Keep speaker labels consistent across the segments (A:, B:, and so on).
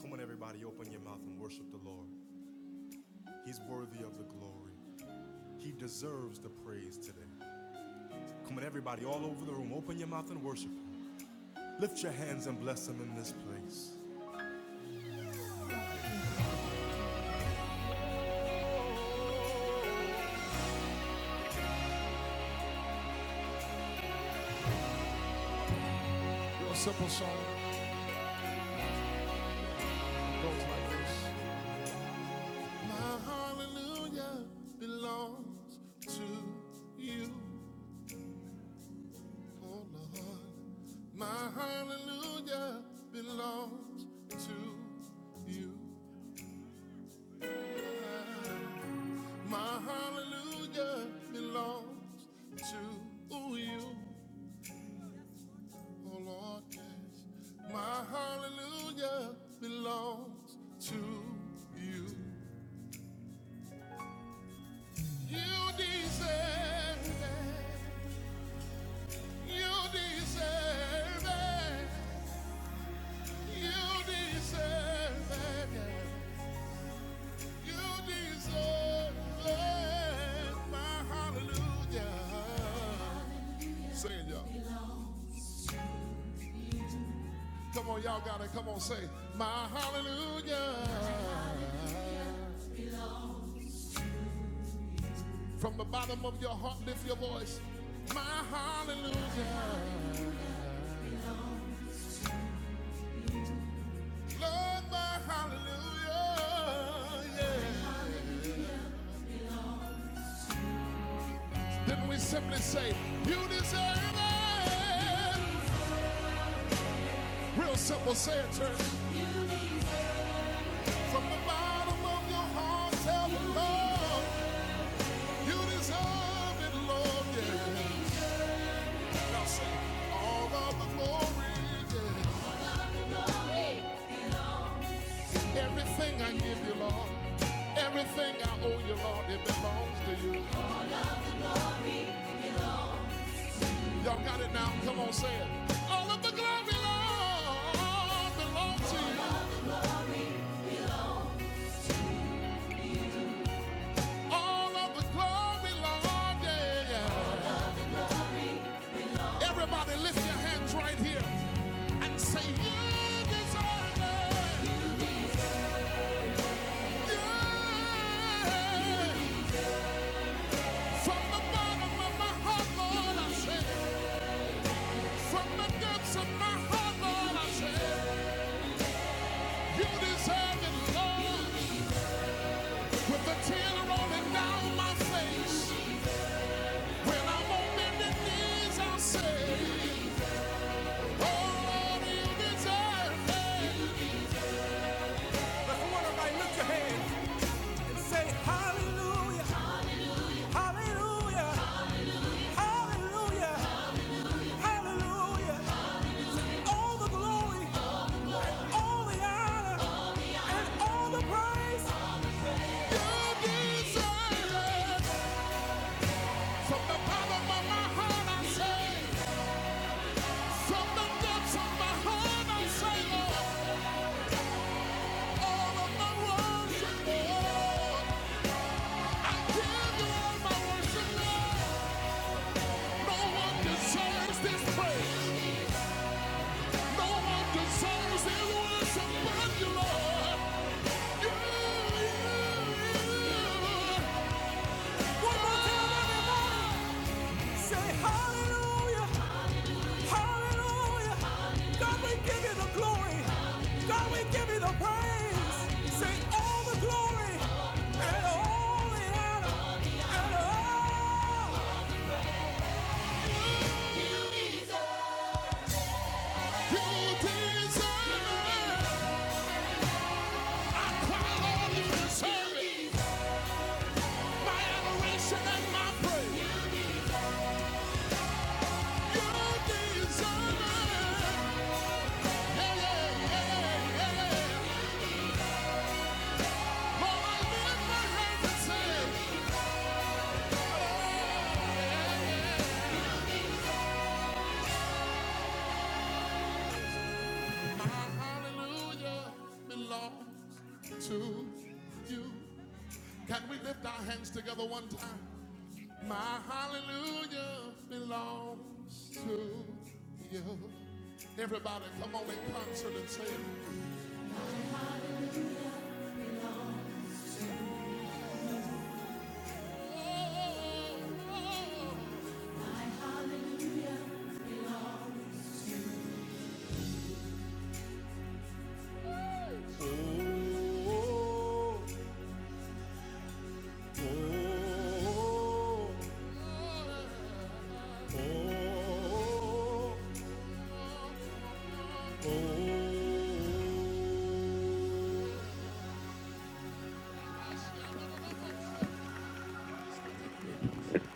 A: Come on, everybody, open your mouth and worship the Lord. He's worthy of the glory. He deserves the praise today. Come on, everybody, all over the room, open your mouth and worship Him. Lift your hands and bless Him in this place.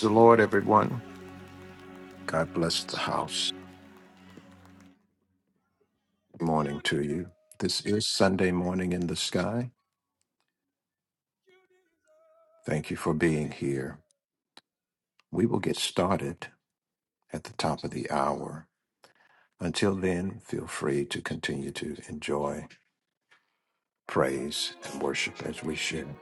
B: The Lord, everyone. God bless the house. Morning to you. This is Sunday morning in the sky. Thank you for being here. We will get started at the top of the hour. Until then, feel free to continue to enjoy, praise, and worship as we share.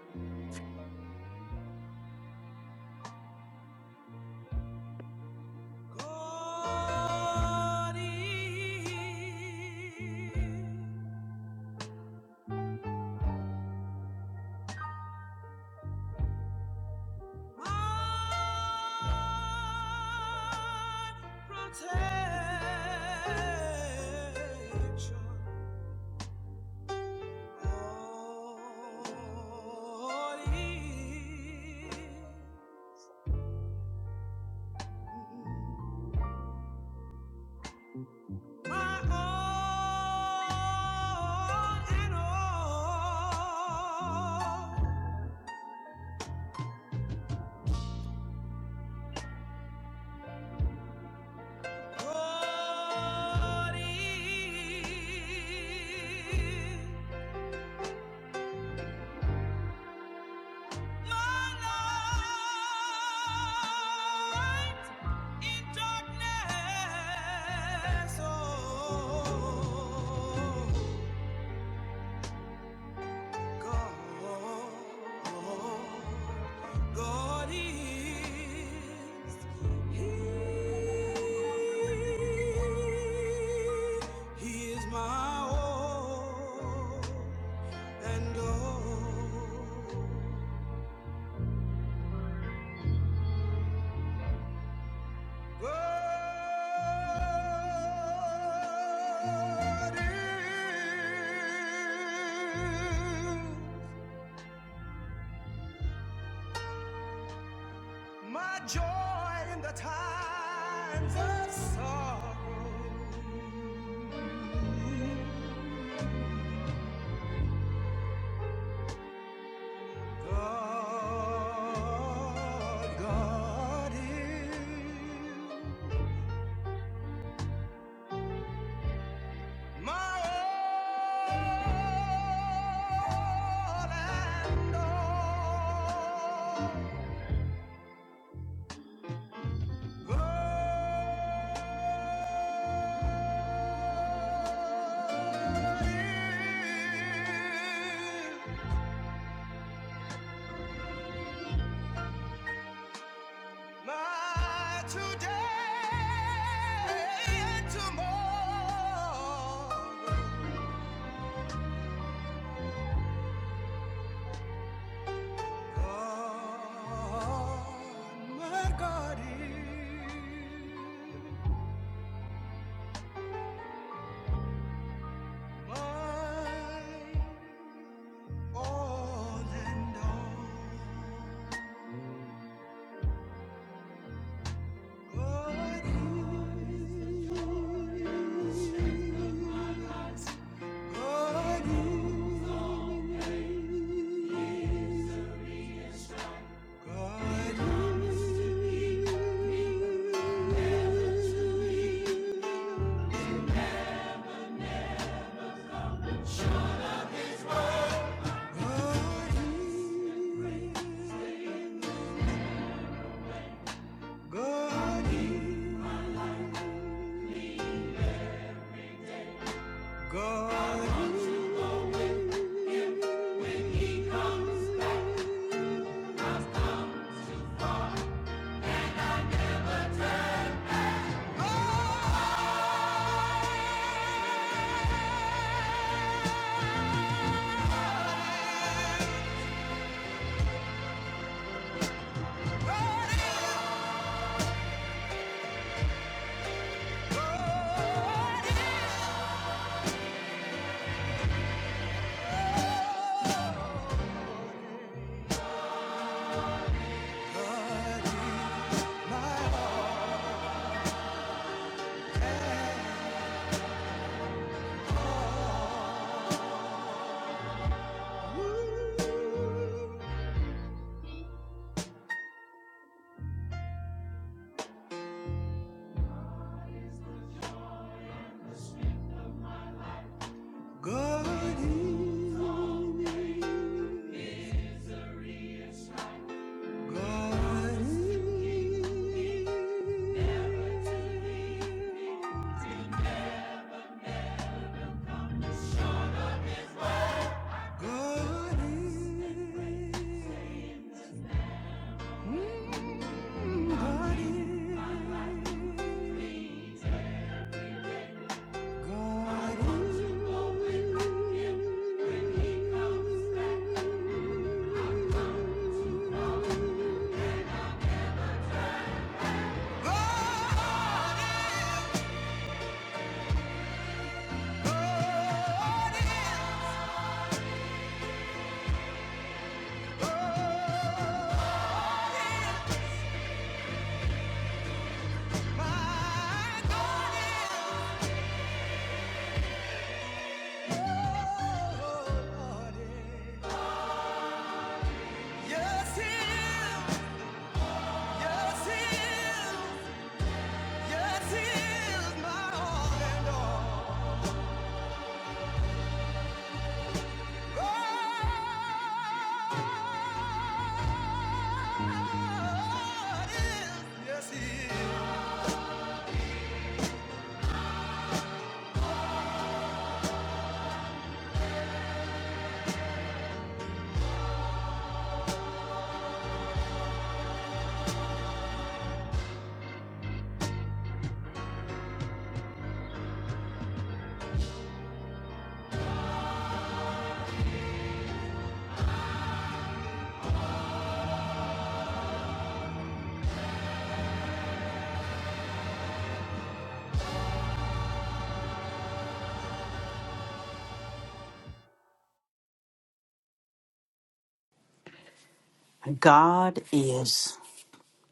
C: God is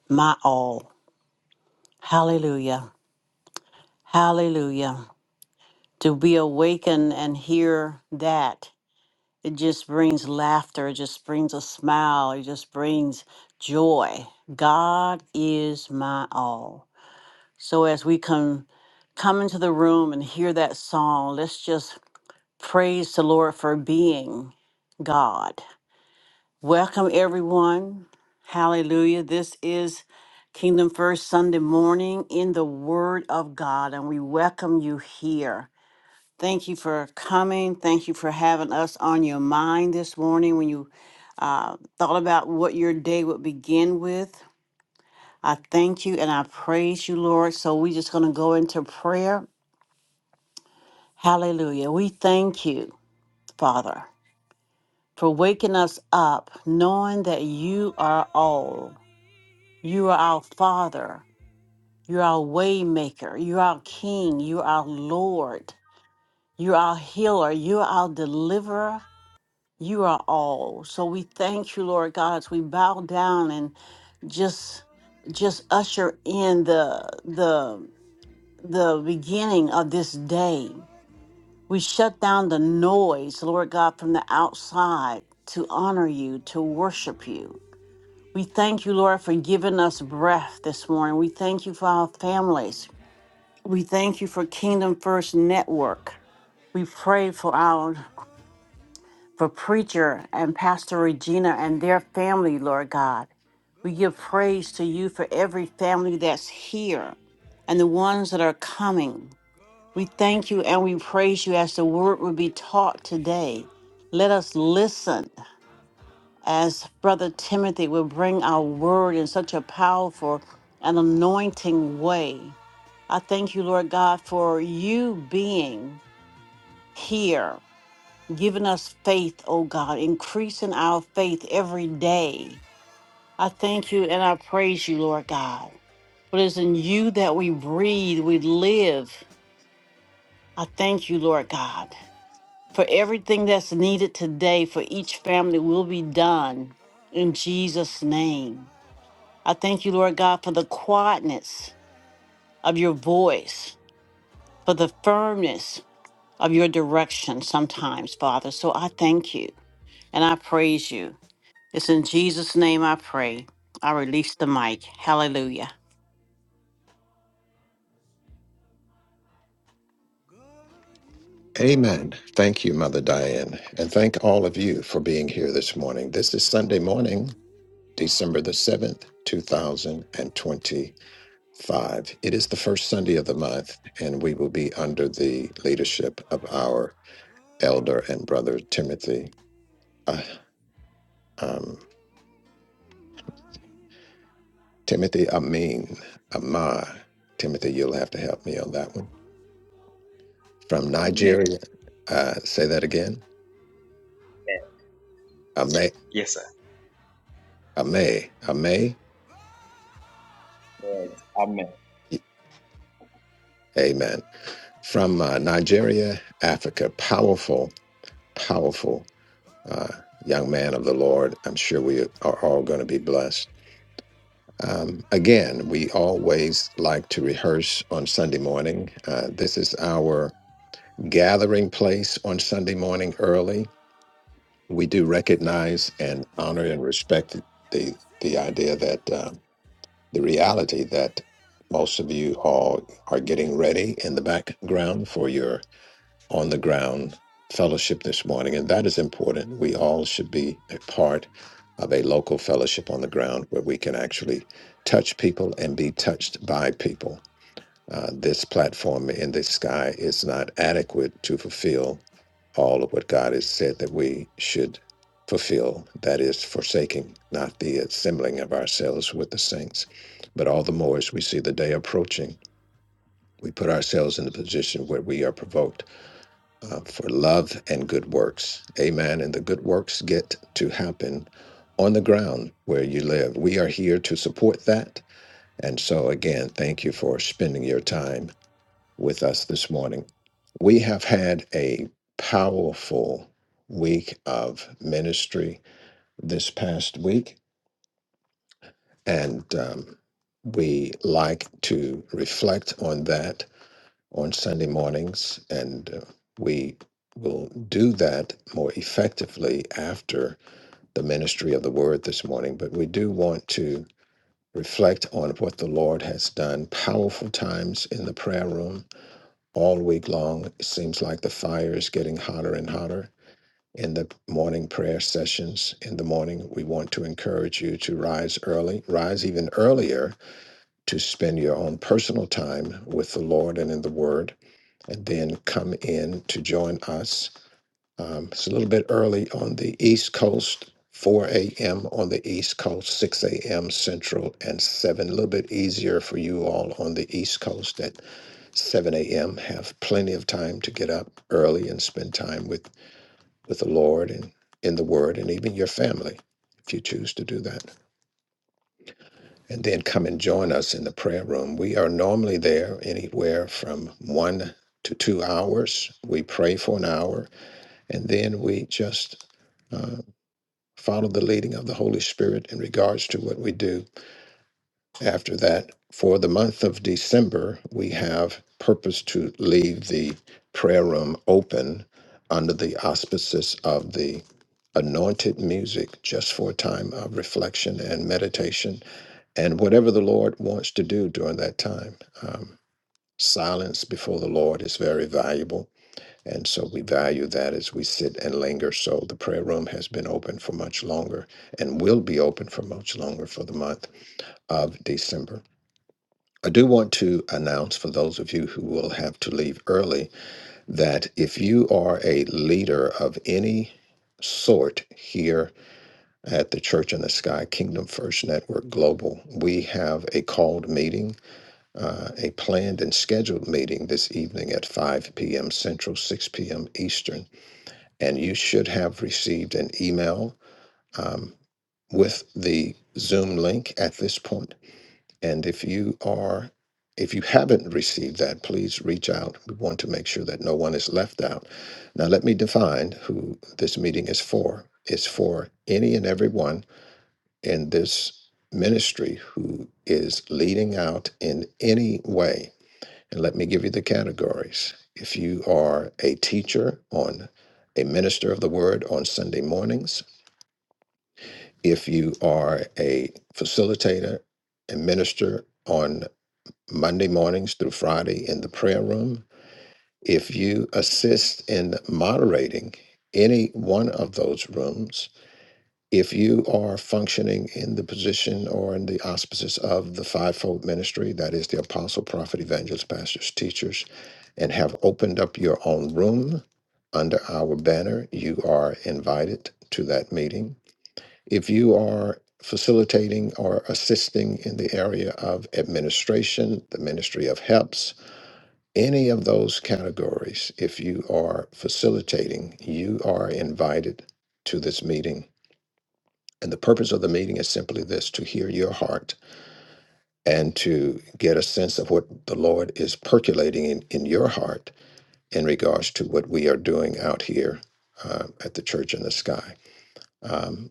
C: my all. Hallelujah. Hallelujah. To be awakened and hear that, it just brings laughter, it just brings a smile, it just brings joy. God is my all. So as we come come into the room and hear that song, let's just praise the Lord for being God. Welcome, everyone. Hallelujah. This is Kingdom First Sunday morning in the Word of God, and we welcome you here. Thank you for coming. Thank you for having us on your mind this morning when you uh, thought about what your day would begin with. I thank you and I praise you, Lord. So we're just going to go into prayer. Hallelujah. We thank you, Father, for waking us up, knowing that you are all. You are our Father. You are our Waymaker. You are our King. You are our Lord. You are our healer. You are our deliverer. You are all. So we thank you, Lord God, as we bow down and just just usher in the the the beginning of this day. We shut down the noise, Lord God, from the outside to honor you, to worship you. We thank you, Lord, for giving us breath this morning. We thank you for our families. We thank you for Kingdom First Network. We pray for our for preacher and Pastor Regina and their family, Lord God. We give praise to you for every family that's here and the ones that are coming. We thank you and we praise you as the word will be taught today. Let us listen as Brother Timothy will bring our word in such a powerful and anointing way. I thank you, Lord God, for you being here, giving us faith, oh God, increasing our faith every day. I thank you and I praise you, Lord God. For it is in you that we breathe, we live. I thank you, Lord God, for everything that's needed today for each family will be done in Jesus' name. I thank you, Lord God, for the quietness of your voice, for the firmness of your direction sometimes, Father. So I thank you and I praise you. It's in Jesus' name I pray. I release the mic. Hallelujah.
B: Amen. Thank you, Mother Diane. And thank all of you for being here this morning. This is Sunday morning, December the 7th, 2020. Five, it is the first Sunday of the month, and we will be under the leadership of our elder and brother Timothy. Uh, um, Timothy Amin, Amar. Timothy, you'll have to help me on that one. From
D: Amen.
B: Nigeria, uh, say that again. Ame,
D: Yes, sir.
B: Ame, Ame.
D: Yes. Amen.
B: Amen. From uh, Nigeria, Africa. Powerful, powerful uh, young man of the Lord. I'm sure we are all going to be blessed. Um, again, we always like to rehearse on Sunday morning. Uh, this is our gathering place on Sunday morning early. We do recognize and honor and respect the the idea that uh, the reality that most of you all are getting ready in the background for your on the ground fellowship this morning, and that is important. We all should be a part of a local fellowship on the ground where we can actually touch people and be touched by people. Uh, this platform in the sky is not adequate to fulfill all of what God has said that we should fulfill. That is, forsaking not the assembling of ourselves with the saints. But all the more as we see the day approaching, we put ourselves in the position where we are provoked uh, for love and good works. Amen. And the good works get to happen on the ground where you live. We are here to support that. And so, again, thank you for spending your time with us this morning. We have had a powerful week of ministry this past week, and um, we like to reflect on that on Sunday mornings, and uh, we will do that more effectively after the ministry of the word this morning. But we do want to reflect on what the Lord has done. Powerful times in the prayer room all week long. It seems like the fire is getting hotter and hotter. In the morning prayer sessions in the morning, we want to encourage you to rise early, rise even earlier to spend your own personal time with the Lord and in the Word and then come in to join us. Um, it's a little bit early on the East Coast, 4 a.m. on the East Coast, 6 a.m. Central, and 7. A little bit easier for you all on the East Coast at 7 a.m. Have plenty of time to get up early and spend time with, with the Lord and in the Word and even your family if you choose to do that. And then come and join us in the prayer room. We are normally there anywhere from one to two hours. We pray for an hour and then we just uh, follow the leading of the Holy Spirit in regards to what we do after that. For the month of December, we have purpose to leave the prayer room open under the auspices of the anointed music just for a time of reflection and meditation and whatever the Lord wants to do during that time. Um, silence before the Lord is very valuable and so we value that as we sit and linger. So the prayer room has been open for much longer and will be open for much longer for the month of December. I do want to announce for those of you who will have to leave early that if you are a leader of any sort here at the Church in the Sky Kingdom First Network Global, we have a called meeting, uh, a planned and scheduled meeting this evening at 5 p.m. Central, 6 p.m. Eastern and you should have received an email um, with the Zoom link at this point. And if you are, if you haven't received that, please reach out. We want to make sure that no one is left out. Now, let me define who this meeting is for. It's for any and everyone in this ministry who is leading out in any way and let me give you the categories. If you are a teacher on a minister of the word on Sunday mornings, if you are a facilitator and minister on Monday mornings through Friday in the prayer room, if you assist in moderating any one of those rooms, if you are functioning in the position or in the auspices of the fivefold ministry, that is the apostle, prophet, evangelist, pastors, teachers, and have opened up your own room under our banner, you are invited to that meeting. If you are facilitating or assisting in the area of administration, the Ministry of helps, any of those categories, if you are facilitating, you are invited to this meeting. And the purpose of the meeting is simply this to hear your heart and to get a sense of what the Lord is percolating in, in your heart in regards to what we are doing out here uh, at the Church in the Sky. Um,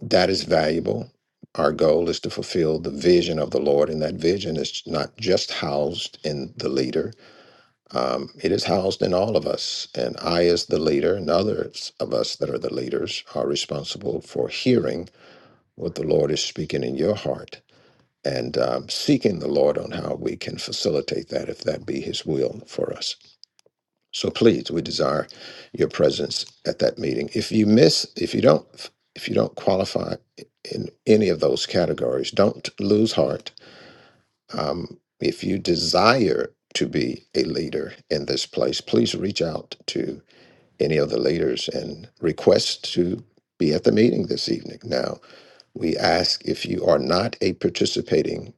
B: that is valuable. Our goal is to fulfill the vision of the Lord, and that vision is not just housed in the leader, um, it is housed in all of us. And I, as the leader, and others of us that are the leaders, are responsible for hearing what the Lord is speaking in your heart and um, seeking the Lord on how we can facilitate that if that be His will for us. So please, we desire your presence at that meeting. If you miss, if you don't, if you don't qualify in any of those categories, don't lose heart. Um, if you desire to be a leader in this place, please reach out to any of the leaders and request to be at the meeting this evening. Now, we ask if you are not a participating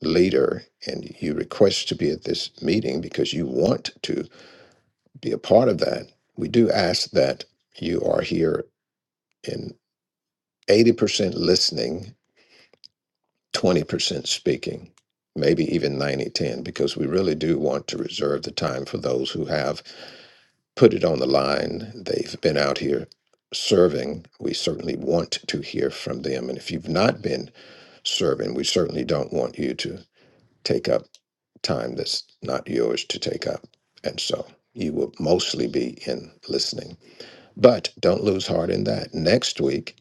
B: leader and you request to be at this meeting because you want to be a part of that, we do ask that you are here in 80% listening, 20% speaking, maybe even 90 10, because we really do want to reserve the time for those who have put it on the line. They've been out here serving. We certainly want to hear from them. And if you've not been serving, we certainly don't want you to take up time that's not yours to take up. And so you will mostly be in listening. But don't lose heart in that. Next week,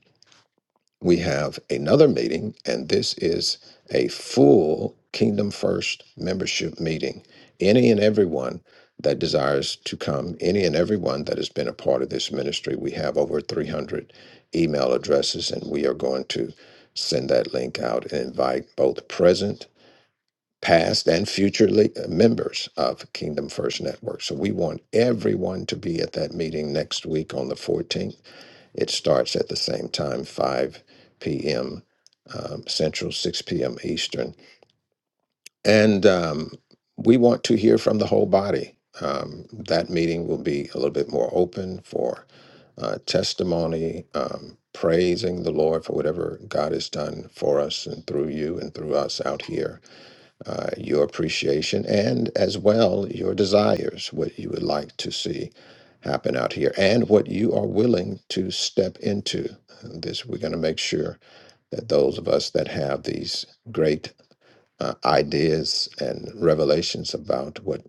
B: we have another meeting, and this is a full Kingdom First membership meeting. Any and everyone that desires to come, any and everyone that has been a part of this ministry, we have over 300 email addresses, and we are going to send that link out and invite both present, past, and future le- uh, members of Kingdom First Network. So we want everyone to be at that meeting next week on the 14th it starts at the same time, 5 p.m. Um, Central, 6 p.m. Eastern. And um, we want to hear from the whole body. Um, that meeting will be a little bit more open for uh, testimony, um, praising the Lord for whatever God has done for us and through you and through us out here uh, your appreciation and as well your desires, what you would like to see happen out here, and what you are willing to step into. This we're going to make sure that those of us that have these great uh, ideas and revelations about what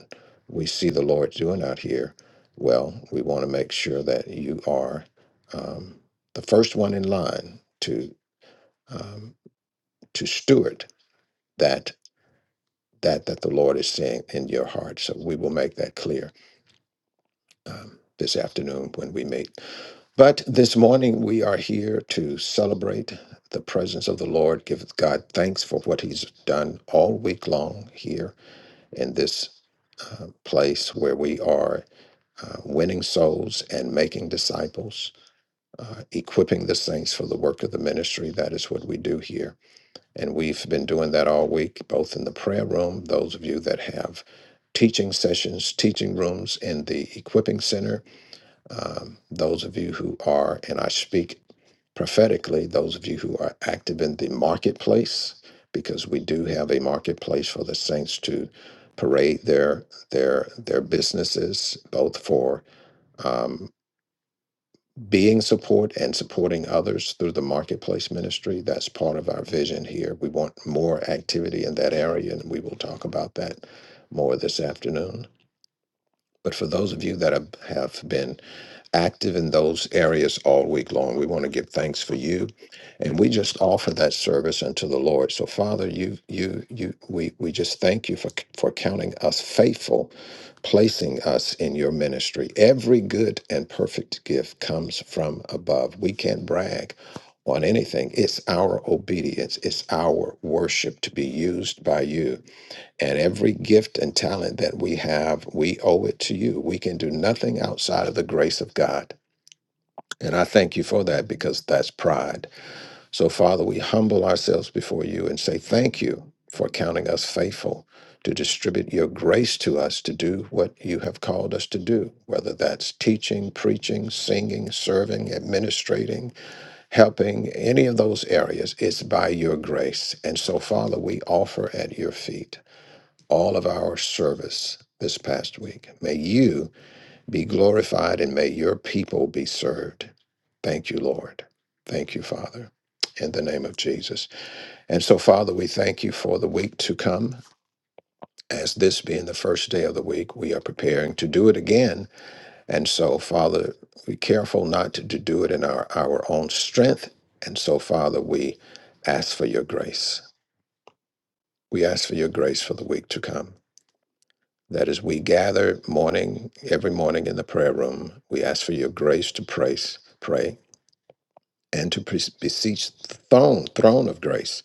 B: we see the Lord doing out here, well, we want to make sure that you are um, the first one in line to um, to steward that that that the Lord is saying in your heart. So we will make that clear um, this afternoon when we meet. But this morning we are here to celebrate the presence of the Lord. Give God thanks for what He's done all week long here in this uh, place where we are uh, winning souls and making disciples, uh, equipping the saints for the work of the ministry. That is what we do here And we've been doing that all week, both in the prayer room, those of you that have teaching sessions, teaching rooms in the equipping center, um, those of you who are, and I speak prophetically, those of you who are active in the marketplace, because we do have a marketplace for the saints to parade their their their businesses, both for um, being support and supporting others through the marketplace ministry. That's part of our vision here. We want more activity in that area, and we will talk about that more this afternoon. But for those of you that have been active in those areas all week long. We want to give thanks for you, and we just offer that service unto the Lord. So, Father, you, you, you, we, we just thank you for for counting us faithful, placing us in your ministry. Every good and perfect gift comes from above. We can't brag on anything. It's our obedience. It's our worship to be used by you and every gift and talent that we have, we owe it to you. We can do nothing outside of the grace of God. And I thank you for that because that's pride. So, Father, we humble ourselves before you and say thank you for counting us faithful to distribute your grace to us to do what you have called us to do, whether that's teaching, preaching, singing, serving, administrating, helping, any of those areas. It's by your grace. And so, Father, we offer at your feet all of our service this past week. May you be glorified and may your people be served. Thank you, Lord. Thank you, Father, in the name of Jesus. And so, Father, we thank you for the week to come. As this being the first day of the week, we are preparing to do it again. And so, Father, be careful not to, to do it in our, our own strength. And so, Father, we ask for your grace. We ask for your grace for the week to come. That is, we gather morning every morning in the prayer room. We ask for your grace to pray, pray, and to pre- beseech the throne, throne of grace.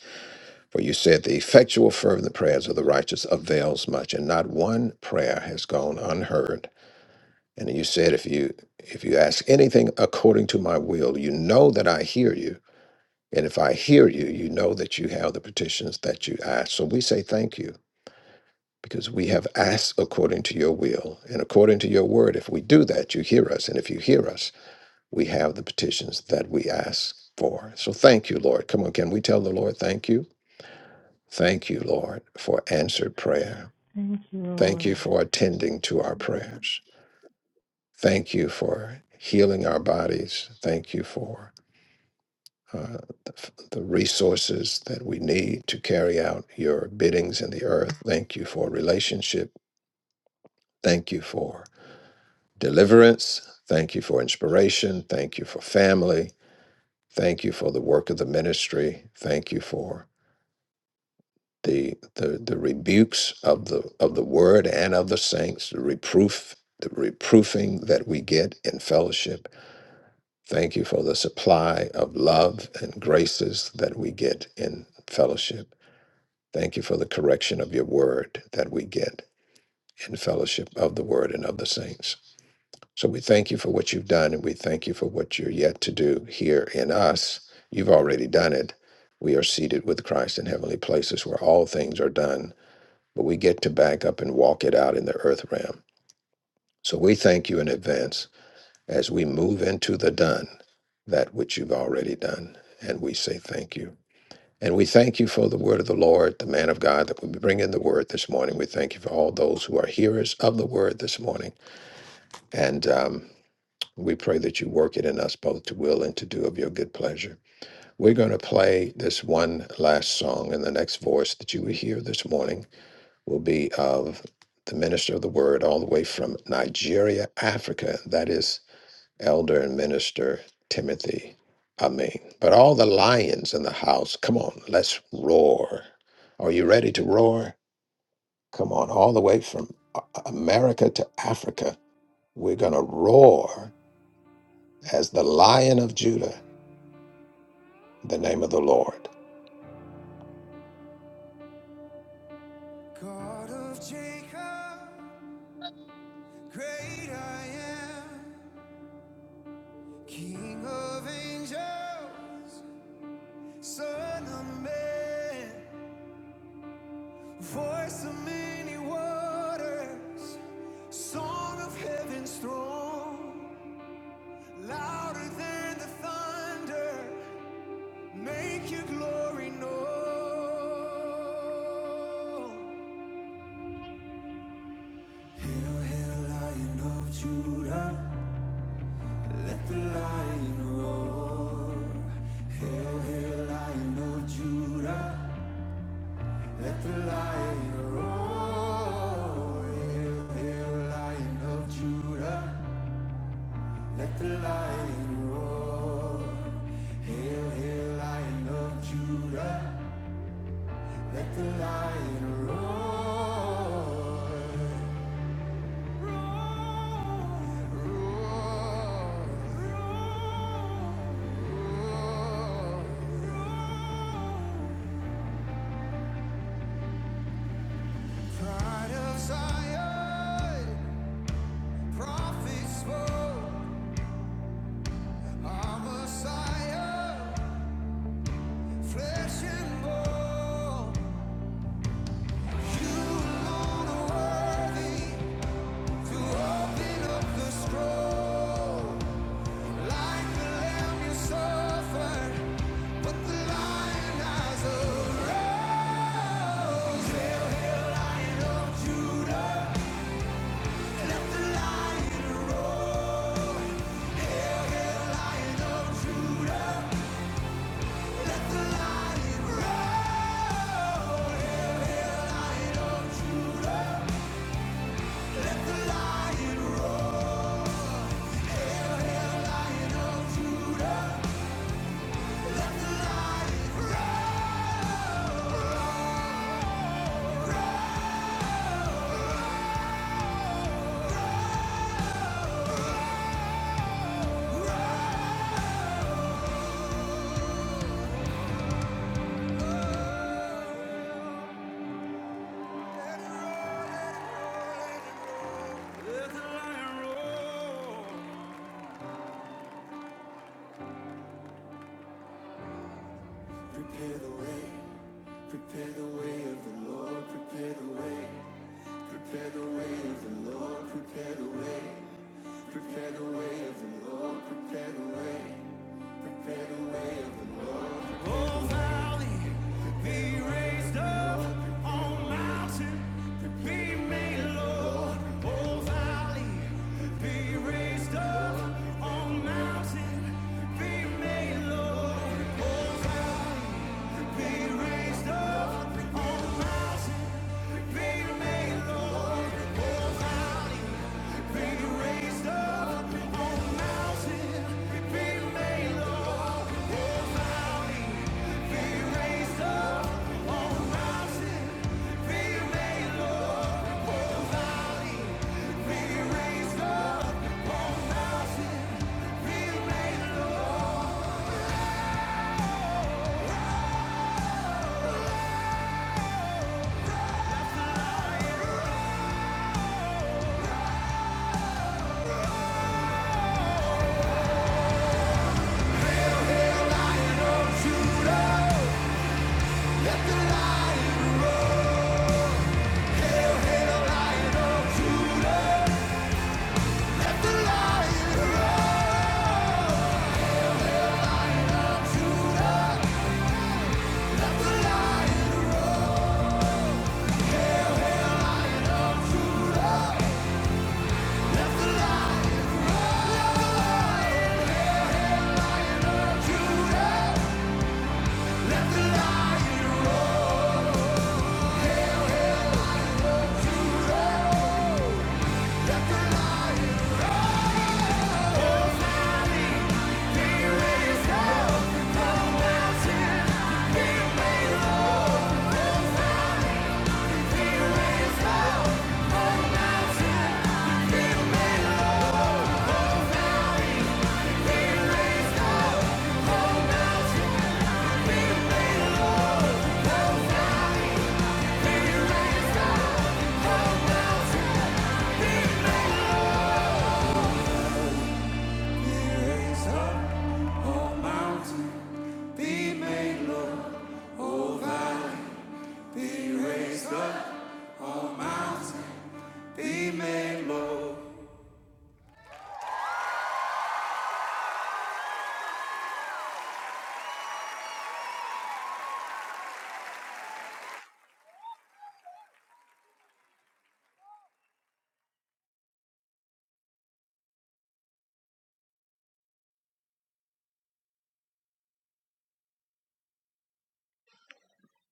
B: For you said the effectual fervent prayers of the righteous avails much, and not one prayer has gone unheard. And you said, if you if you ask anything according to my will, you know that I hear you. And if I hear you, you know that you have the petitions that you ask. So we say thank you. because we have asked according to your will and according to your word. If we do that, you hear us. And if you hear us, we have the petitions that we ask for. So thank you, Lord. Come on, can we tell the Lord thank you? Thank you, Lord, for answered prayer.
E: Thank you,
B: Thank
E: Lord.
B: you for attending to our prayers. Thank you for healing our bodies. Thank you for uh, the, the resources that we need to carry out your biddings in the earth. Thank you for relationship. Thank you for deliverance. Thank you for inspiration. Thank you for family. Thank you for the work of the ministry. Thank you for the the, the rebukes of the of the word and of the saints, the reproof, the reproofing that we get in fellowship. Thank you for the supply of love and graces that we get in fellowship. Thank you for the correction of your word that we get in fellowship of the word and of the saints. So we thank you for what you've done and we thank you for what you're yet to do here in us. You've already done it. We are seated with Christ in heavenly places where all things are done, but we get to back up and walk it out in the earth realm. So we thank you in advance as we move into the done, that which you've already done. And we say thank you. And we thank you for the word of the Lord, the man of God that will be bringing the word this morning. We thank you for all those who are hearers of the word this morning. And um, We pray that you work it in us both to will and to do of your good pleasure. We're going to play this one last song, and the next voice that you will hear this morning will be of the minister of the word all the way from Nigeria, Africa. That is Elder and Minister Timothy Amin. But all the lions in the house, come on, let's roar. Are you ready to roar? Come on, all the way from A- America to Africa. We're going to roar as the lion of Judah in the name of the Lord.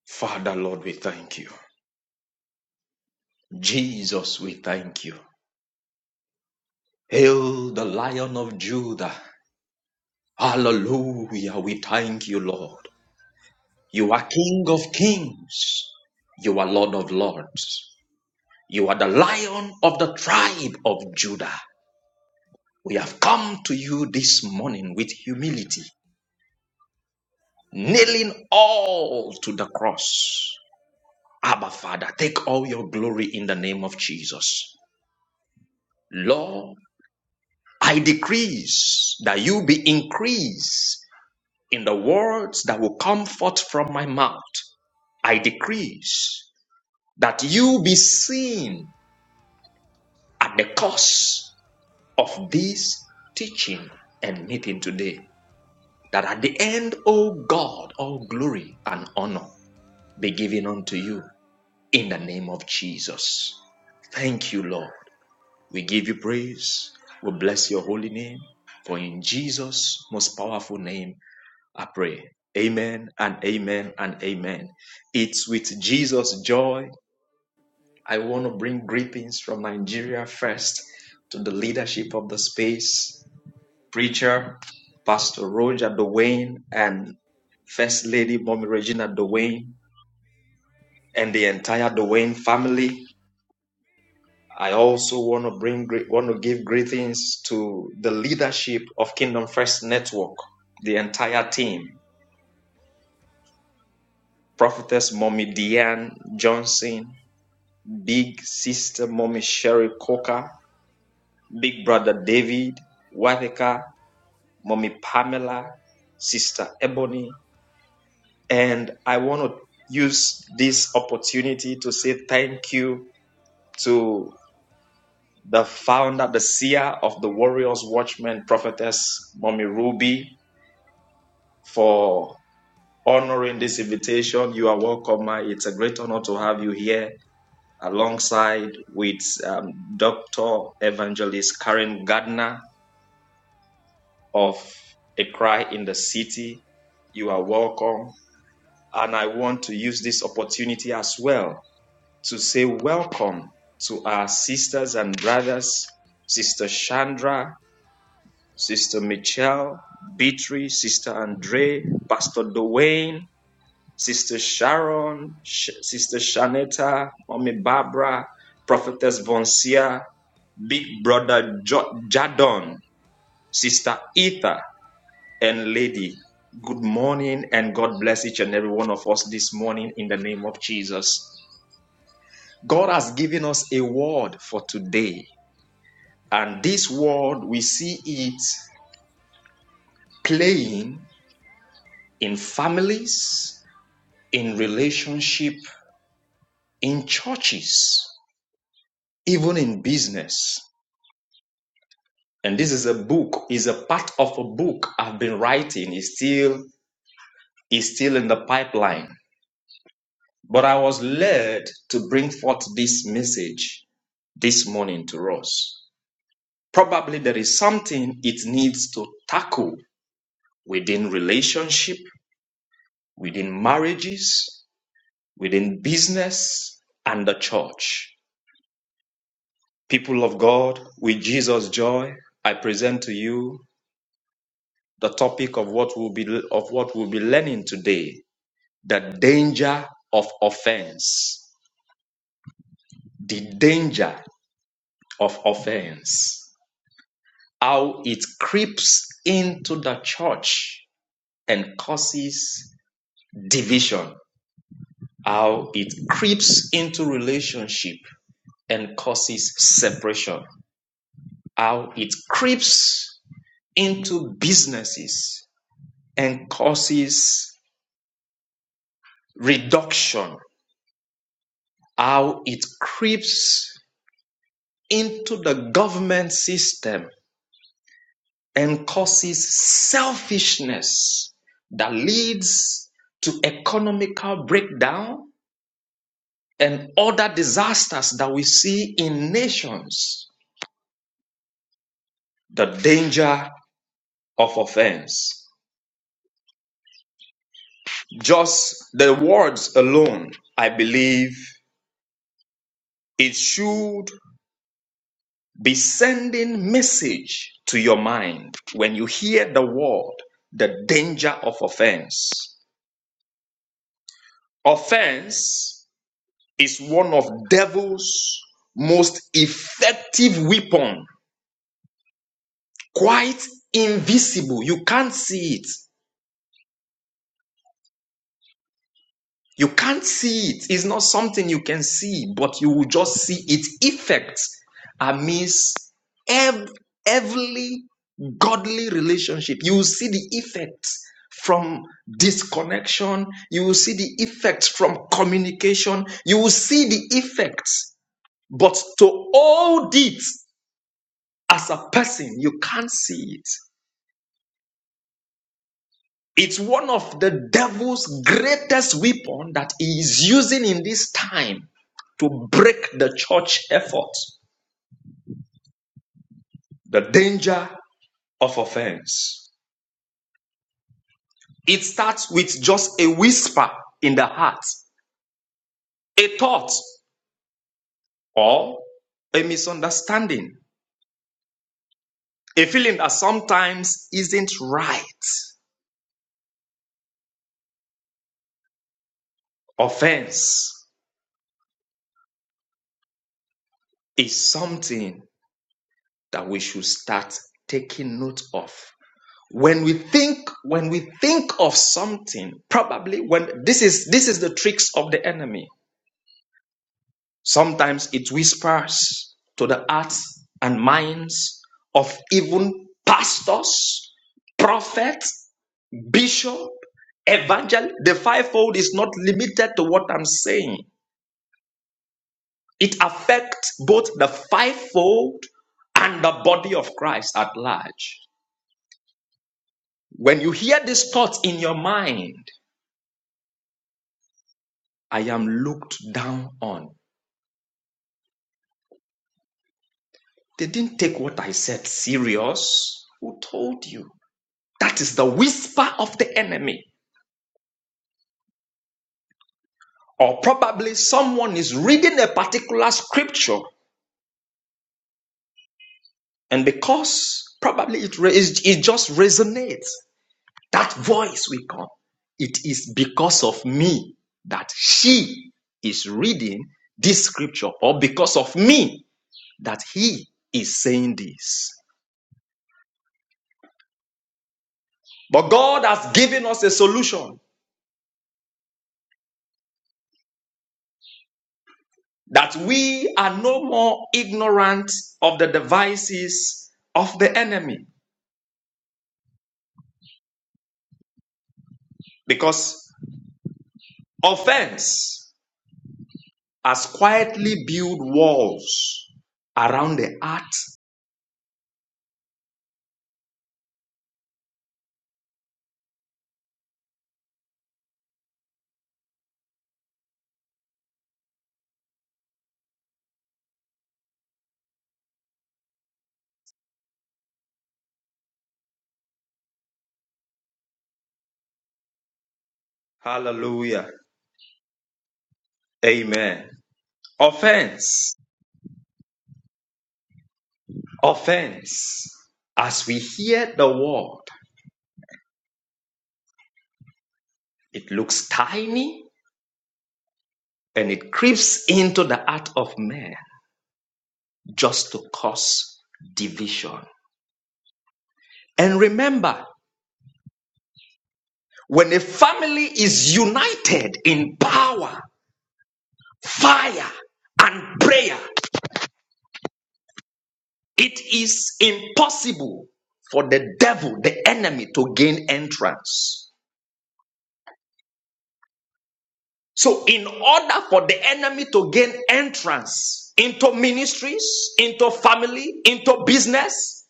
D: Father, Lord, we thank you. Jesus, we thank you. Hail the Lion of Judah. Hallelujah. We thank you, Lord. You are King of kings. You are Lord of lords. You are the Lion of the tribe of Judah. We have come to you this morning with humility, nailing all to the cross. Abba, Father, take all your glory in the name of Jesus. Lord, I decrease that you be increased in the words that will come forth from my mouth. I decrease that you be seen at the cost of this teaching and meeting today. That at the end, O God, all glory and honor be given unto you in the name of Jesus. Thank you, Lord. We give you praise. We bless your holy name. For in Jesus' most powerful name, I pray. Amen and amen and amen. It's with Jesus' joy. I want to bring greetings from Nigeria first to the leadership of the space, preacher, Pastor Roger Dwayne, and First Lady Mommy Regina Dwayne, and the entire Dwayne family. I also want to bring gre- want to give greetings to the leadership of Kingdom First Network, the entire team, Prophetess Mommy Diane Johnson, Big Sister Mommy Sherry Coker, Big Brother David Whitaker, Mommy Pamela, Sister Ebony. And I want to use this opportunity to say thank you to the founder, the seer of the Warriors Watchmen, Prophetess Mommy Ruby, for honoring this invitation. You are welcome. Ma. It's a great honor to have you here alongside with um, Dr. Evangelist Karen Gardner of a cry in the city. You are welcome. And I want to use this opportunity as well to say welcome to our sisters and brothers, Sister Chandra, Sister Michelle, Beatrice, Sister Andre, Pastor Dwayne, Sister Sharon, Sh- Sister Shanetta, Mommy Barbara, Prophetess Vonsia, Big Brother jo- Jadon, Sister Ether, and lady. Good morning, and God bless each and every one of us this morning in the name of Jesus. God has given us a word for today, and this word we see it playing in families, in relationship, in churches, even in business. And this is a book, is a part of a book I've been writing, is still is still in the pipeline. But I was led to bring forth this message this morning to us. Probably there is something it needs to tackle within relationship, within marriages, within business, and the church. People of God, with Jesus' joy, I present to you the topic of what we'll be of what we'll be learning today: the danger of offense. The danger of offense. How it creeps into the church and causes division, how it creeps into relationship and causes separation, how it creeps into businesses and causes reduction, how it creeps into the government system and causes selfishness that leads to economical breakdown and other disasters that we see in nations. The danger of offense. Just the words alone, I believe it should be sending message to your mind when you hear the word, the danger of offense. Offense is one of devil's most effective weapon, quite invisible. You can't see it, You can't see it. It's not something you can see, but you will just see its effects amidst ev- every godly relationship. You will see the effects from disconnection. You will see the effects from communication. You will see the effects. But to hold it as a person, you can't see it. It's one of the devil's greatest weapon that he is using in this time to break the church effort. The danger of offense. It starts with just a whisper in the heart, a thought, or a misunderstanding, a feeling that sometimes isn't right. Offense is something that we should start taking note of when we think when we think of something probably when this is this is the tricks of the enemy sometimes it whispers to the hearts and minds of even pastors prophets bishop evangelist the fivefold is not limited to what i'm saying it affects both the fivefold and the body of christ at large when you hear these thoughts in your mind I am looked down on. They didn't take what I said serious. Who told you? That is the whisper of the enemy. Or probably someone is reading a particular scripture, and because probably it, it just resonates, that voice will come. It is because of me that she is reading this scripture, or because of me that he is saying this. But God has given us a solution. that we are no more ignorant of the devices of the enemy because offense has quietly built walls around the heart. Hallelujah. Amen. Offense, offense. As we hear the word, it looks tiny and it creeps into the heart of man just to cause division. And remember, When a family is united in power, fire, and prayer, it is impossible for the devil, the enemy, to gain entrance. So, in order for the enemy to gain entrance into ministries, into family, into business,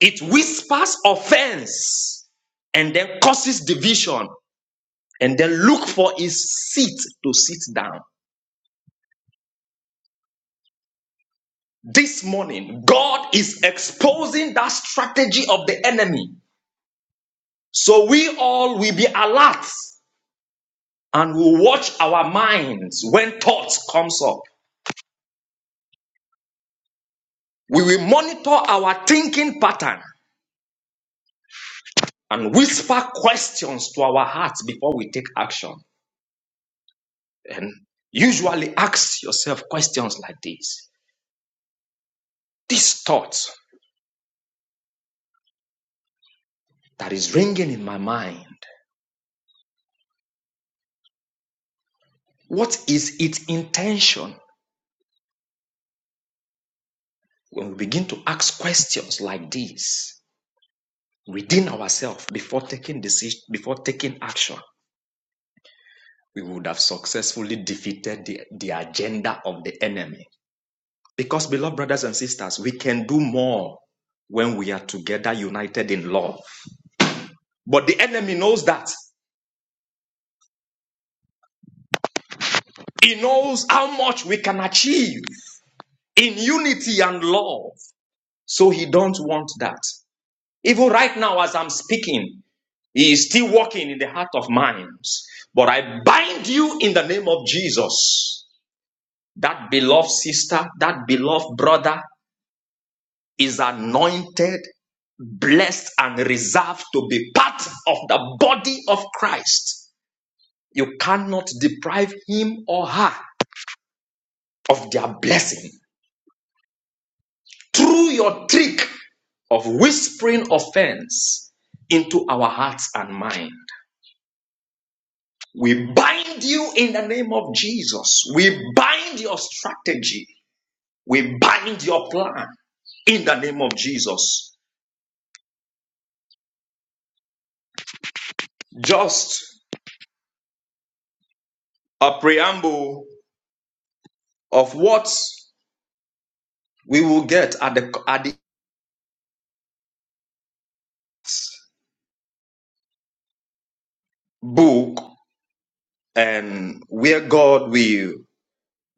D: it whispers offense and then causes division and then look for his seat to sit down. This morning, God is exposing that strategy of the enemy. So we all will be alert and will watch our minds when thoughts comes up. We will monitor our thinking pattern and whisper questions to our hearts before we take action. And usually ask yourself questions like this. This thought that is ringing in my mind, what is its intention? When we begin to ask questions like this, within ourselves before taking decision, before taking action, we would have successfully defeated the, the agenda of the enemy. Because, beloved brothers and sisters, we can do more when we are together united in love. But the enemy knows that. He knows how much we can achieve in unity and love. So he don't want that. Even right now, as I'm speaking, he is still working in the heart of minds. But I bind you in the name of Jesus That beloved sister, that beloved brother is anointed, blessed, and reserved to be part of the body of Christ. You cannot deprive him or her of their blessing through your trick of whispering offense into our hearts and mind. We bind you in the name of Jesus. We bind your strategy. We bind your plan in the name of Jesus. Just a preamble of what we will get at the at this book and where God will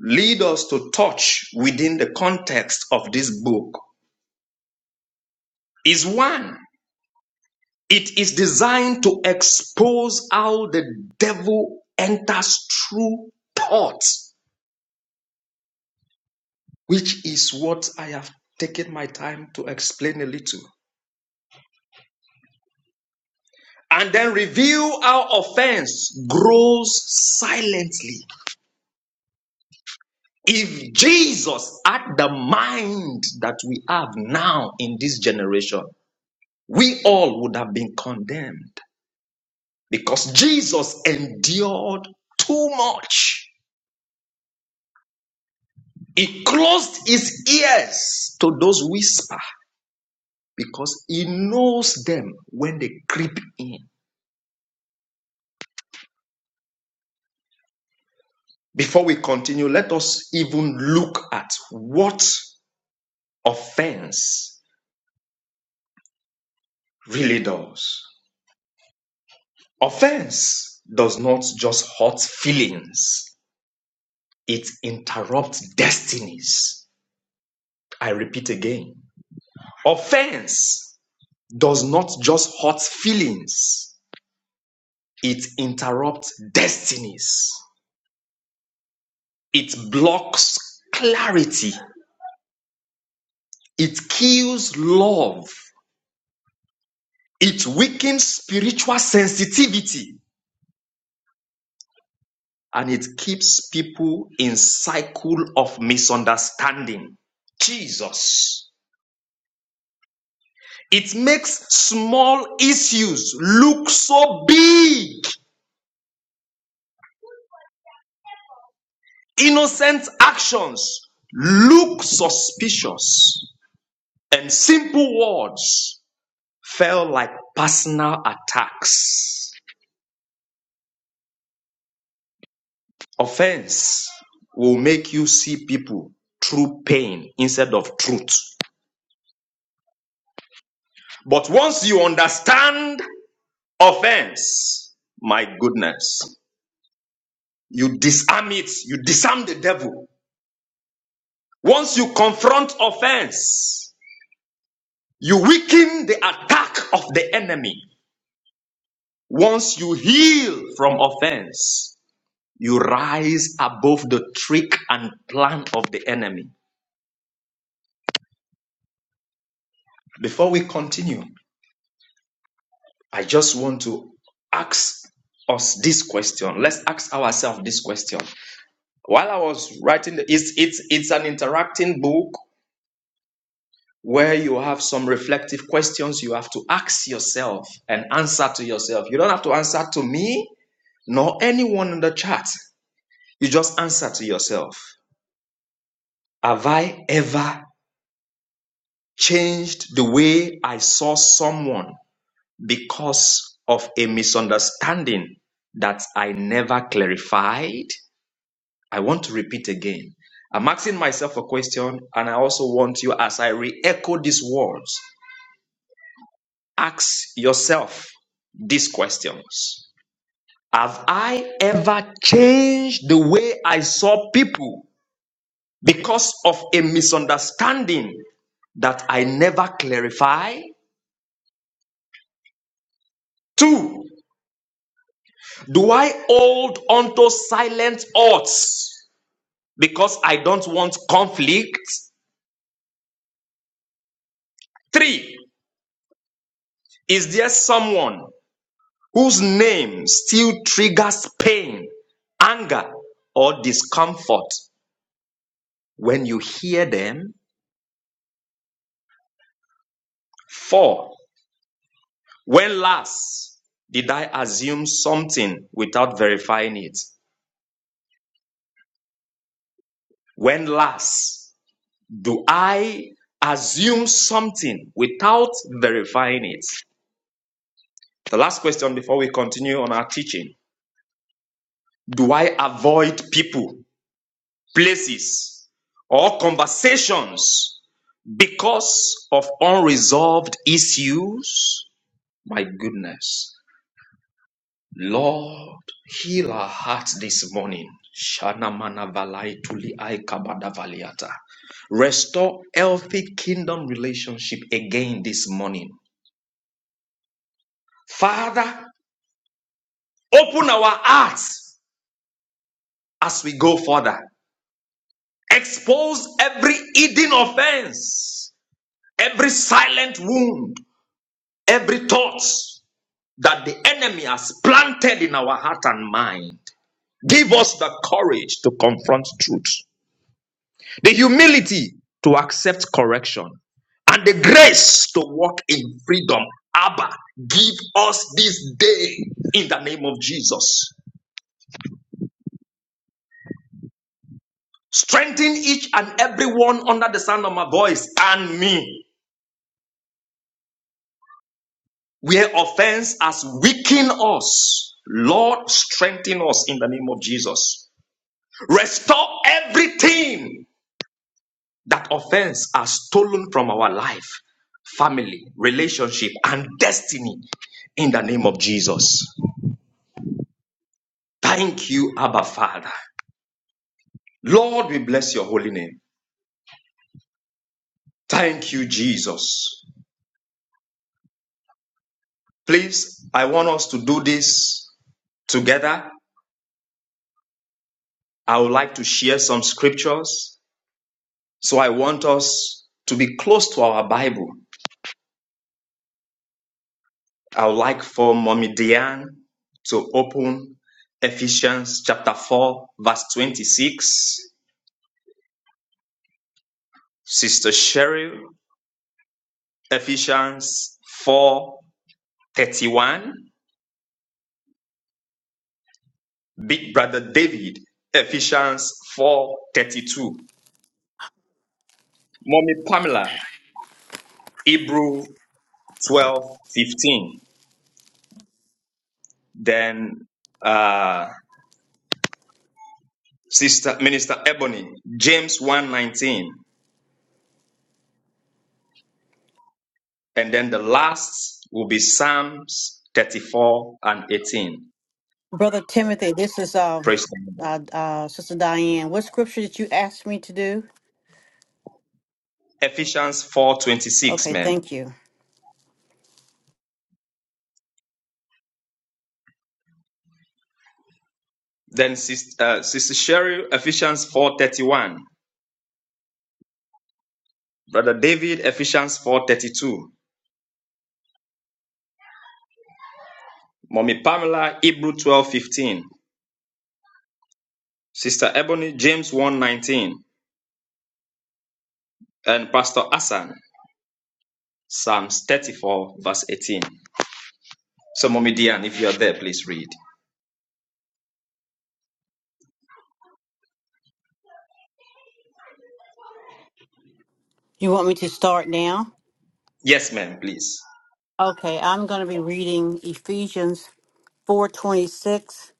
D: lead us to touch within the context of this book is one. It is designed to expose how the devil enters through thoughts, which is what I have taken my time to explain a little. And then reveal how offense grows silently If Jesus had the mind that we have now in this generation, we all would have been condemned because Jesus endured too much. He closed his ears to those whisper because he knows them when they creep in. Before we continue, let us even look at what offense really does. Offense does not just hurt feelings It interrupts destinies. I repeat again. Offense does not just hurt feelings, it interrupts destinies. It blocks clarity. It kills love. It weakens spiritual sensitivity. And it keeps people in cycle of misunderstanding. Jesus. It makes small issues look so big. Innocent actions look suspicious, and simple words felt like personal attacks. Offense will make you see people through pain instead of truth. But once you understand offense, my goodness, you disarm it, you disarm the devil. Once you confront offense, you weaken the attack of the enemy. Once you heal from offense, you rise above the trick and plan of the enemy. Before we continue, I just want to ask us this question. Let's ask ourselves this question. While I was writing, the, it's, it's, it's an interacting book where you have some reflective questions you have to ask yourself and answer to yourself. You don't have to answer to me nor anyone in the chat. You just answer to yourself. Have I ever changed the way I saw someone because of a misunderstanding that I never clarified. I want to repeat again. I'm asking myself a question, and I also want you, as I re echo these words, ask yourself these questions Have I ever changed the way I saw people because of a misunderstanding that I never clarified? Two, Do I hold onto silent odds because I don't want conflict? Three, is there someone whose name still triggers pain, anger, or discomfort when you hear them? Four, when last did I assume something without verifying it? When last do I assume something without verifying it? The last question before we continue on our teaching Do I avoid people, places, or conversations because of unresolved issues? My goodness. Lord, heal our hearts this morning. Shana mana valai tuli ai kabada valiata. Restore healthy kingdom relationship again this morning. Father, open our hearts as we go further. Expose every hidden offense, every silent wound, every thought that the enemy has planted in our heart and mind. Give us the courage to confront truth, the humility to accept correction, and the grace to walk in freedom. Abba, give us this day in the name of Jesus. Strengthen each and every one under the sound of my voice and me. where offense has weakened us. Lord, strengthen us in the name of Jesus. Restore everything that offense has stolen from our life, family, relationship, and destiny in the name of Jesus. Thank you, Abba Father. Lord, we bless your holy name. Thank you, Jesus. Please, I want us to do this together. I would like to share some scriptures So I want us to be close to our Bible. I would like for Mommy Diane to open Ephesians chapter 4, verse 26. Sister Cheryl, Ephesians four thirty-one. Big Brother David, Ephesians 4 32. Mommy Pamela, Hebrew 12 15. Then uh, Sister Minister Ebony, James one 19. And then the last will be Psalms 34 and 18.
C: Brother Timothy, this is uh,
D: Praise the Lord.
C: uh, uh, Sister Diane. What scripture did you ask me to do?
D: Ephesians 4.26,
C: Okay,
D: ma'am.
C: thank you.
D: Then Sis- uh, Sister Sherry, Ephesians 4.31. Brother David, Ephesians 4.32. Mommy Pamela, Hebrew 12.15. Sister Ebony, James 1.19. And Pastor Hassan, Psalms 34, verse 18. So, Mommy Diane, if you are there, please read.
C: You want me to start now?
D: Yes, ma'am, please.
C: Okay, I'm going to be reading Ephesians 4:26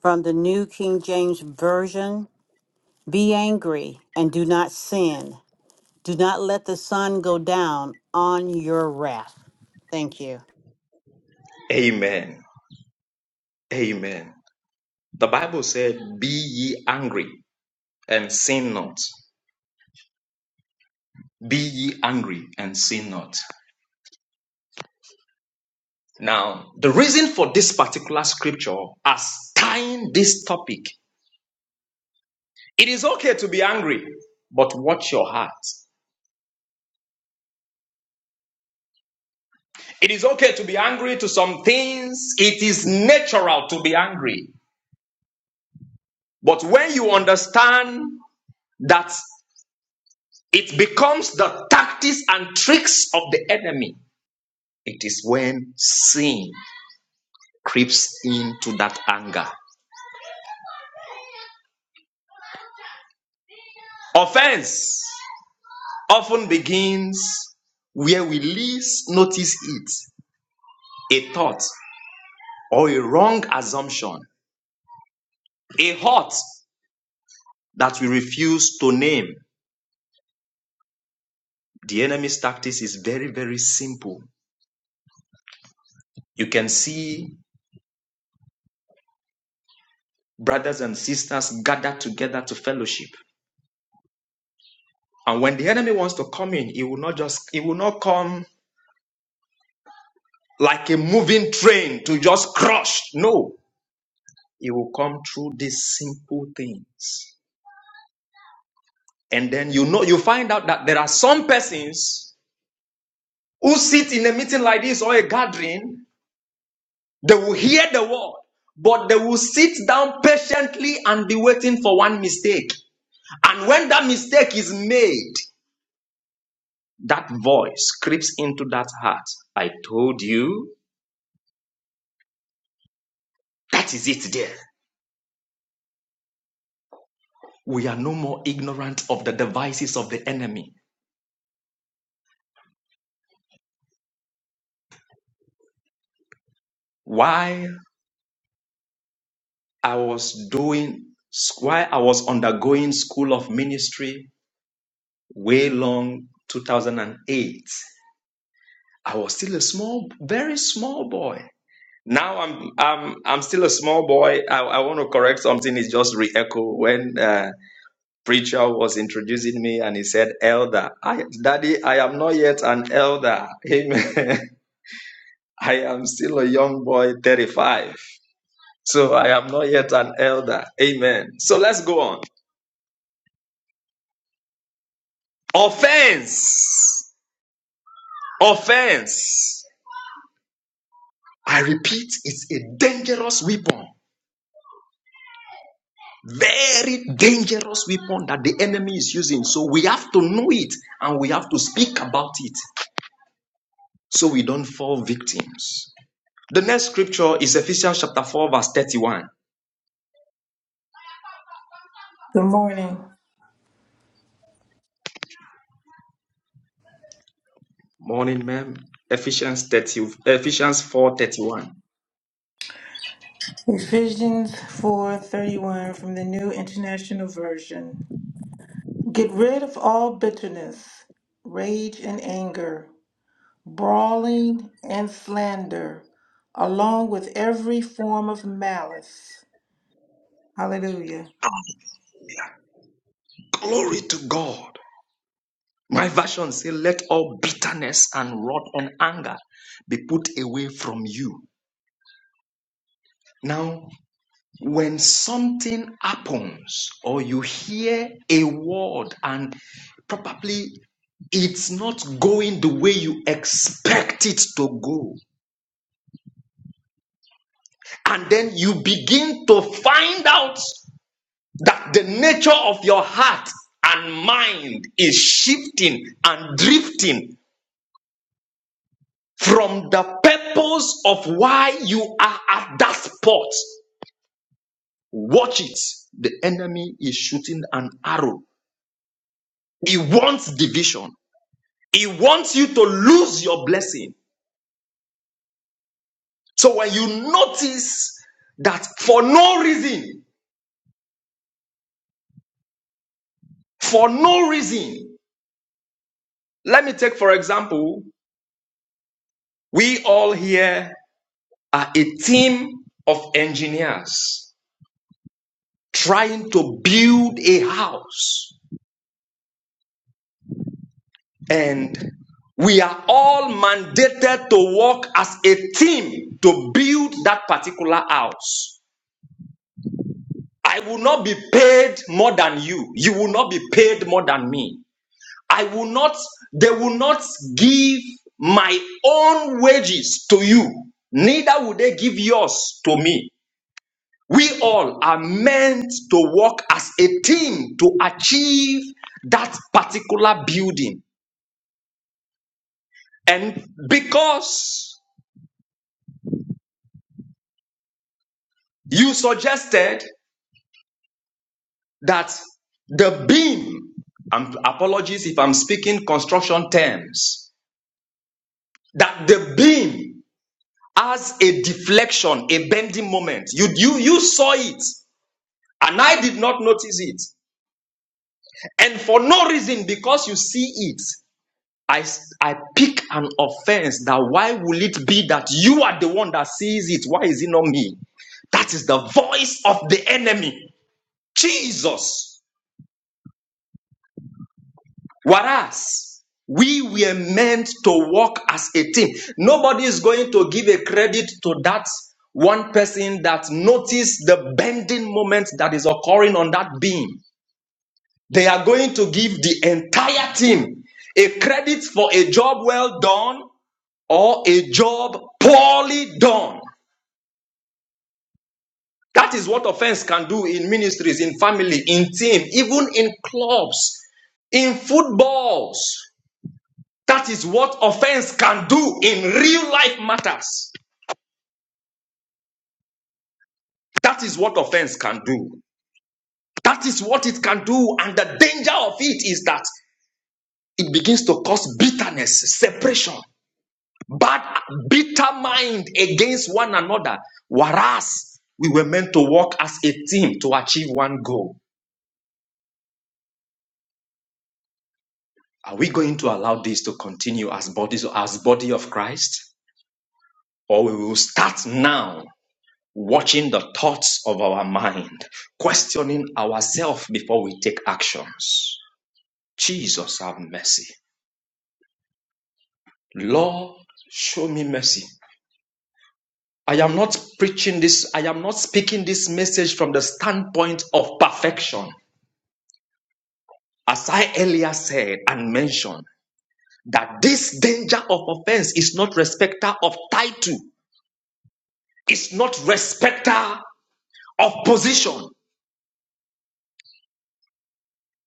C: from the New King James Version. Be angry and do not sin. Do not let the sun go down on your wrath. Thank you.
D: Amen. Amen. The Bible said, Be ye angry and sin not. Be ye angry and sin not. Now, the reason for this particular scripture as tying this topic, it is okay to be angry, but watch your heart. It is okay to be angry to some things. It is natural to be angry. But when you understand that it becomes the tactics and tricks of the enemy, it is when sin creeps into that anger. Offense often begins where we least notice it a thought or a wrong assumption, a hurt that we refuse to name. The enemy's tactics is very, very simple. You can see brothers and sisters gathered together to fellowship. And when the enemy wants to come in, he will not just, he will not come like a moving train to just crush. No, he will come through these simple things And then you know, you find out that there are some persons who sit in a meeting like this or a gathering, they will hear the word, but they will sit down patiently and be waiting for one mistake. And when that mistake is made, that voice creeps into that heart. I told you, that is it there. We are no more ignorant of the devices of the enemy. While I was doing, while I was undergoing school of ministry, way long 2008 i was still a small very small boy now i'm i'm i'm still a small boy i, I want to correct something it's just re-echo when uh, preacher was introducing me and he said elder i daddy i am not yet an elder amen i am still a young boy 35 so i am not yet an elder amen so let's go on offense offense i repeat it's a dangerous weapon Very dangerous weapon that the enemy is using. So we have to know it and we have to speak about it so we don't fall victims. The next scripture is Ephesians chapter 4, verse 31.
E: Good morning.
D: Morning, ma'am. Ephesians 30, Ephesians four thirty-one.
E: Ephesians 4:31 from the New International Version. Get rid of all bitterness, rage and anger, brawling and slander, along with every form of malice. Hallelujah.
D: 31. Glory to God. My version says, Let all bitterness and wrath and anger be put away from you. Now, When something happens or you hear a word and probably it's not going the way you expect it to go. And then you begin to find out that the nature of your heart and mind is shifting and drifting from the purpose of why you are at that spot. Watch it. The enemy is shooting an arrow. He wants division. He wants you to lose your blessing. So when you notice that for no reason, for no reason, let me take for example, we all here are a team of engineers trying to build a house and we are all mandated to work as a team to build that particular house. I will not be paid more than you. You will not be paid more than me. I will not, they will not give my own wages to you, neither will they give yours to me. We all are meant to work as a team to achieve that particular building. And because you suggested that the beam, and apologies if I'm speaking construction terms, that the beam has a deflection, a bending moment. You you you saw it. And I did not notice it. And for no reason, because you see it, I I pick an offense that why will it be that you are the one that sees it? Why is it not me? That is the voice of the enemy. Jesus. Whereas we were meant to walk as a team. Nobody is going to give a credit to that one person that noticed the bending moment that is occurring on that beam. They are going to give the entire team a credit for a job well done or a job poorly done. That is what offense can do in ministries, in family, in team, even in clubs, in footballs. That is what offense can do in real life matters. That is what offense can do. That is what it can do. And the danger of it is that it begins to cause bitterness, separation. but bitter mind against one another. Whereas we were meant to work as a team to achieve one goal. Are we going to allow this to continue as bodies, as body of Christ? Or we will start now watching the thoughts of our mind, questioning ourselves before we take actions. Jesus have mercy. Lord, show me mercy. I am not preaching this, I am not speaking this message from the standpoint of perfection. As I earlier said and mentioned, that this danger of offense is not respecter of title, it's not respecter of position.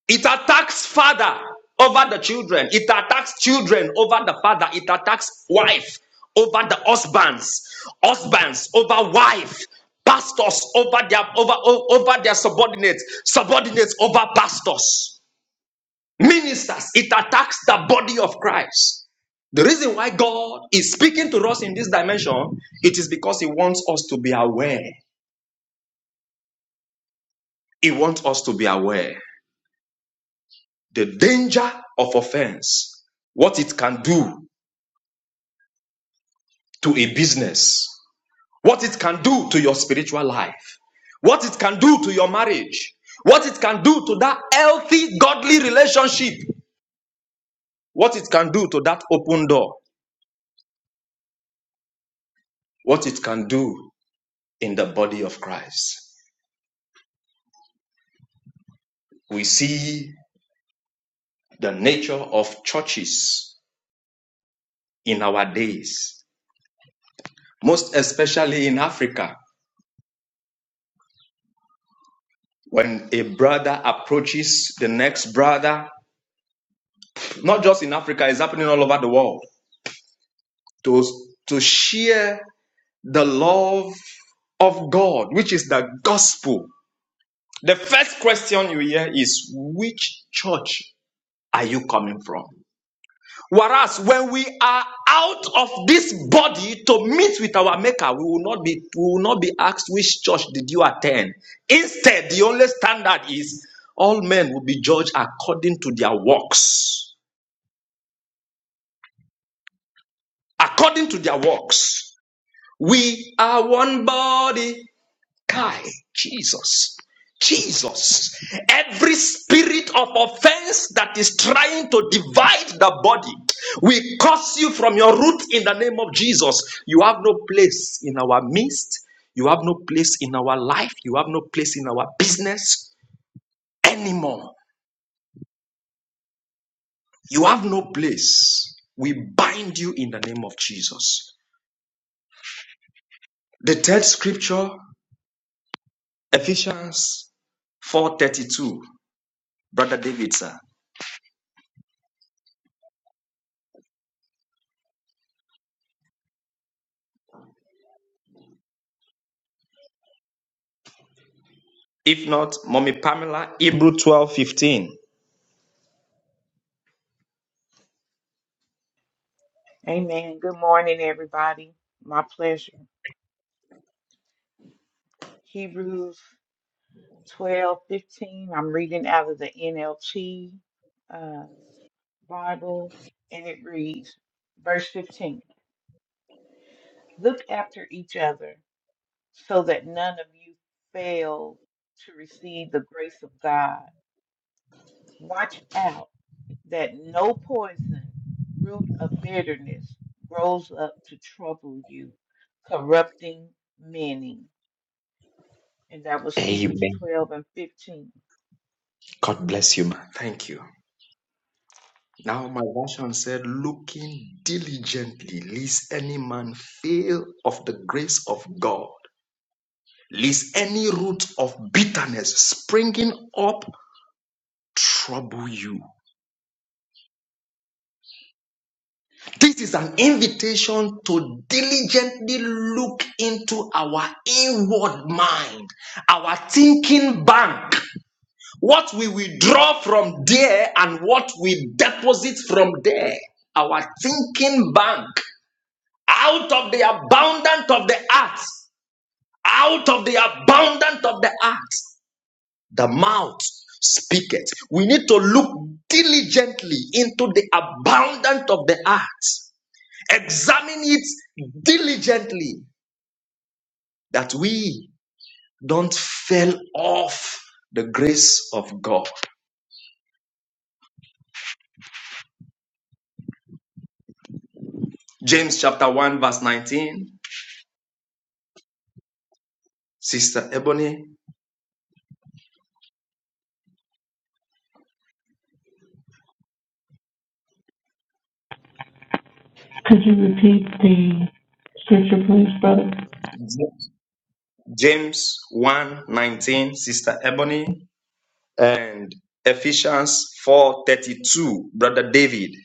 D: It attacks father over the children, it attacks children over the father, it attacks wife over the husbands, husbands over wife, pastors over their over over their subordinates, subordinates over pastors. ministers, it attacks the body of Christ. The reason why God is speaking to us in this dimension, it is because He wants us to be aware. He wants us to be aware the danger of offense, what it can do to a business, what it can do to your spiritual life, what it can do to your marriage, what it can do to that healthy, godly relationship, what it can do to that open door, what it can do in the body of Christ. we see the nature of churches in our days, most especially in Africa. When a brother approaches the next brother, not just in Africa, it's happening all over the world, to, to share the love of God, which is the gospel. The first question you hear is, which church are you coming from? Whereas when we are out of this body to meet with our maker, we will not be we will not be asked which church did you attend. Instead, the only standard is all men will be judged according to their works. According to their works. We are one body. Kai, Jesus. Jesus. Every spirit of offense that is trying to divide the body, we curse you from your root in the name of Jesus. You have no place in our midst. You have no place in our life. You have no place in our business anymore. You have no place. We bind you in the name of Jesus. The third scripture, Ephesians 4:32. Brother David, sir. If not, Mommy Pamela, Hebrew 12:15.
F: Amen. Good morning, everybody. My pleasure. Hebrews 12:15. I'm reading out of the NLT uh, Bible, and it reads, verse 15 Look after each other so that none of you fail to receive the grace of God. Watch out that no poison, root of bitterness, grows up to trouble you, corrupting many And that was Hebrews
D: Amen.
F: 12 and 15.
D: God bless you, man. Thank you. Now my version said, looking diligently, lest any man fail of the grace of God, lest any root of bitterness springing up trouble you. This is an invitation to diligently look into our inward mind, our thinking bank. What we withdraw from there and what we deposit from there, our thinking bank, out of the abundance of the heart, out of the abundance of the heart, the mouth speaketh. We need to look diligently into the abundance of the heart, examine it diligently that we don't fail off the grace of God. James chapter 1, verse 19. Sister Ebony,
E: Could you repeat the scripture, please, brother?
D: James one nineteen, Sister Ebony, and Ephesians 4:32, Brother David.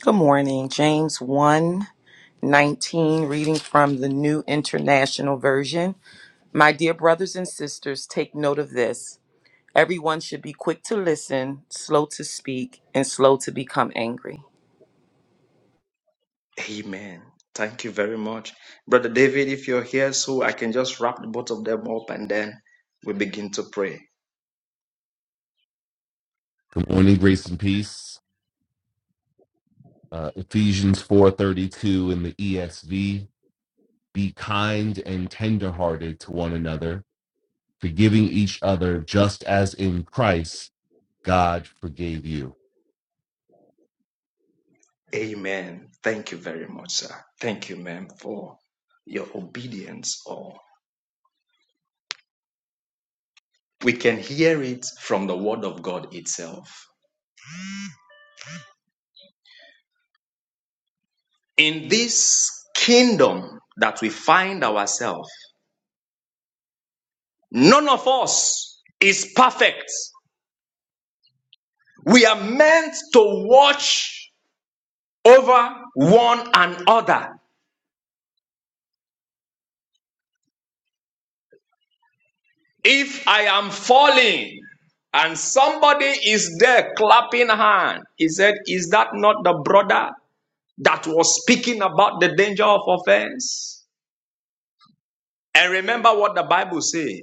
G: Good morning. James one 19, reading from the New International Version. My dear brothers and sisters, take note of this. Everyone should be quick to listen, slow to speak, and slow to become angry.
D: Amen. Thank you very much. Brother David, if you're here, so I can just wrap both of them up and then we begin to pray.
H: Good morning, grace and peace. Uh, Ephesians 4:32 in the ESV. Be kind and tenderhearted to one another, forgiving each other just as in Christ God forgave you.
D: Amen. Thank you very much, sir. Thank you, ma'am, for your obedience. Or we can hear it from the word of God itself. in this kingdom that we find ourselves, none of us is perfect. We are meant to watch over one another. If I am falling and somebody is there clapping hand, he said, Is that not the brother that was speaking about the danger of offense? And remember what the Bible says.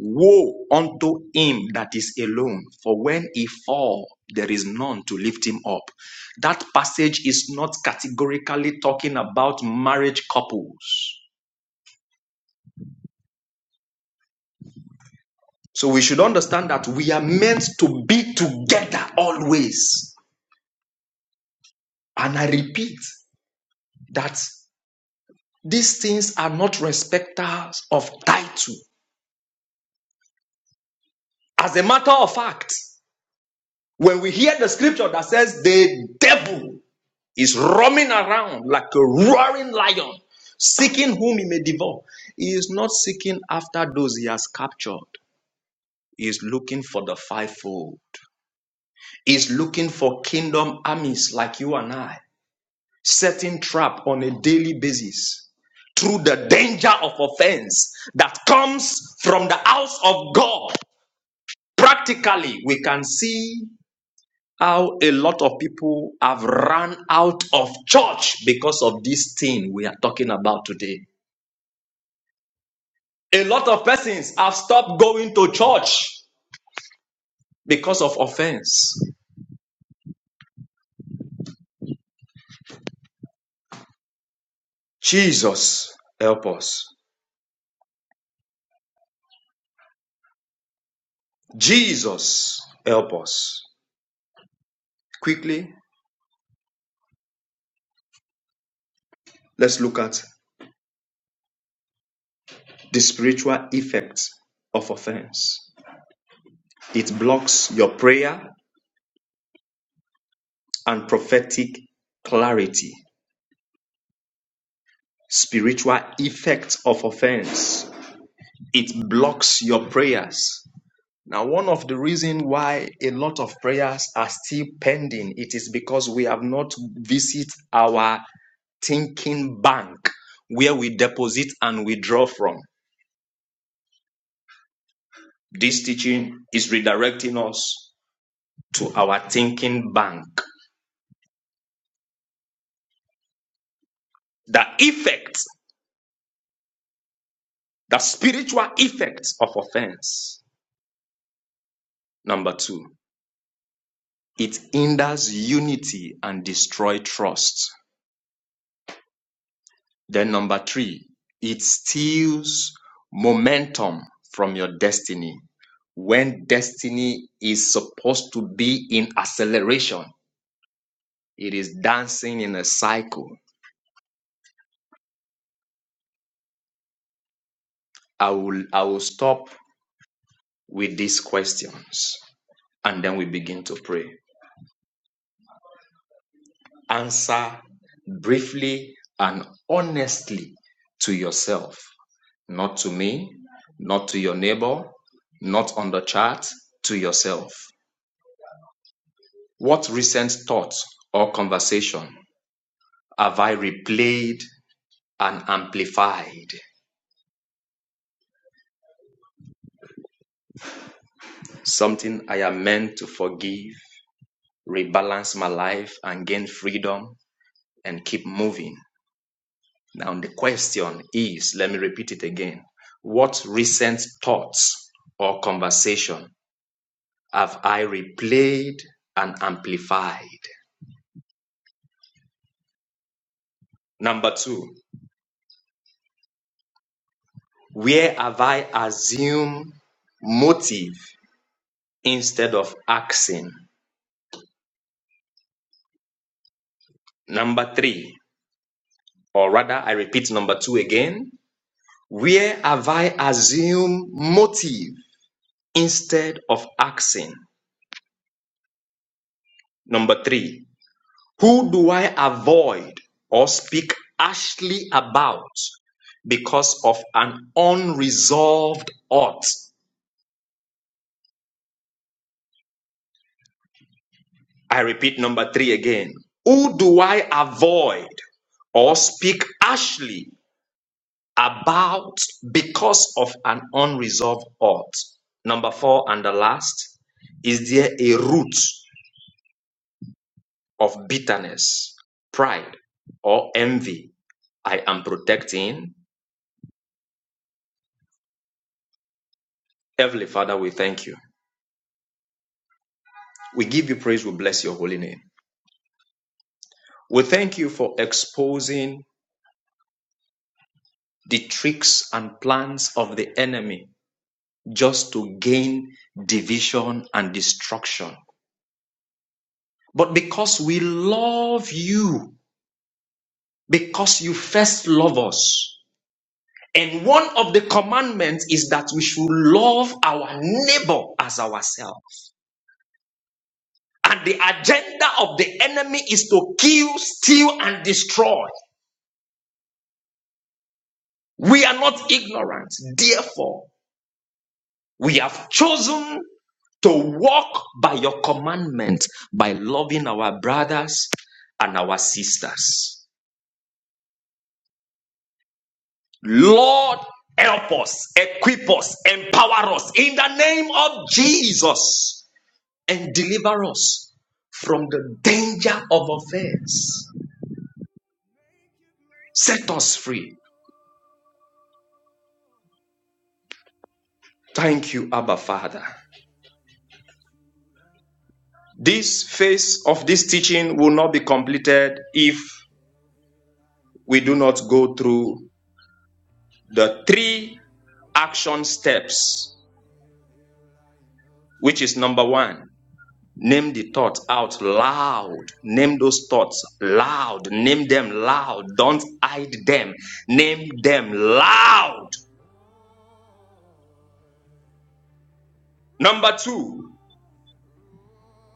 D: Woe unto him that is alone, for when he fall, there is none to lift him up. That passage is not categorically talking about marriage couples. So we should understand that we are meant to be together always. And I repeat that these things are not respecters of title. As a matter of fact, when we hear the scripture that says the devil is roaming around like a roaring lion, seeking whom he may devour. He is not seeking after those he has captured. He is looking for the fivefold. He is looking for kingdom armies like you and I, setting trap on a daily basis through the danger of offense that comes from the house of God. Practically, we can see how a lot of people have run out of church because of this thing we are talking about today. A lot of persons have stopped going to church because of offense. Jesus, help us. Jesus, help us. Quickly, let's look at the spiritual effect of offense. It blocks your prayer and prophetic clarity. Spiritual effect of offense. It blocks your prayers Now, one of the reasons why a lot of prayers are still pending, it is because we have not visit our thinking bank where we deposit and withdraw from. This teaching is redirecting us to our thinking bank. The effect, the spiritual effect of offense. Number two, it hinders unity and destroy trust. Then number three, it steals momentum from your destiny. When destiny is supposed to be in acceleration, it is dancing in a cycle. I will I will stop with these questions and then we begin to pray. Answer briefly and honestly to yourself, not to me, not to your neighbor, not on the chat. to yourself. What recent thoughts or conversation have I replayed and amplified? Something I am meant to forgive, rebalance my life, and gain freedom and keep moving. Now, the question is let me repeat it again. What recent thoughts or conversation have I replayed and amplified? Number two, where have I assumed motive instead of asking? Number three, or rather, I repeat number two again. Where have I assumed motive instead of asking? Number three, who do I avoid or speak harshly about because of an unresolved ought? I repeat number three again. Who do I avoid or speak harshly about because of an unresolved ought. Number four and the last, is there a root of bitterness, pride, or envy I am protecting? Heavenly Father, we thank you. We give you praise, we bless your holy name. We thank you for exposing the tricks and plans of the enemy just to gain division and destruction. But because we love you, Because you first love us. And one of the commandments is that we should love our neighbor as ourselves. And the agenda of the enemy is to kill, steal, and destroy. We are not ignorant. Therefore, we have chosen to walk by your commandment by loving our brothers and our sisters. Lord, help us, equip us, empower us in the name of Jesus. and deliver us from the danger of offense. Set us free. Thank you, Abba Father. This phase of this teaching will not be completed if we do not go through the three action steps, which is number one, name the thoughts out loud. Name those thoughts loud. Name them loud. Don't hide them. Name them loud. Number two,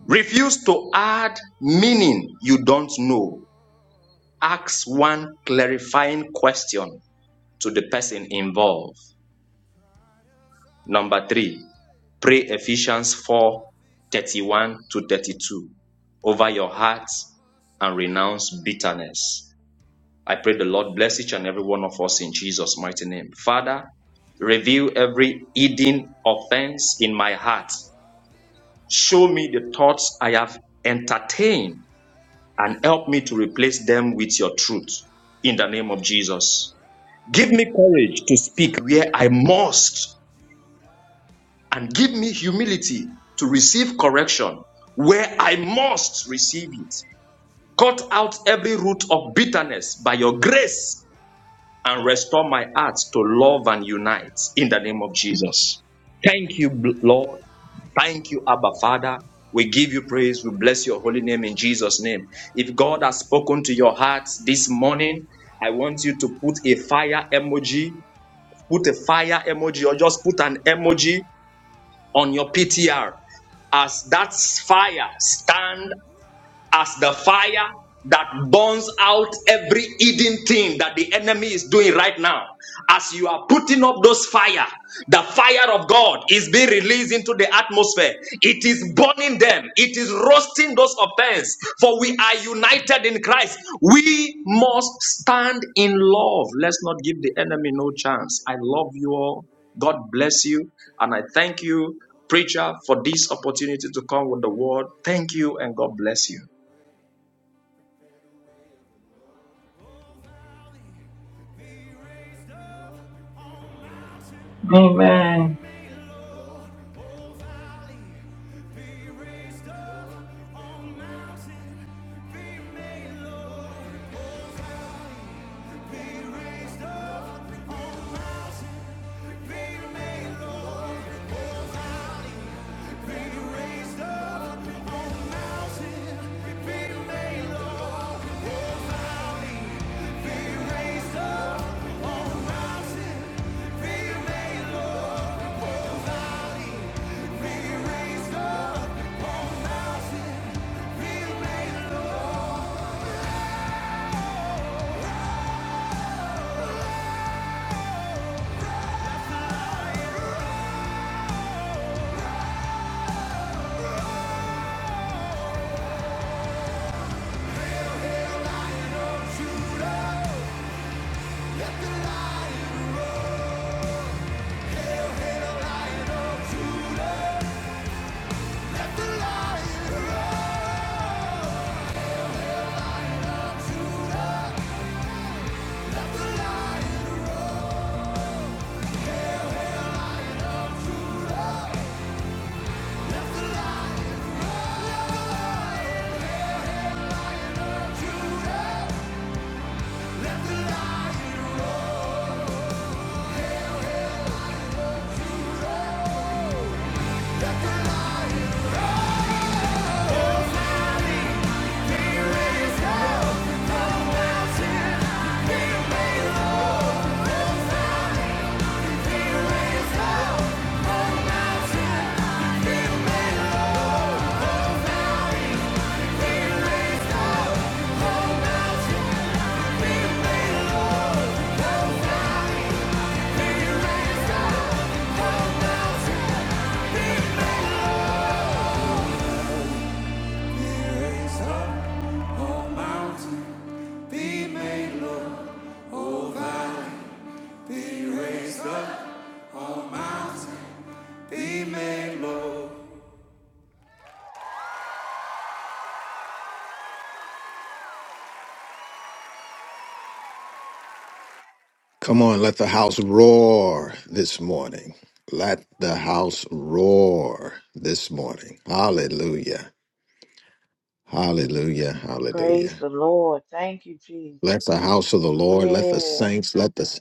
D: Refuse to add meaning you don't know. Ask one clarifying question to the person involved. Number three, pray Ephesians 4 31 to 32 over your heart and renounce bitterness. I pray the Lord bless each and every one of us in Jesus' mighty name. Father, reveal every hidden offense in my heart. Show me the thoughts I have entertained and help me to replace them with your truth in the name of Jesus. Give me courage to speak where I must, and give me humility to receive correction where I must receive it. Cut out every root of bitterness by your grace and restore my heart to love and unite in the name of Jesus. Thank you, Lord, Thank you, Abba Father. We give you praise. We bless your holy name in Jesus' name. If God has spoken to your hearts this morning, I want you to put a fire emoji, put a fire emoji, or just put an emoji on your PTR as that fire stand as the fire that burns out every hidden thing that the enemy is doing right now. As you are putting up those fire, the fire of God is being released into the atmosphere. It is burning them. It is roasting those offense. For we are united in Christ. We must stand in love. Let's not give the enemy no chance. I love you all. God bless you. And I thank you, preacher, for this opportunity to come with the word. Thank you and God bless you.
E: Amen.
B: Come on, let the house roar this morning. Let the house roar this morning. Hallelujah. Hallelujah.
F: Praise
B: Hallelujah.
F: the Lord. Thank you,
B: Let
F: Jesus.
B: the house of the Lord, let the
F: Yeah.
B: saints, let the s-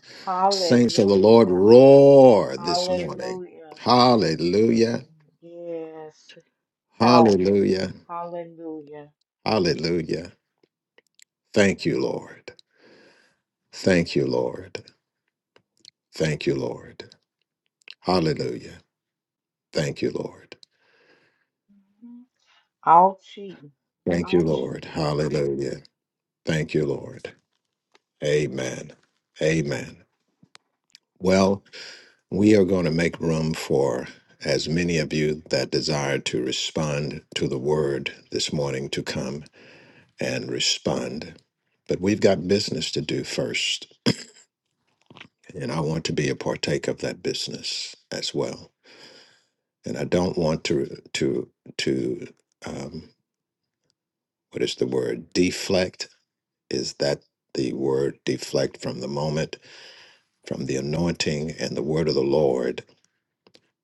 B: saints of the Lord
F: Hallelujah.
B: roar this morning.
F: Hallelujah.
B: Hallelujah.
F: Yes. Powerful.
B: Hallelujah.
F: Hallelujah.
B: Hallelujah. Thank you, Lord. Thank you, Lord. Thank you, Lord. Hallelujah. Thank you, Lord.
F: Ouchie.
B: Thank you,
F: Ouchie.
B: Lord. Hallelujah. Thank you, Lord. Amen. Amen. Well, we are going to make room for as many of you that desire to respond to the word this morning to come and respond. But we've got business to do first, and I want to be a partake of that business as well. And I don't want to to to um, what is the word deflect? Is that the word deflect from the moment, from the anointing and the word of the Lord?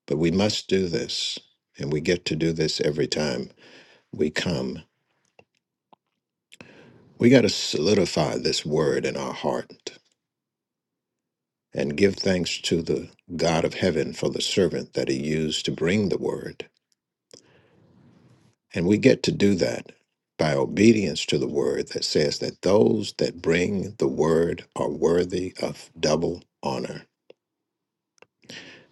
B: But we must do this, and we get to do this every time we come. We got to solidify this word in our heart and give thanks to the God of heaven for the servant that he used to bring the word. And we get to do that by obedience to the word that says that those that bring the word are worthy of double honor.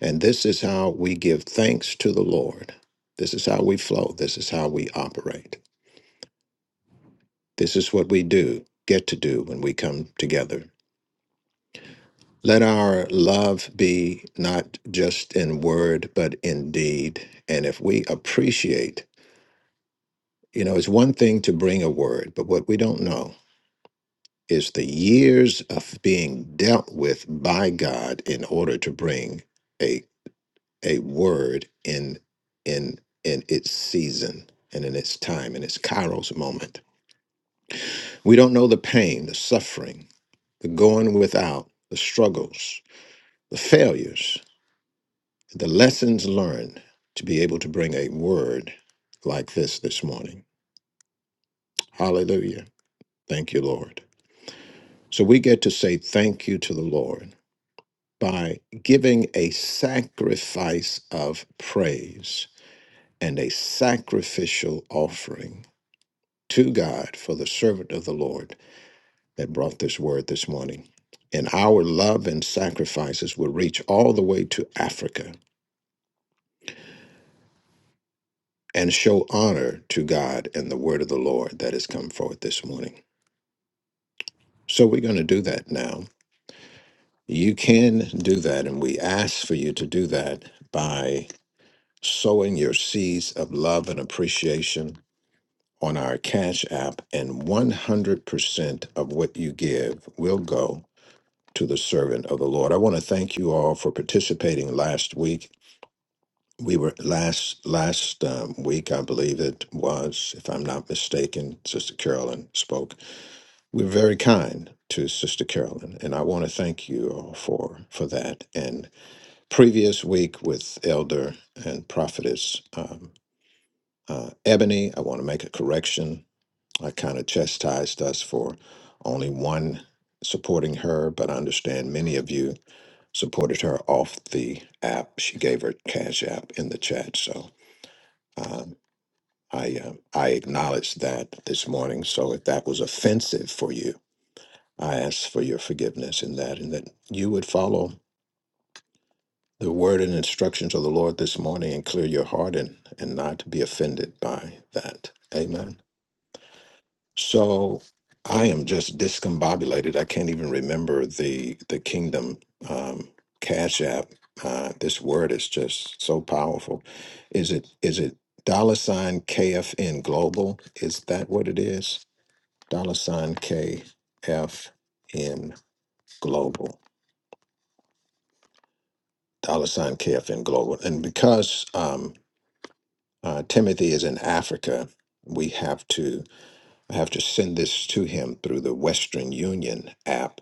B: And this is how we give thanks to the Lord. This is how we flow. This is how we operate. This is what we do, get to do when we come together. Let our love be not just in word, but in deed. And if we appreciate, you know, it's one thing to bring a word, but what we don't know is the years of being dealt with by God in order to bring a a word in in in its season and in its time, in its kairos moment. We don't know the pain, the suffering, the going without, the struggles, the failures, the lessons learned to be able to bring a word like this this morning. Hallelujah. Thank you, Lord. So we get to say thank you to the Lord by giving a sacrifice of praise and a sacrificial offering to God for the servant of the Lord that brought this word this morning. And our love and sacrifices will reach all the way to Africa and show honor to God and the word of the Lord that has come forth this morning. So we're going to do that now. You can do that, and we ask for you to do that by sowing your seeds of love and appreciation on our Cash App, and 100% of what you give will go to the servant of the Lord. I want to thank you all for participating last week. we were last last um, week, I believe it was, if I'm not mistaken, Sister Carolyn spoke. We were very kind to Sister Carolyn, and I want to thank you all for for that. And previous week with Elder and Prophetess um, uh, Ebony, I want to make a correction. I kind of chastised us for only one supporting her, but I understand many of you supported her off the app. She gave her cash app in the chat, so. um, I um, I acknowledge that this morning. So if that was offensive for you, I ask for your forgiveness in that, and that you would follow the word and instructions of the Lord this morning and clear your heart and and not be offended by that. Amen. So I am just discombobulated. I can't even remember the the kingdom um, cash app. Uh, this word is just so powerful. Is it is it dollar sign KFN global? Is that what it is? dollar sign KFN Global, dollar sign KFN Global. And because um, uh, Timothy is in Africa, we have to I have to send this to him through the Western Union app,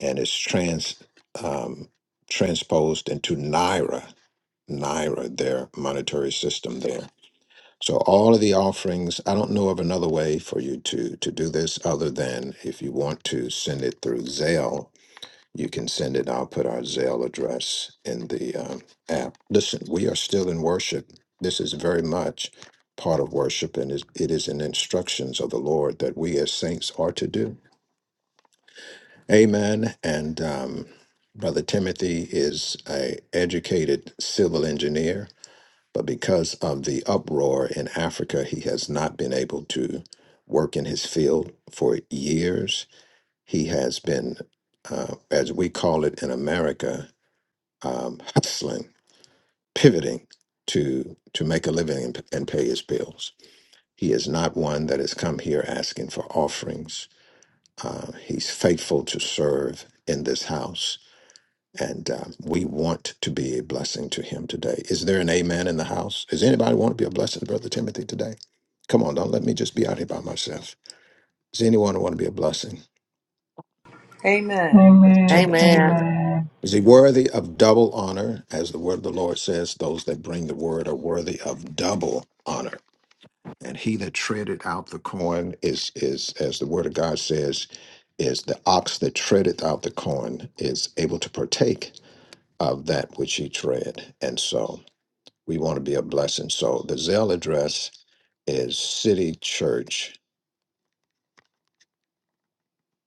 B: and it's trans um, transposed into Naira, Naira, their monetary system there. So all of the offerings, I don't know of another way for you to to do this other than if you want to send it through Zelle you can send it. I'll put our Zelle address in the um, app. Listen, we are still in worship. This is very much part of worship, and is- it is in instructions of the Lord that we as saints are to do. Amen. And um, Brother Timothy is a educated civil engineer, but because of the uproar in Africa, he has not been able to work in his field for years. He has been, uh, as we call it in America, um, hustling, pivoting to to make a living and, and pay his bills. He is not one that has come here asking for offerings. Uh, he's faithful to serve in this house, and um, we want to be a blessing to him today. Is there an amen in the house? Does anybody want to be a blessing to Brother Timothy today? Come on, don't let me just be out here by myself. Does anyone want to be a blessing?
G: Amen.
E: Amen.
I: Amen.
E: Amen.
B: Is he worthy of double honor? As the word of the Lord says, those that bring the word are worthy of double honor. And he that treaded out the corn is is, as the word of God says, is the ox that treadeth out the corn is able to partake of that which he tread. And so we want to be a blessing. So the Zell address is City Church,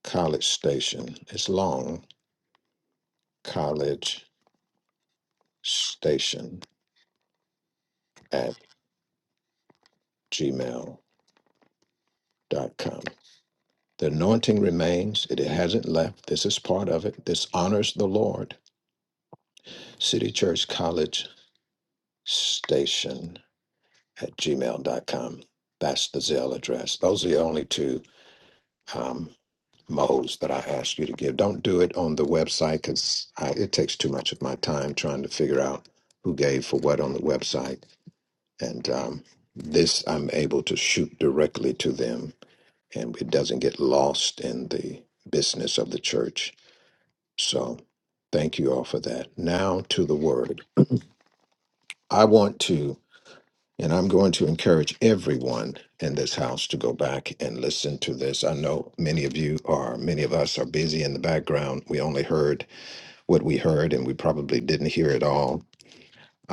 B: College Station. It's long, college station at gmail dot com. The anointing remains, it hasn't left. This is part of it. This honors the Lord. City Church College Station at gmail.com. That's the Zelle address. Those are the only two um, modes that I ask you to give. Don't do it on the website because it takes too much of my time trying to figure out who gave for what on the website. And um, this I'm able to shoot directly to them and it doesn't get lost in the business of the church So thank you all for that. Now to the word. I want to, and I'm going to encourage everyone in this house to go back and listen to this. I know many of you are, many of us are busy in the background. We only heard what we heard and we probably didn't hear it all.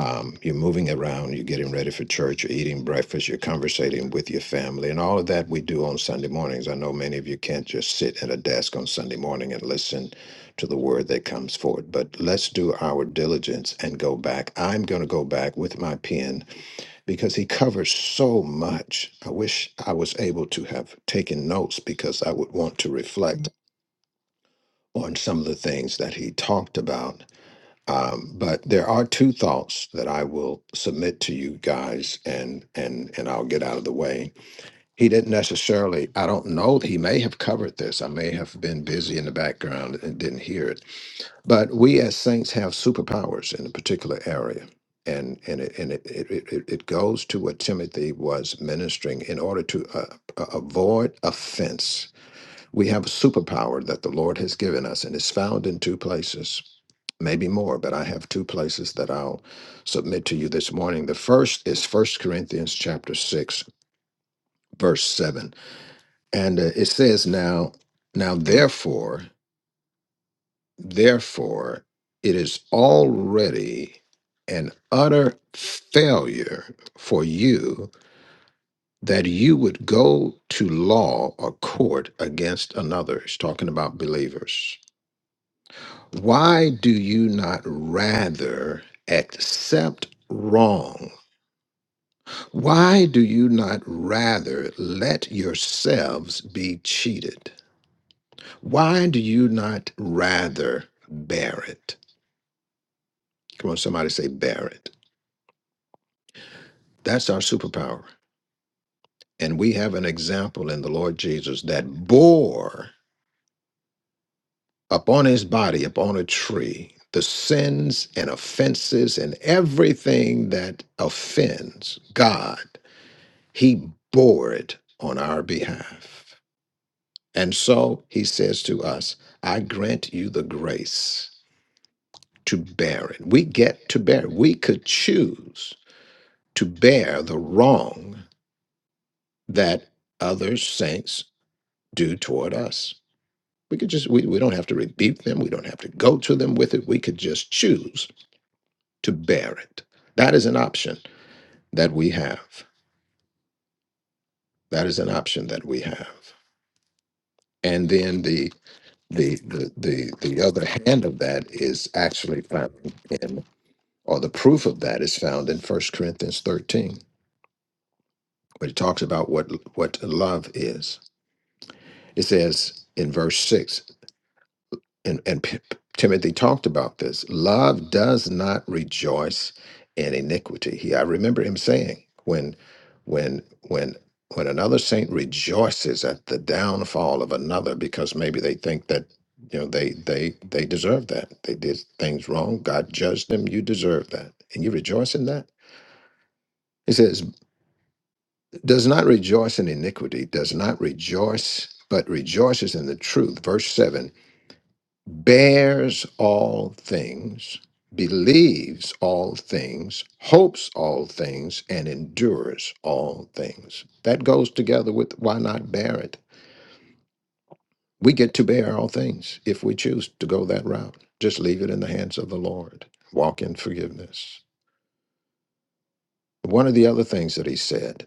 B: Um, you're moving around, you're getting ready for church, you're eating breakfast, you're conversating with your family, and all of that we do on Sunday mornings. I know many of you can't just sit at a desk on Sunday morning and listen to the word that comes forth, but let's do our diligence and go back. I'm going to go back with my pen because he covers so much. I wish I was able to have taken notes because I would want to reflect on some of the things that he talked about um, but there are two thoughts that I will submit to you guys, and and and I'll get out of the way. He didn't necessarily. I don't know. He may have covered this. I may have been busy in the background and didn't hear it. But we as saints have superpowers in a particular area, and and it and it it, it, it it goes to what Timothy was ministering in order to uh, a- avoid offense we have a superpower that the Lord has given us, and it's found in two places, maybe more, but I have two places that I'll submit to you this morning. The first is First Corinthians chapter 6, verse 7. And uh, it says, Now, now therefore, therefore, it is already an utter failure for you that you would go to law or court against another. It's talking about believers Why do you not rather accept wrong? Why do you not rather let yourselves be cheated? Why do you not rather bear it? Come on, somebody say, bear it. That's our superpower. And we have an example in the Lord Jesus that bore upon his body, upon a tree, the sins and offenses and everything that offends God He bore it on our behalf. And so he says to us, I grant you the grace to bear it. We get to bear. it. We could choose to bear the wrong that other saints do toward us. We could just, we, we don't have to rebuke them. We don't have to go to them with it. We could just choose to bear it. That is an option that we have. That is an option that we have. And then the the the the the other hand of that is actually found in or the proof of that is found in First Corinthians 13 when it talks about what what love is it says in verse 6 and, and P- P- Timothy talked about this. Love does not rejoice in iniquity. He, I remember him saying, when, when, when, when another saint rejoices at the downfall of another, because maybe they think that you know they they they deserve that they did things wrong. God judged them. You deserve that, and you rejoice in that. He says, does not rejoice in iniquity, does not rejoice, but rejoices in the truth. Verse 7 bears all things, believes all things, hopes all things, and endures all things. That goes together with why not bear it? We get to bear all things if we choose to go that route. Just leave it in the hands of the Lord. Walk in forgiveness. One of the other things that he said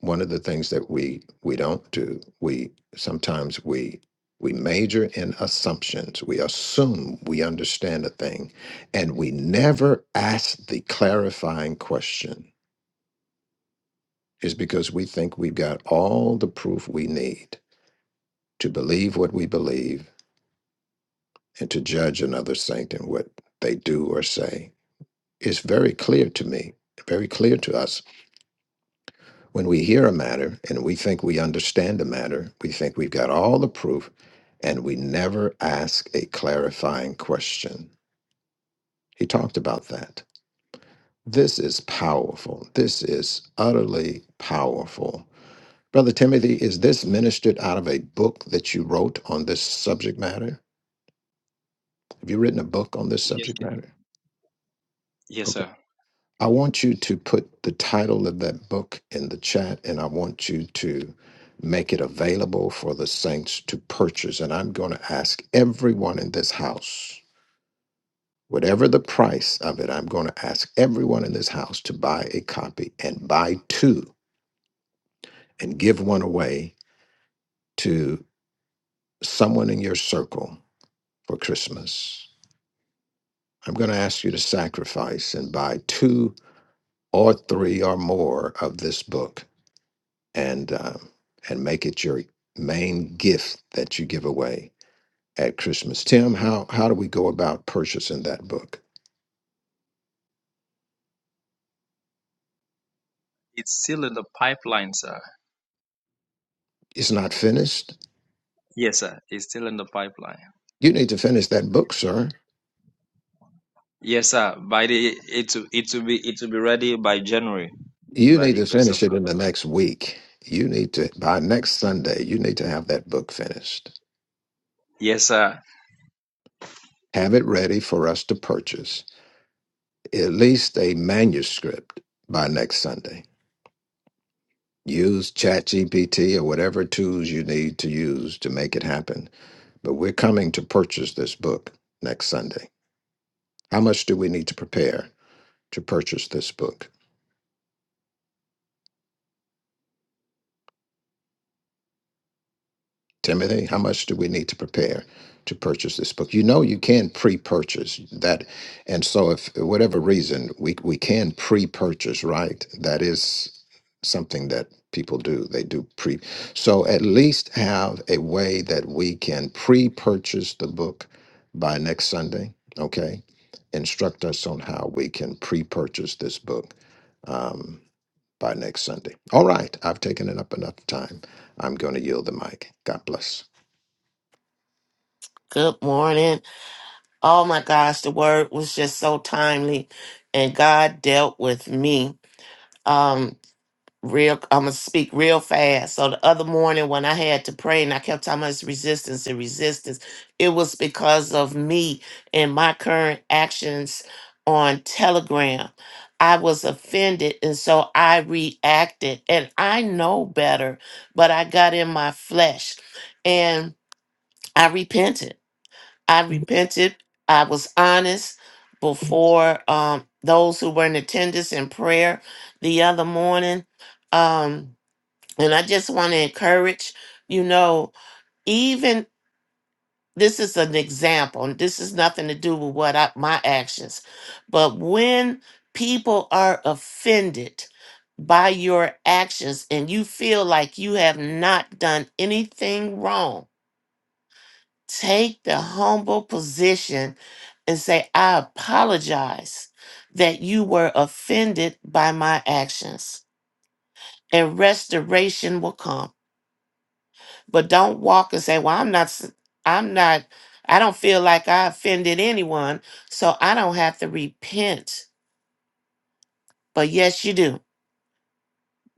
B: one of the things that we we don't do we sometimes we we major in assumptions we assume we understand a thing and we never ask the clarifying question is because we think we've got all the proof we need to believe what we believe and to judge another saint and what they do or say it's very clear to me very clear to us When we hear a matter and we think we understand a matter, we think we've got all the proof, and we never ask a clarifying question. He talked about that. This is powerful. This is utterly powerful. Brother Timothy, is this ministered out of a book that you wrote on this subject matter? Have you written a book on this
D: Yes,
B: subject matter? Okay.
D: yes, sir.
B: I want you to put the title of that book in the chat and I want you to make it available for the saints to purchase. And I'm going to ask everyone in this house, whatever the price of it, I'm going to ask everyone in this house to buy a copy and buy two and give one away to someone in your circle for Christmas. I'm going to ask you to sacrifice and buy two or three or more of this book and um, and make it your main gift that you give away at Christmas. Tim, how how do we go about purchasing that book?
D: It's still in the pipeline, sir.
B: It's not finished.
D: Yes, sir. It's still in the pipeline.
B: You need to finish that book, sir.
D: Yes, sir. By the it will- it will be it will be ready by January,
B: You
D: by
B: need
D: the
B: to
D: grace
B: finish
D: of
B: it
D: God.
B: in the next week. You need to by next Sunday. You need to have that book finished.
D: Yes, sir.
B: Have it ready for us to purchase. At least a manuscript by next Sunday. Use ChatGPT or whatever tools you need to use to make it happen But we're coming to purchase this book next Sunday. How much do we need to prepare to purchase this book? Timothy, how much do we need to prepare to purchase this book? You know, you can pre-purchase that, and so if whatever reason we we can pre-purchase, right? That is something that people do. They do pre. So at least have a way that we can pre-purchase the book by next Sunday. Okay, instruct us on how we can pre-purchase this book. um, by next Sunday. All right, I've taken it up enough time. I'm going to yield the mic. God bless.
I: Good morning. Oh my gosh, the word was just so timely and God dealt with me. Um real I'm gonna speak real fast. So the other morning when I had to pray and I kept talking about this resistance and resistance, it was because of me and my current actions on Telegram. I was offended and so I reacted and I know better, but I got in my flesh and I repented I repented. I was honest before um, those who were in attendance in prayer the other morning. Um, and I just want to encourage, you know, even this is an example, and this is nothing to do with what I, my actions, but when people are offended by your actions and you feel like you have not done anything wrong, Take the humble position and say, I apologize that you were offended by my actions. And restoration will come. But don't walk and say, Well, I'm not, s- I'm not, I don't feel like I offended anyone, so I don't have to repent. But yes, you do.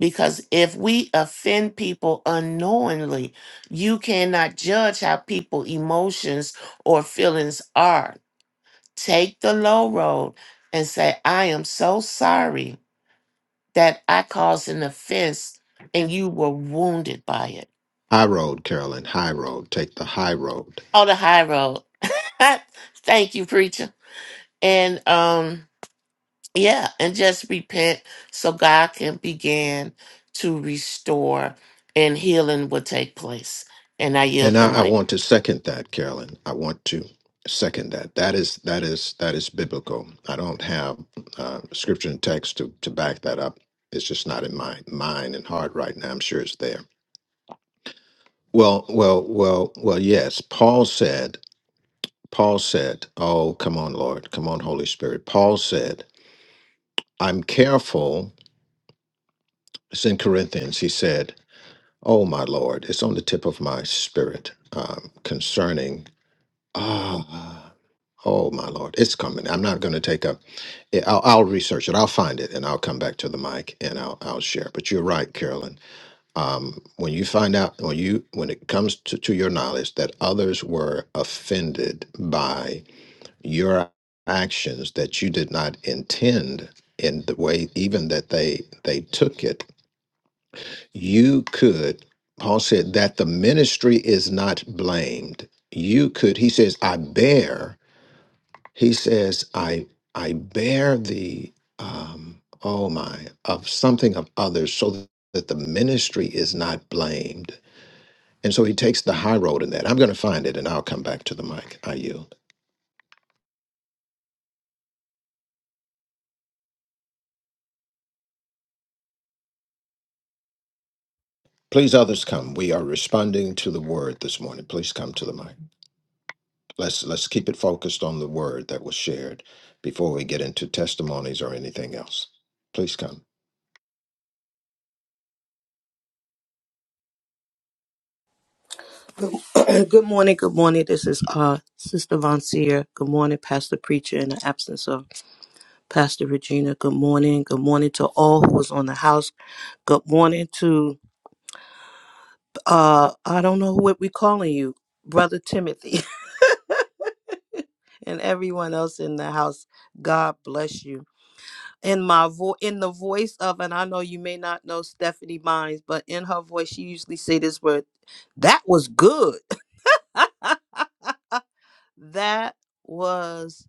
I: Because if we offend people unknowingly, you cannot judge how people emotions or feelings are. take the low road and say, I am so sorry that I caused an offense and you were wounded by it.
B: High road, Carolyn. High road. Take the high road.
I: On the high road. Thank you, preacher. And um, yeah, and just repent so God can begin to restore and healing will take place. And I
B: And
I: yield the
B: I, I
I: mic.
B: want to second that, Carolyn. I want to second that. That is that is that is biblical. I don't have uh, scripture and text to to back that up. It's just not in my mind and heart right now. I'm sure it's there. Well, well, well, well. Yes, Paul said. Paul said, "Oh, come on, Lord. Come on, Holy Spirit." Paul said, "I'm careful." It's in Corinthians. He said, Oh, my Lord, it's on the tip of my spirit um, concerning. Ah, oh, my Lord, it's coming. I'm not going to take up. I- I'll, I'll research it. I'll find it and I'll come back to the mic and I'll, I'll share. But you're right, Carolyn. Um, when you find out, when you when it comes to, to your knowledge that others were offended by your actions that you did not intend in the way even that they they took it you could paul said that the ministry is not blamed you could he says i bear he says i i bear the um oh my of something of others so that the ministry is not blamed and so he takes the high road in that i'm going to find it and i'll come back to the mic i yield please others come we are responding to the word this morning please come to the mic Let's let's keep it focused on the word that was shared before we get into testimonies or anything else. Please come.
J: good good morning. Good morning. This is uh, Sister Von Seer. Good morning, Pastor Preacher, in the absence of Pastor Regina. Good morning. Good morning to all who was on the house. Good morning to, uh, I don't know what we calling you, Brother Timothy. and everyone else in the house. God bless you. In my vo- in the voice of, and I know you may not know Stephanie Mines, but in her voice, she usually say this word, that was good. that was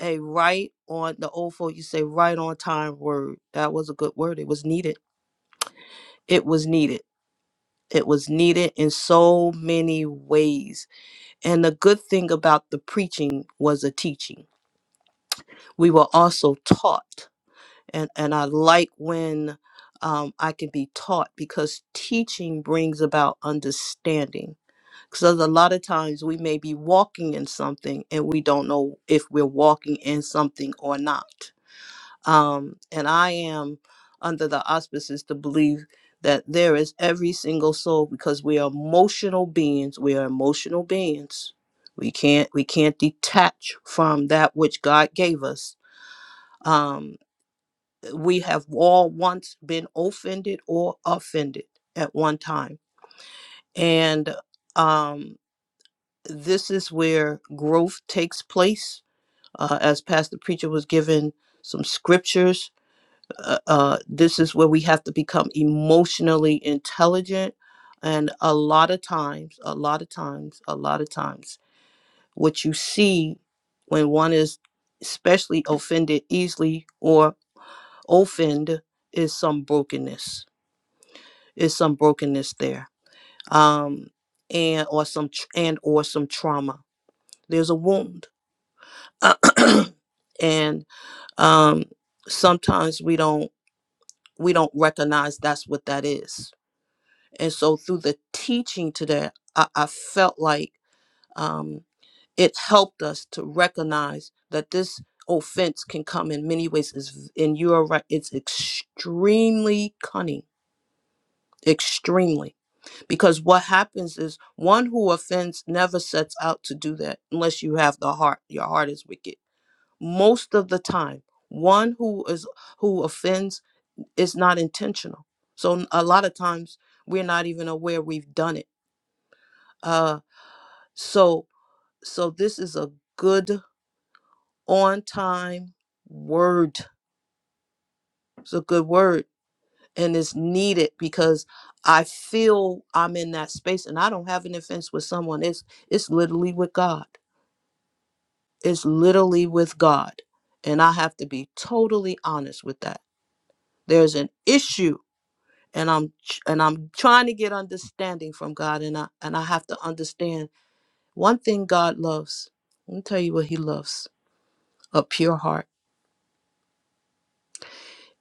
J: a right on the old folk you say right on time word that was a good word it was needed it was needed it was needed in so many ways and the good thing about the preaching was the teaching we were also taught and and i like when um, i can be taught because teaching brings about understanding because a lot of times we may be walking in something and we don't know if we're walking in something or not Um, and I am under the auspices to believe that there is every single soul because we are emotional beings. We are emotional beings. We can't we can't detach from that which God gave us. Um, we have all once been offended or offended at one time, and um, this is where growth takes place. Uh, as Pastor Preacher was given some scriptures uh, uh, this is where we have to become emotionally intelligent. And a lot of times, a lot of times, a lot of times, what you see when one is especially offended easily or offend is some brokenness, is some brokenness there, um, and or some tr- and or some trauma. There's a wound, and um, sometimes we don't we don't recognize that's what that is And so through the teaching today, I, I felt like um, it helped us to recognize that this offense can come in many ways. Is and you are right; it's extremely cunning, extremely. Because what happens is one who offends never sets out to do that unless you have the heart. Your heart is wicked most of the time. One who is who offends is not intentional. So a lot of times we're not even aware we've done it. Uh, So so this is a good on time word. It's a good word and it's needed because I feel I'm in that space and I don't have an offense with someone. It's it's literally with God. It's literally with God. And I have to be totally honest with that. There's an issue and I'm ch- and I'm trying to get understanding from God and I and I have to understand one thing God loves. Let me tell you what he loves. A pure heart.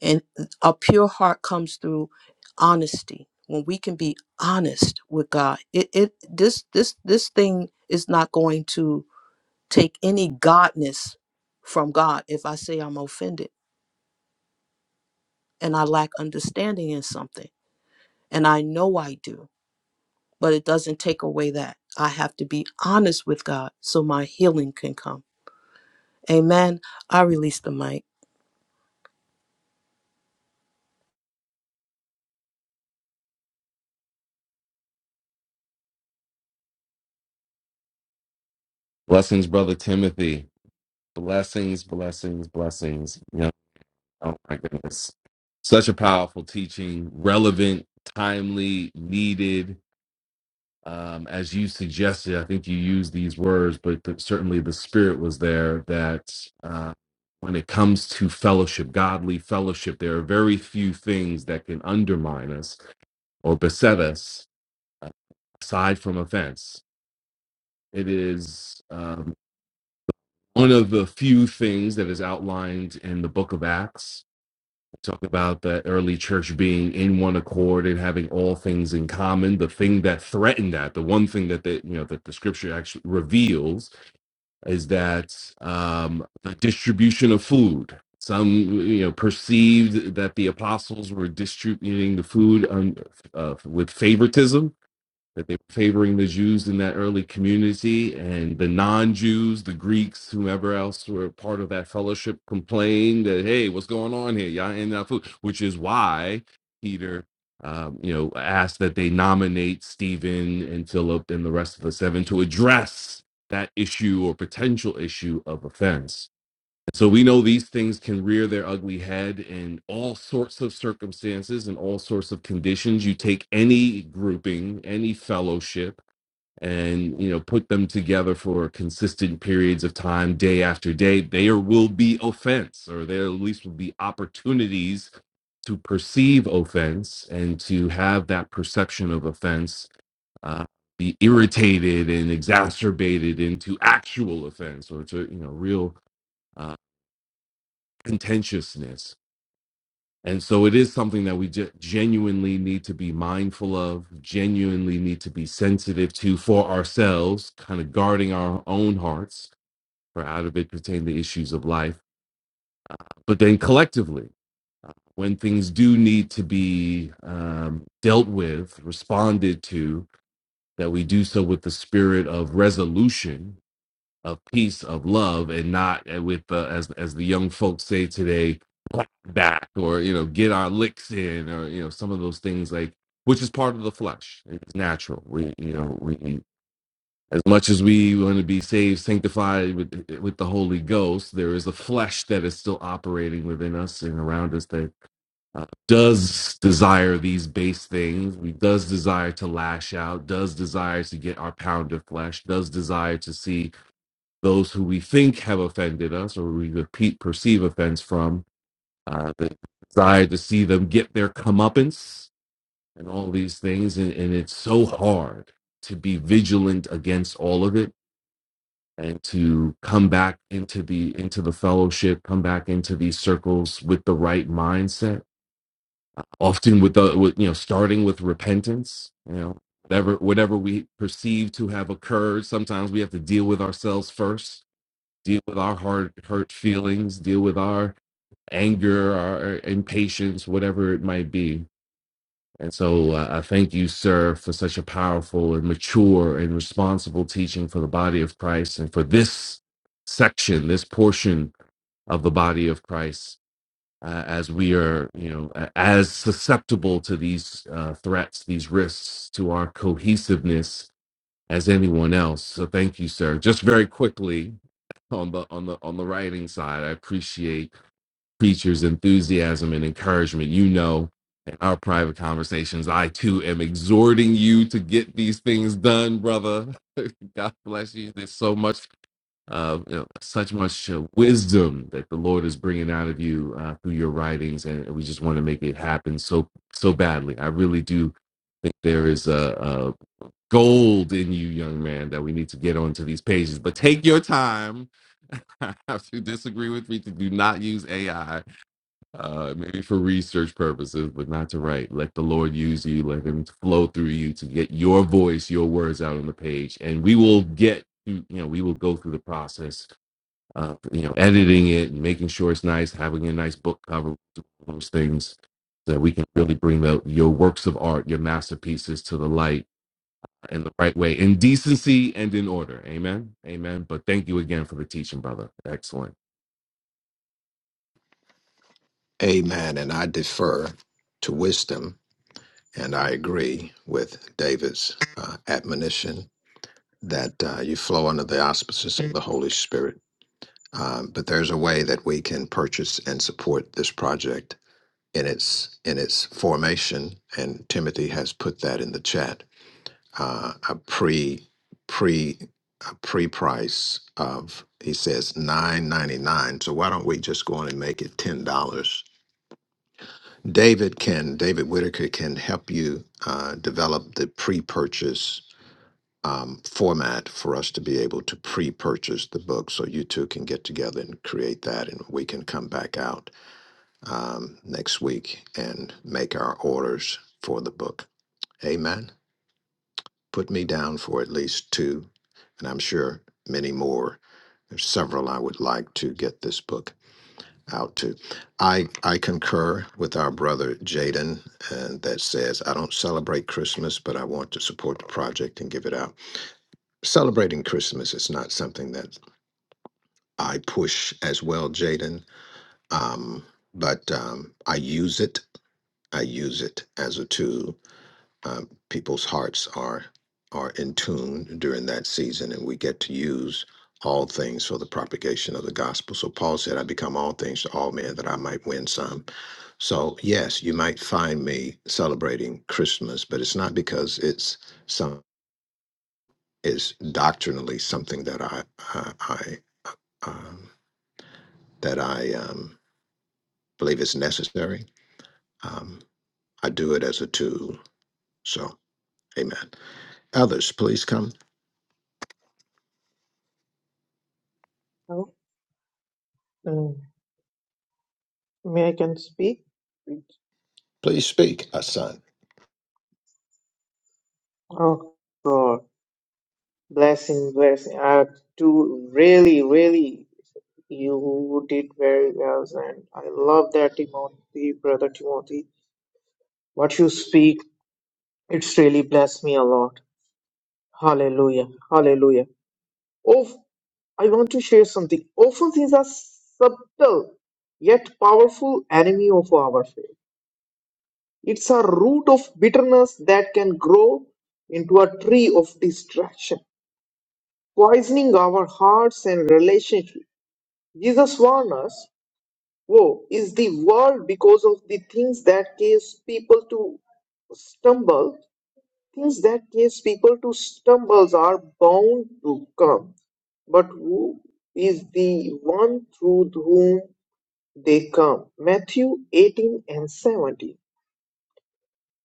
J: And a pure heart comes through honesty. When we can be honest with God, it, it this this this thing is not going to take any godness from God if I say I'm offended and I lack understanding in something. And I know I do, but it doesn't take away that. I have to be honest with God so my healing can come. Amen. I release the mic.
H: Blessings, brother Timothy. Blessings, blessings, blessings. You know, oh my goodness. Such a powerful teaching, relevant, timely, needed um, as you suggested, I think you used these words, but th- certainly the spirit was there that uh, when it comes to fellowship, godly fellowship, there are very few things that can undermine us or beset us uh, aside from offense. It is um, one of the few things that is outlined in the book of Acts talk about the early church being in one accord and having all things in common the thing that threatened that the one thing that the you know that the scripture actually reveals is that um the distribution of food some you know perceived that the apostles were distributing the food um, uh, with favoritism that they were favoring the Jews in that early community, and the non-Jews, the Greeks, whomever else were part of that fellowship, complained that hey, what's going on here? Y'all ain't enough food, which is why Peter, um, you know, asked that they nominate Stephen and Philip and the rest of the seven to address that issue or potential issue of offense so we know these things can rear their ugly head in all sorts of circumstances and all sorts of conditions. You take any grouping, any fellowship, and you know put them together for consistent periods of time, day after day. There will be offense, or there at least will be opportunities to perceive offense and to have that perception of offense. Uh, be irritated and exacerbated into actual offense or to you know real uh, contentiousness. And so it is something that we ge- genuinely need to be mindful of, genuinely need to be sensitive to for ourselves, kind of guarding our own hearts, for out of it pertain the issues of life. But then collectively, when things do need to be um, dealt with, responded to, that we do so with the spirit of resolution of peace, of love, and not uh, with uh, as as the young folks say today, "clap back or you know get our licks in or you know some of those things like which is part of the flesh. It's natural. We you know we as much as we want to be saved, sanctified with with the Holy Ghost, there is a flesh that is still operating within us and around us that uh, does desire these base things. We does desire to lash out. Does desire to get our pound of flesh. Does desire to see those who we think have offended us or we repeat, perceive offense from, uh, the desire to see them get their comeuppance and all these things. And, and it's so hard to be vigilant against all of it and to come back into the into the fellowship, come back into these circles with the right mindset. Often with the with, you know starting with repentance, you know whatever whatever we perceive to have occurred. Sometimes we have to deal with ourselves first deal with our hard hurt feelings, deal with our anger, our impatience, whatever it might be. And so uh, I thank you, sir, for such a powerful and mature and responsible teaching for the body of Christ and for this section, this portion of the body of Christ, uh, as we are, you know, a- as susceptible to these uh, threats, these risks to our cohesiveness as anyone else. So thank you, sir. Just very quickly, on the on the on the writing side. I appreciate preacher's enthusiasm and encouragement. You know, in our private conversations, I too am exhorting you to get these things done, brother. God bless you. There's so much, uh, you know, such much uh, wisdom that the Lord is bringing out of you uh, through your writings, and we just want to make it happen so so badly. I really do think there is a, a gold in you, young man, that we need to get onto these pages. But take your time. if you disagree with me, to do not use AI, uh, maybe for research purposes, but not to write. Let the Lord use you. Let Him flow through you to get your voice, your words out on the page, and we will get. You know, we will go through the process. Uh, you know, editing it and making sure it's nice, having a nice book cover, those things, so that we can really bring the, your works of art, your masterpieces, to the light in the right way, in decency and in order. Amen. Amen. But thank you again for the teaching, brother. Excellent.
B: Amen. And I defer to wisdom, and I agree with David's uh, admonition that uh, you flow under the auspices of the Holy Spirit. Um, but there's a way that we can purchase and support this project in its in its formation, and Timothy has put that in the chat uh, a pre pre a pre price of he says nine ninety nine. So why don't we just go on and make it ten dollars? David can David Whitaker can help you uh, develop the pre purchase um, format for us to be able to pre purchase the book, so you two can get together and create that, and we can come back out um, next week and make our orders for the book. Amen. Put me down for at least two, and I'm sure many more. There's several I would like to get this book out to. I I concur with our brother Jaden, and that says I don't celebrate Christmas, but I want to support the project and give it out. Celebrating Christmas is not something that I push as well, Jaden. Um, but um, I use it. I use it as a tool um, people's hearts are are in tune during that season, and we get to use all things for the propagation of the gospel. So Paul said, "I become all things to all men, that I might win some." So yes, you might find me celebrating Christmas, but it's not because it's some is doctrinally something that I I, I um, that I um, believe is necessary. Um, I do it as a tool. So, Amen. Others, please come.
K: Oh, mm, may I can speak?
B: Please speak, Asan.
K: Oh God, blessing, blessing. I do really, really, you did very well, and I love that Timothy, brother Timothy. What you speak, it's really blessed me a lot. Hallelujah, hallelujah. Oh, I want to share something. Often Offenses are subtle yet powerful enemy of our faith. It's a root of bitterness that can grow into a tree of distraction poisoning our hearts and relationships. Jesus warned us, woe is the world because of the things that cause people to stumble. Things that cause people to stumble are bound to come. But who is the one through whom they come? Matthew 18 and 17.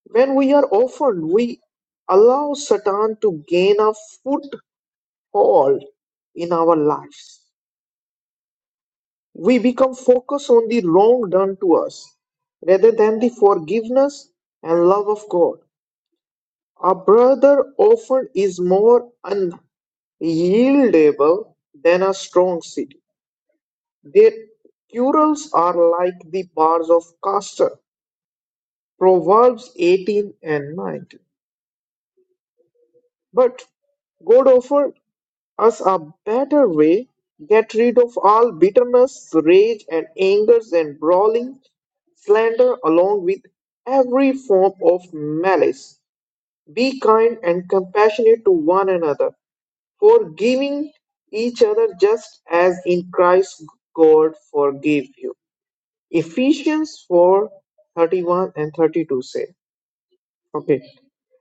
K: When we are offered, we allow Satan to gain a foothold in our lives. we become focused on the wrong done to us rather than the forgiveness and love of God. A brother often is more unyieldable than a strong city. Their quarrels are like the bars of castor. Proverbs 18 and 19. But God offered. us a better way, get rid of all bitterness, rage, and angers, and brawling, slander, along with every form of malice. Be kind and compassionate to one another, forgiving each other just as in Christ God forgave you. Ephesians 4 31 and 32 say. Okay.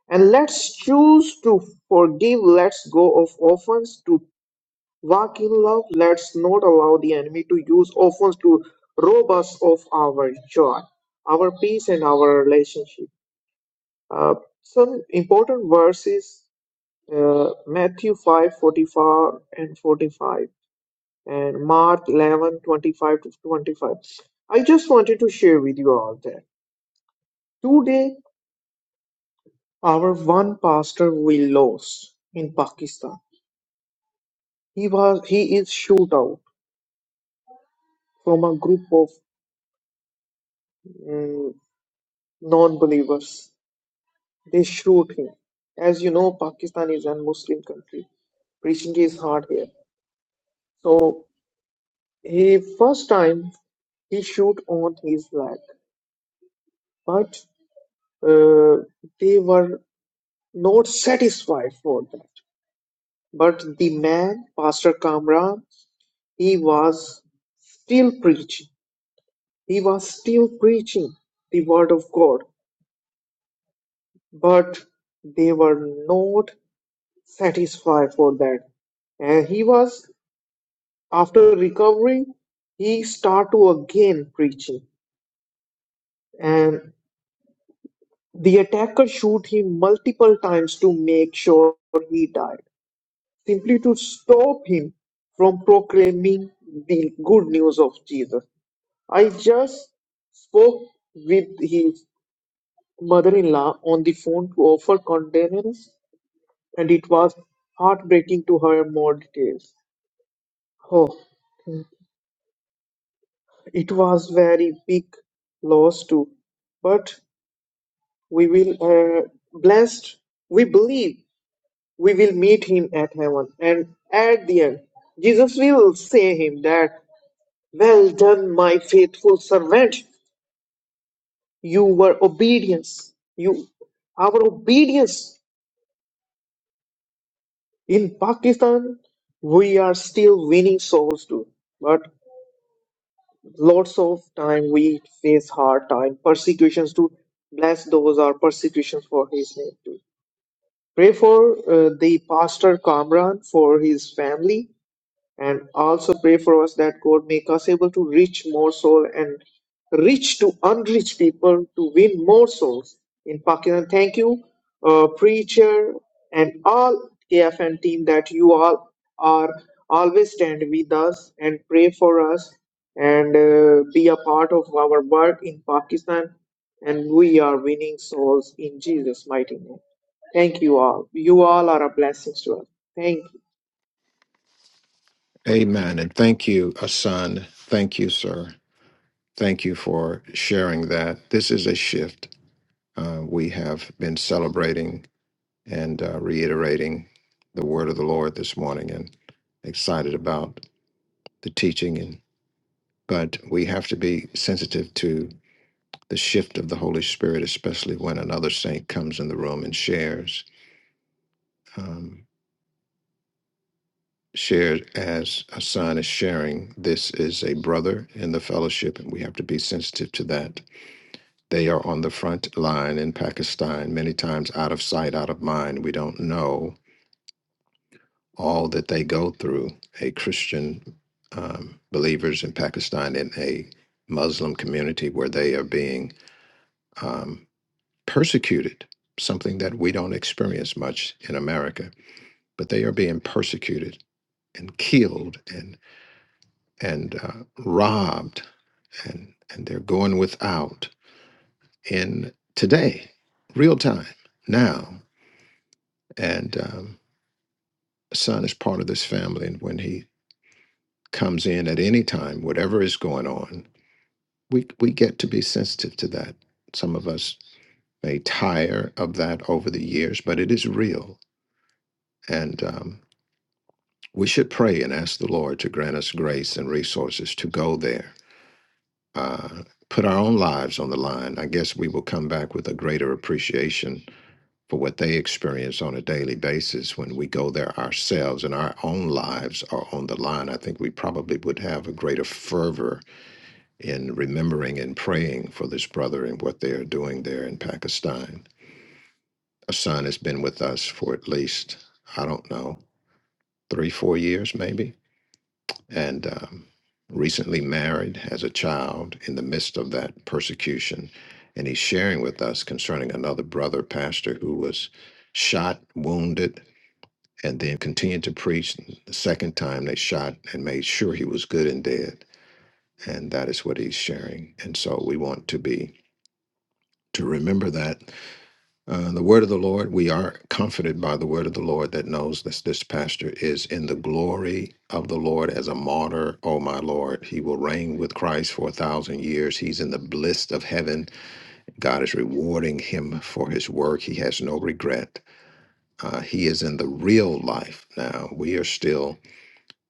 K: And let's choose to forgive, let's go of offense, to Walk in love. Let's not allow the enemy to use offense to rob us of our joy, our peace, and our relationship. Uh, some important verses: uh, Matthew five forty-four and 45, and Mark eleven twenty-five to 25. I just wanted to share with you all that today our one pastor we lost in Pakistan. He was he is shot out from a group of mm, non-believers They shoot him. As you know, Pakistan is a Muslim country. Preaching is hard here. So he first time he shoot on his leg, but uh, they were not satisfied for that. But the man, Pastor Kamran, he was still preaching. He was still preaching the word of God, but they were not satisfied for that and he was After recovering, he start to again preaching, and the attacker shoot him multiple times to make sure he died, simply to stop him from proclaiming the good news of Jesus. I just spoke with his mother-in-law on the phone to offer condolence, and it was heartbreaking to hear more details. Oh, it was very big loss too, but we will uh, blessed we believe we will meet him at heaven and at the end jesus will say him that well done my faithful servant you were obedience you our obedience in pakistan we are still winning souls too but lots of time we face hard time persecutions to bless those are persecutions for his name too Pray for uh, the pastor Kamran, for his family, and also pray for us that God make us able to reach more soul and reach to unreach people to win more souls in Pakistan. Thank you, uh, preacher, and all KFN team that you all are always stand with us and pray for us and uh, be a part of our work in Pakistan. And we are winning souls in Jesus' mighty name. Thank you all. You all are a blessings to us. Thank you.
B: Amen. And thank you, Asan. Thank you, sir. Thank you for sharing that. This is a shift. Uh, we have been celebrating and uh, reiterating the word of the Lord this morning and excited about the teaching. And, but we have to be sensitive to the shift of the Holy Spirit, especially when another saint comes in the room and shares. Um, shared as Asan is sharing, this is a brother in the fellowship, and we have to be sensitive to that They are on the front line in Pakistan, many times out of sight, out of mind. We don't know all that they go through. A Christian um, believers in Pakistan in a Muslim community where they are being um, persecuted, something that we don't experience much in America, but they are being persecuted and killed and and uh, robbed and and they're going without in today, real time now and um, a son is part of this family. And when he comes in at any time, whatever is going on, we we get to be sensitive to that. Some of us may tire of that over the years, but it is real, and um, we should pray and ask the Lord to grant us grace and resources to go there. Uh, Put our own lives on the line. I guess we will come back with a greater appreciation for what they experience on a daily basis when we go there ourselves and our own lives are on the line, I think we probably would have a greater fervor in remembering and praying for this brother and what they are doing there in Pakistan. Hassan has been with us for at least, I don't know, three, four years maybe, and um, recently married, has a child in the midst of that persecution. And he's sharing with us concerning another brother pastor who was shot, wounded, and then continued to preach. The second time they shot and made sure he was good and dead. And that is what he's sharing. And so we want to be to remember that uh, the word of the Lord, we are comforted by the word of the Lord that knows that this pastor is in the glory of the Lord as a martyr. Oh, my Lord, he will reign with Christ for a thousand years. He's in the bliss of heaven. God is rewarding him for his work. He has no regret. Uh, he is in the real life now. We are still.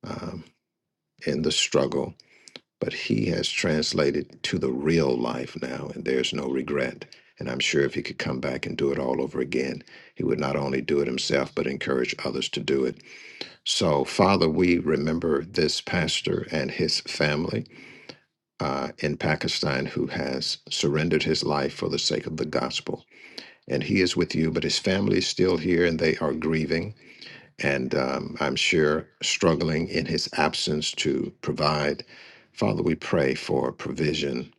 B: uh, in the struggle, but he has translated to the real life now, and there's no regret. And I'm sure if he could come back and do it all over again, he would not only do it himself, but encourage others to do it. So, Father, we remember this pastor and his family uh, in Pakistan who has surrendered his life for the sake of the gospel. And he is with you, but his family is still here and they are grieving and um, I'm sure struggling in his absence to provide. Father, we pray for provision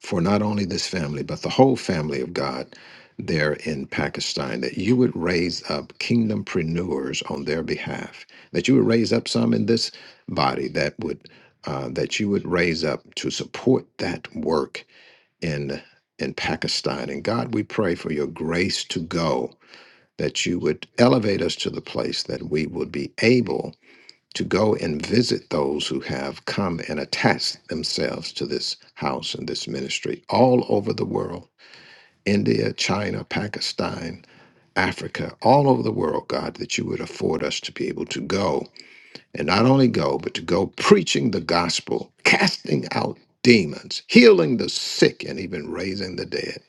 B: for not only this family, but the whole family of God there in Pakistan, that you would raise up kingdompreneurs on their behalf, that you would raise up some in this body that would. Uh, that you would raise up to support that work in in Pakistan. And God, we pray for your grace to go that you would elevate us to the place that we would be able to go and visit those who have come and attached themselves to this house and this ministry all over the world India, China, Pakistan, Africa, all over the world, God, that you would afford us to be able to go and not only go, but to go preaching the gospel, casting out demons, healing the sick, and even raising the dead.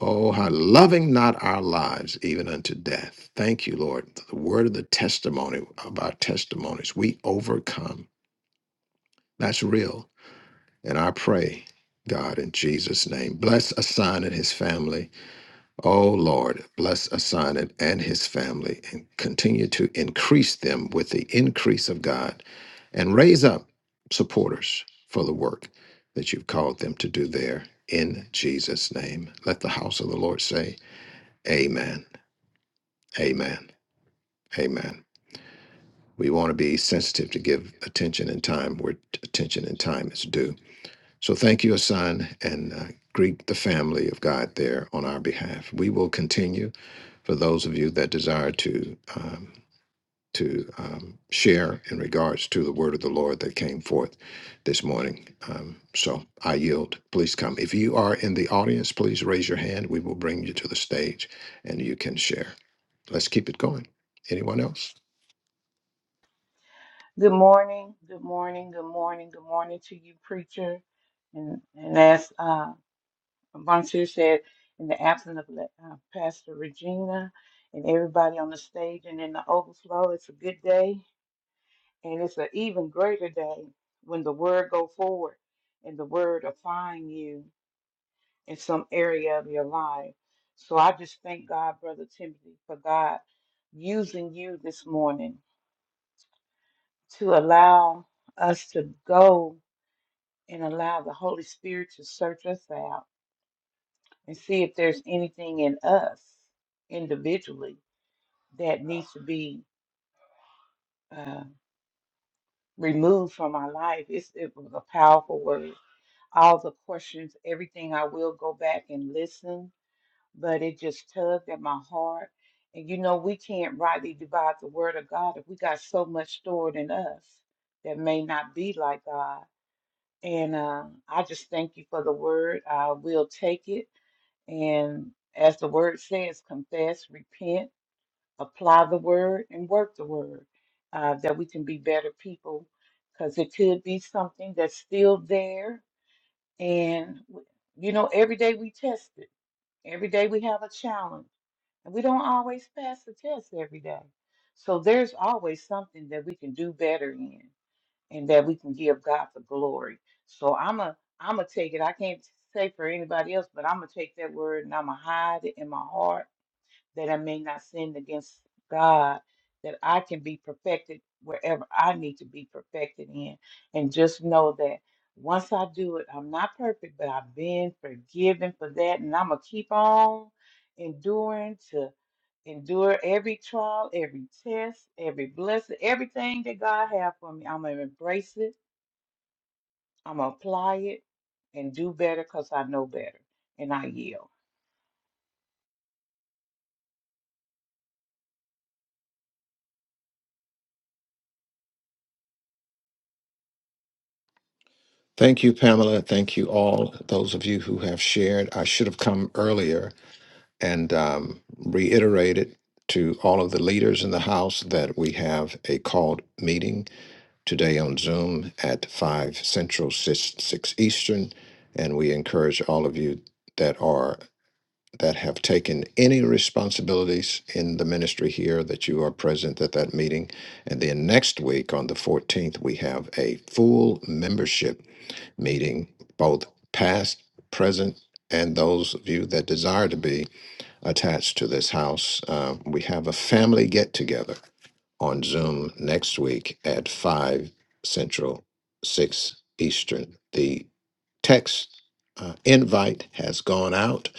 B: Oh, how loving not our lives even unto death. Thank you, Lord. The word of the testimony of our testimonies. We overcome. That's real. And I pray, God, in Jesus' name, bless Asan and his family. Oh, Lord, bless Asan and his family and continue to increase them with the increase of God and raise up supporters for the work that you've called them to do there in Jesus' name. Let the house of the Lord say, Amen. Amen. Amen. We want to be sensitive to give attention and time where t- attention and time is due. So thank you, Asan, and uh, greet the family of God there on our behalf. We will continue for those of you that desire to um, to um, share in regards to the word of the Lord that came forth this morning. Um, so I yield. Please come. If you are in the audience, please raise your hand. We will bring you to the stage, and you can share. Let's keep it going. Anyone else?
F: Good morning. Good morning. Good morning. Good morning to you, preacher. And and as uh, Vontier said, in the absence of Le- uh, Pastor Regina and everybody on the stage and in the overflow, it's a good day. And it's an even greater day when the word go forward and the word applying you in some area of your life. So I just thank God, Brother Timothy, for God using you this morning to allow us to go and allow the Holy Spirit to search us out and see if there's anything in us individually that needs to be uh, removed from our life. It's, it was a powerful word. All the questions, everything, I will go back and listen, but it just tugged at my heart. And you know, we can't rightly divide the word of God if we got so much stored in us that may not be like God. And uh, I just thank you for the word. I will take it. And as the word says, confess, repent apply the word and work the word uh, that we can be better people because it could be something that's still there and w- you know every day we test it every day we have a challenge and we don't always pass the test every day so there's always something that we can do better in and that we can give god the glory so i'm a i'm gonna take it i can't say for anybody else but i'm gonna take that word and i'm gonna hide it in my heart that I may not sin against God, that I can be perfected wherever I need to be perfected in. And just know that once I do it, I'm not perfect, but I've been forgiven for that. And I'm going to keep on enduring to endure every trial, every test, every blessing, everything that God has for me. I'm going to embrace it, I'm going to apply it, and do better because I know better. And I yield.
B: Thank you, Pamela. Thank you all, those of you who have shared. I should have come earlier and um, reiterated to all of the leaders in the House that we have a called meeting today on Zoom at 5 Central, 6, 6 Eastern. And we encourage all of you that are that have taken any responsibilities in the ministry here that you are present at that meeting and then next week on the 14th we have a full membership meeting, both past, present, and those of you that desire to be attached to this house. Uh, we have a family get together on Zoom next week at 5 Central, 6 Eastern. The text uh, invite has gone out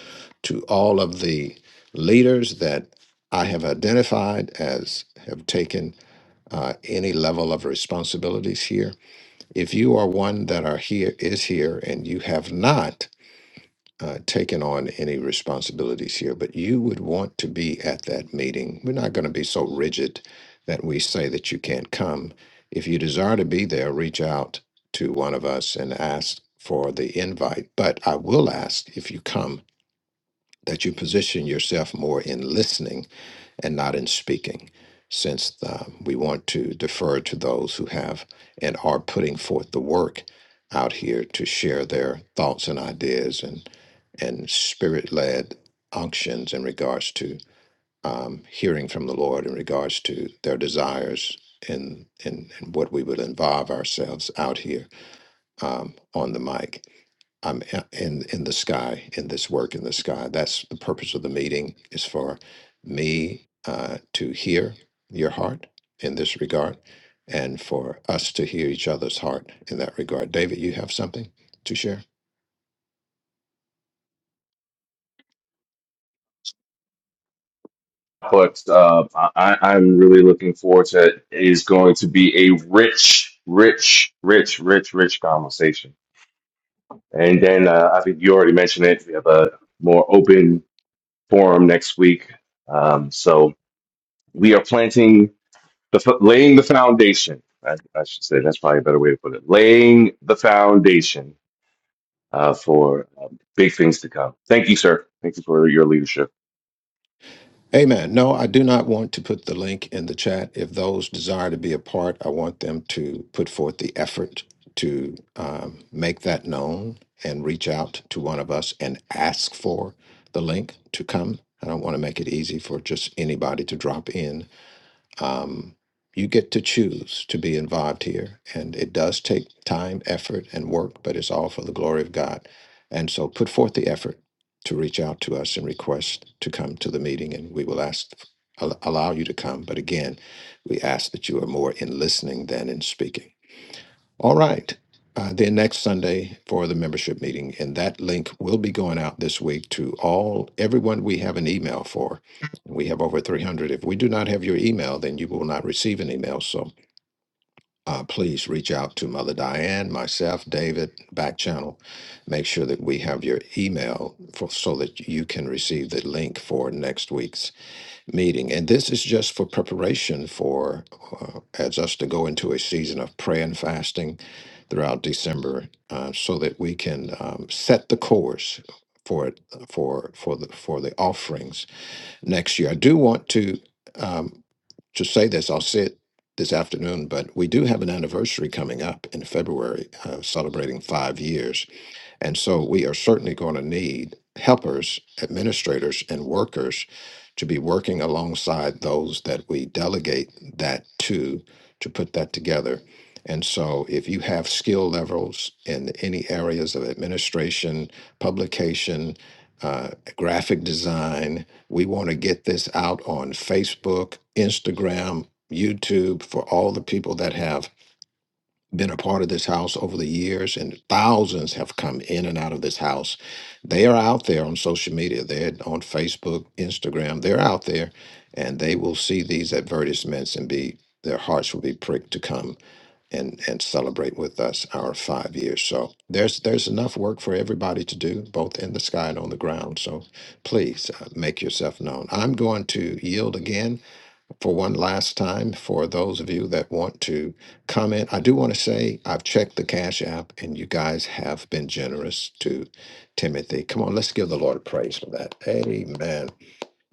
B: to all of the leaders that I have identified as have taken uh, any level of responsibilities here if you are one that are here, is here, and you have not uh, taken on any responsibilities here, but you would want to be at that meeting, we're not going to be so rigid that we say that you can't come. If you desire to be there, reach out to one of us and ask for the invite. But I will ask if you come that you position yourself more in listening and not in speaking, since uh, we want to defer to those who have and are putting forth the work out here to share their thoughts and ideas and and spirit led unctions in regards to um, hearing from the Lord in regards to their desires and, and, and what we would involve ourselves out here um, on the mic. I'm a- in in the sky in this work in the sky. That's the purpose of the meeting is for me uh, to hear your heart in this regard, and for us to hear each other's heart in that regard. David, you have something to share.
H: But uh, I, I'm really looking forward to it. It is going to be a rich, rich, rich, rich, rich conversation. And then uh, I think you already mentioned it. We have a more open forum next week. Um, so we are planting the fo- laying the foundation. I, I should say that's probably a better way to put it. Laying the foundation uh, for um, big things to come. Thank you, sir. Thank you for your leadership.
B: Amen. No, I do not want to put the link in the chat. If those desire to be a part, I want them to put forth the effort to um, make that known and reach out to one of us and ask for the link to come. I don't want to make it easy for just anybody to drop in um, you get to choose to be involved here. And it does take time, effort, and work, but it's all for the glory of God. And so put forth the effort to reach out to us and request to come to the meeting, and we will ask, al- allow you to come. But again, we ask that you are more in listening than in speaking. All right. Uh, then next Sunday for the membership meeting, and that link will be going out this week to all everyone we have an email for. We have over 300. If we do not have your email, then you will not receive an email. So uh, please reach out to Mother Diane, myself, David, back channel. Make sure that we have your email for, so that you can receive the link for next week's meeting. And this is just for preparation for uh, as us to go into a season of prayer and fasting throughout December, uh, so that we can um, set the course for it for for the for the offerings next year. I do want to um, to say this. I'll say it this afternoon, but we do have an anniversary coming up in February, uh, celebrating five years and so we are certainly going to need helpers, administrators, and workers to be working alongside those that we delegate that to to put that together. And so if you have skill levels in any areas of administration, publication, uh, graphic design, we want to get this out on Facebook, Instagram, YouTube for all the people that have been a part of this house over the years, and thousands have come in and out of this house. They are out there on social media. They're on Facebook, Instagram. They're out there, and they will see these advertisements and be their hearts will be pricked to come and and celebrate with us our five years. So there's there's enough work for everybody to do, both in the sky and on the ground. So please uh, make yourself known. I'm going to yield again for one last time for those of you that want to comment. I do want to say I've checked the Cash App and you guys have been generous to Timothy. Come on, let's give the Lord praise for that. Amen.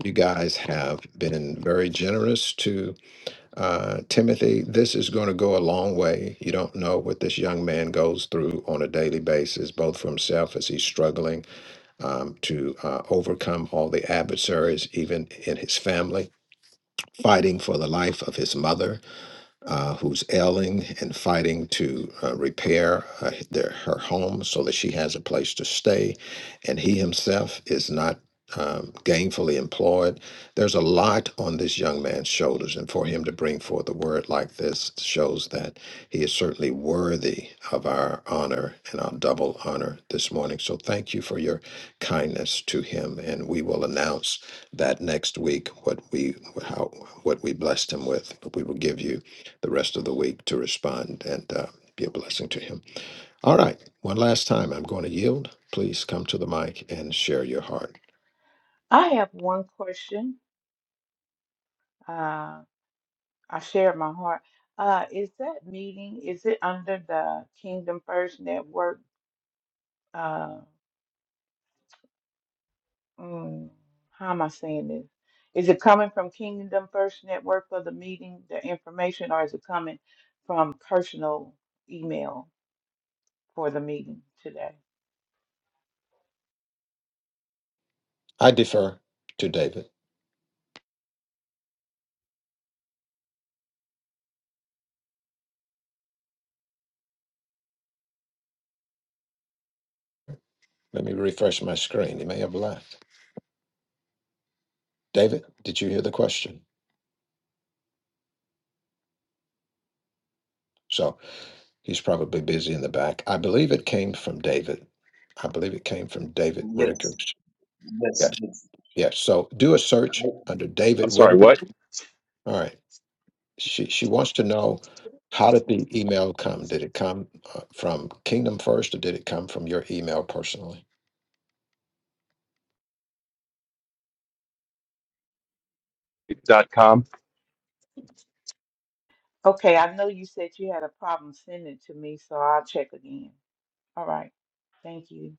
B: You guys have been very generous to uh, Timothy. This is going to go a long way. You don't know what this young man goes through on a daily basis, both for himself as he's struggling um, to uh, overcome all the adversaries, even in his family fighting for the life of his mother uh, who's ailing and fighting to uh, repair uh, their, her home so that she has a place to stay, and he himself is not um, gainfully employed. There's a lot on this young man's shoulders, and for him to bring forth a word like this shows that he is certainly worthy of our honor and our double honor this morning. So thank you for your kindness to him, and we will announce that next week what we how what we blessed him with. But we will give you the rest of the week to respond and uh, be a blessing to him. All right, one last time, I'm going to yield. Please come to the mic and share your heart.
F: I have one question. Um, I shared my heart. Uh, is that meeting, is it under the Kingdom First Network? Uh, mm, how am I saying this? Is it coming from Kingdom First Network for the meeting, the information, or is it coming from personal email for the meeting today?
B: I defer to David. Let me refresh my screen. He may have left. David, did you hear the question? So he's probably busy in the back. I believe it came from David. I believe it came from David Whitaker.
D: Yes, yes.
B: Yes,
D: yes.
B: yes. So do a search under David
H: I'm sorry,
B: Whitaker.
H: what?
B: All right. she she wants to know how did the email come? Did it come uh, from Kingdom First, or did it come from your email personally?
H: Dot com.
F: Okay, I know you said you had a problem sending it to me, so I'll check again. All right. Thank you.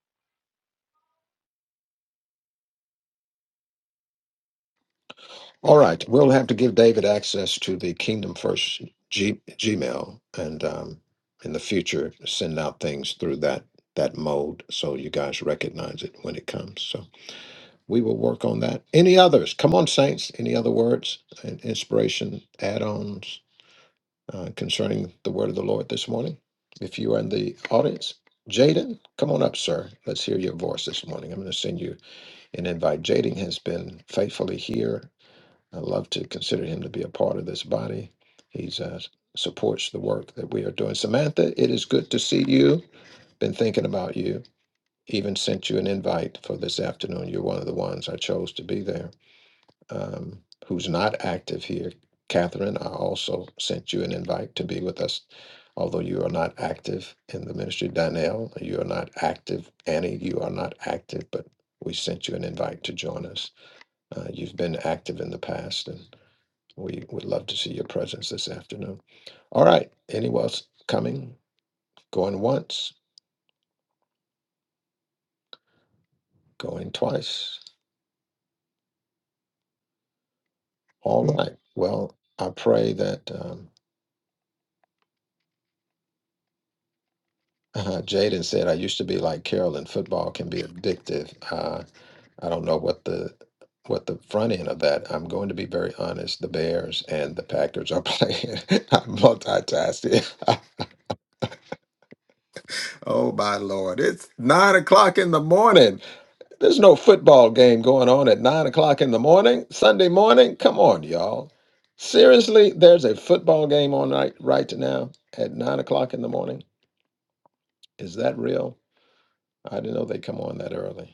B: All right, we'll have to give David access to the Kingdom First G, Gmail, and um, in the future send out things through that that mode so you guys recognize it when it comes. So we will work on that. Any others? Come on, saints. Any other words and inspiration add-ons? uh, concerning the word of the Lord this morning. If you are in the audience, Jaden, come on up, sir. Let's hear your voice this morning. I'm going to send you an invite. Jaden has been faithfully here. I love to consider him to be a part of this body. He's uh, supports the work that we are doing. Samantha, it is good to see you. Been thinking about you. Even sent you an invite for this afternoon. You're one of the ones I chose to be there um, who's not active here. Catherine, I also sent you an invite to be with us, although you are not active in the ministry. Donnell, you are not active. Annie, you are not active, but we sent you an invite to join us. Uh, you've been active in the past, and we would love to see your presence this afternoon. All right. Anyone else coming? Going once, going twice. All right. Well, I pray that. Um, Uh, Jaden said, "I used to be like Carolyn. Football can be addictive. Uh, I don't know what the what the front end of that. I'm going to be very honest. The Bears and the Packers are playing. I'm multitasking. Oh my lord! It's nine o'clock in the morning. There's no football game going on at nine o'clock in the morning. Sunday morning. Come on, y'all. Seriously, there's a football game on right right now at nine o'clock in the morning. Is that real? I didn't know they come on that early."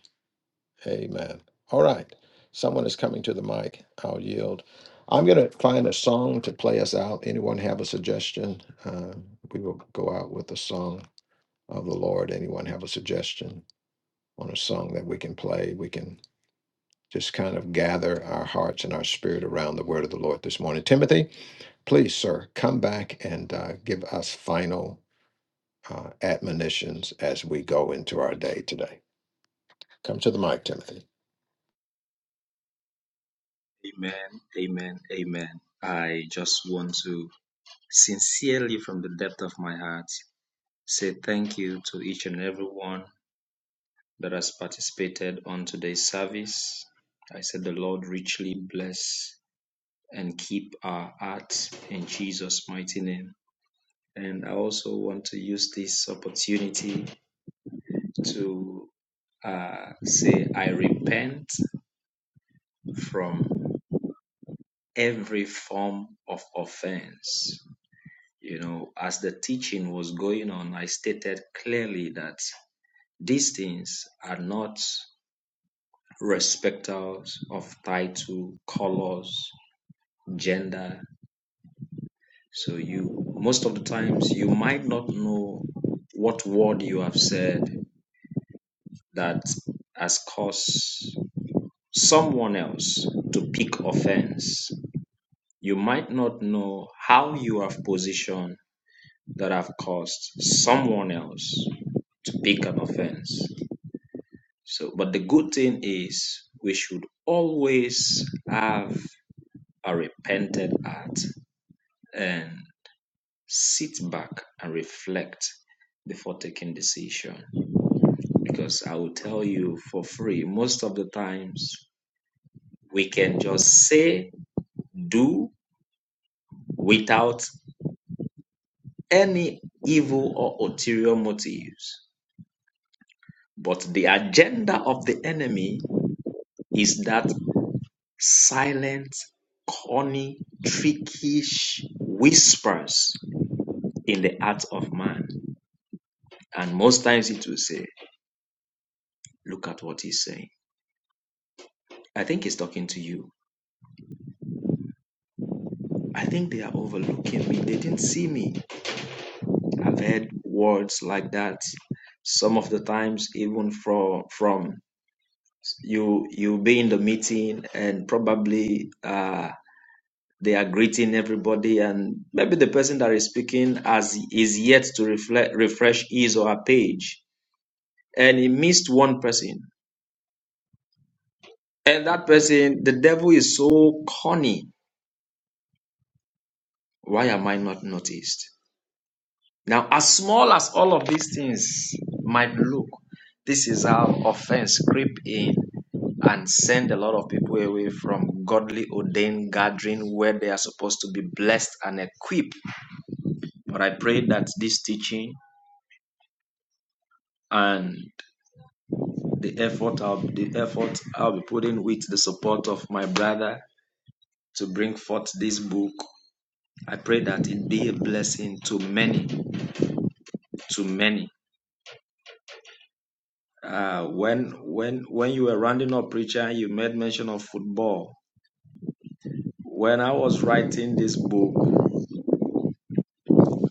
B: Amen. All right. Someone is coming to the mic. I'll yield. I'm going to find a song to play us out. Anyone have a suggestion? Uh, we will go out with a song of the Lord. Anyone have a suggestion on a song that we can play? We can just kind of gather our hearts and our spirit around the word of the Lord this morning. Timothy, please, sir, come back and uh, give us final uh, admonitions as we go into our day today. Come to the mic, Timothy.
D: Amen. Amen. Amen. I just want to sincerely, from the depth of my heart, say thank you to each and every one that has participated on today's service. I said the Lord richly bless and keep our hearts in Jesus' mighty name. And I also want to use this opportunity to uh, say, I repent from every form of offense. You know, as the teaching was going on, I stated clearly that these things are not respecters of title, colors, gender, So you most of the times you might not know what word you have said that has caused someone else to pick offense. You might not know how you have positioned that have caused someone else to pick an offense. So but the good thing is we should always have a repented heart and sit back and reflect before taking decision because I will tell you for free, most of the times we can just say, do without any evil or ulterior motives. But the agenda of the enemy is that silent, corny, trickish whispers in the heart of man. And most times it will say, look at what he's saying. I think he's talking to you. I think they are overlooking me. They didn't see me. I've heard words like that some of the times even from from you you'll be in the meeting and probably uh they are greeting everybody and maybe the person that is speaking has is yet to reflect refresh his or her page and he missed one person and that person the devil is so corny why am i not noticed Now, as small as all of these things might look, this is how offense creep in and send a lot of people away from godly ordained gathering where they are supposed to be blessed and equipped. But I pray that this teaching and the effort I'll, the effort I'll be putting with the support of my brother to bring forth this book, I pray that it be a blessing to many, to many. Uh, when when when you were rounding up preacher, you made mention of football. When I was writing this book,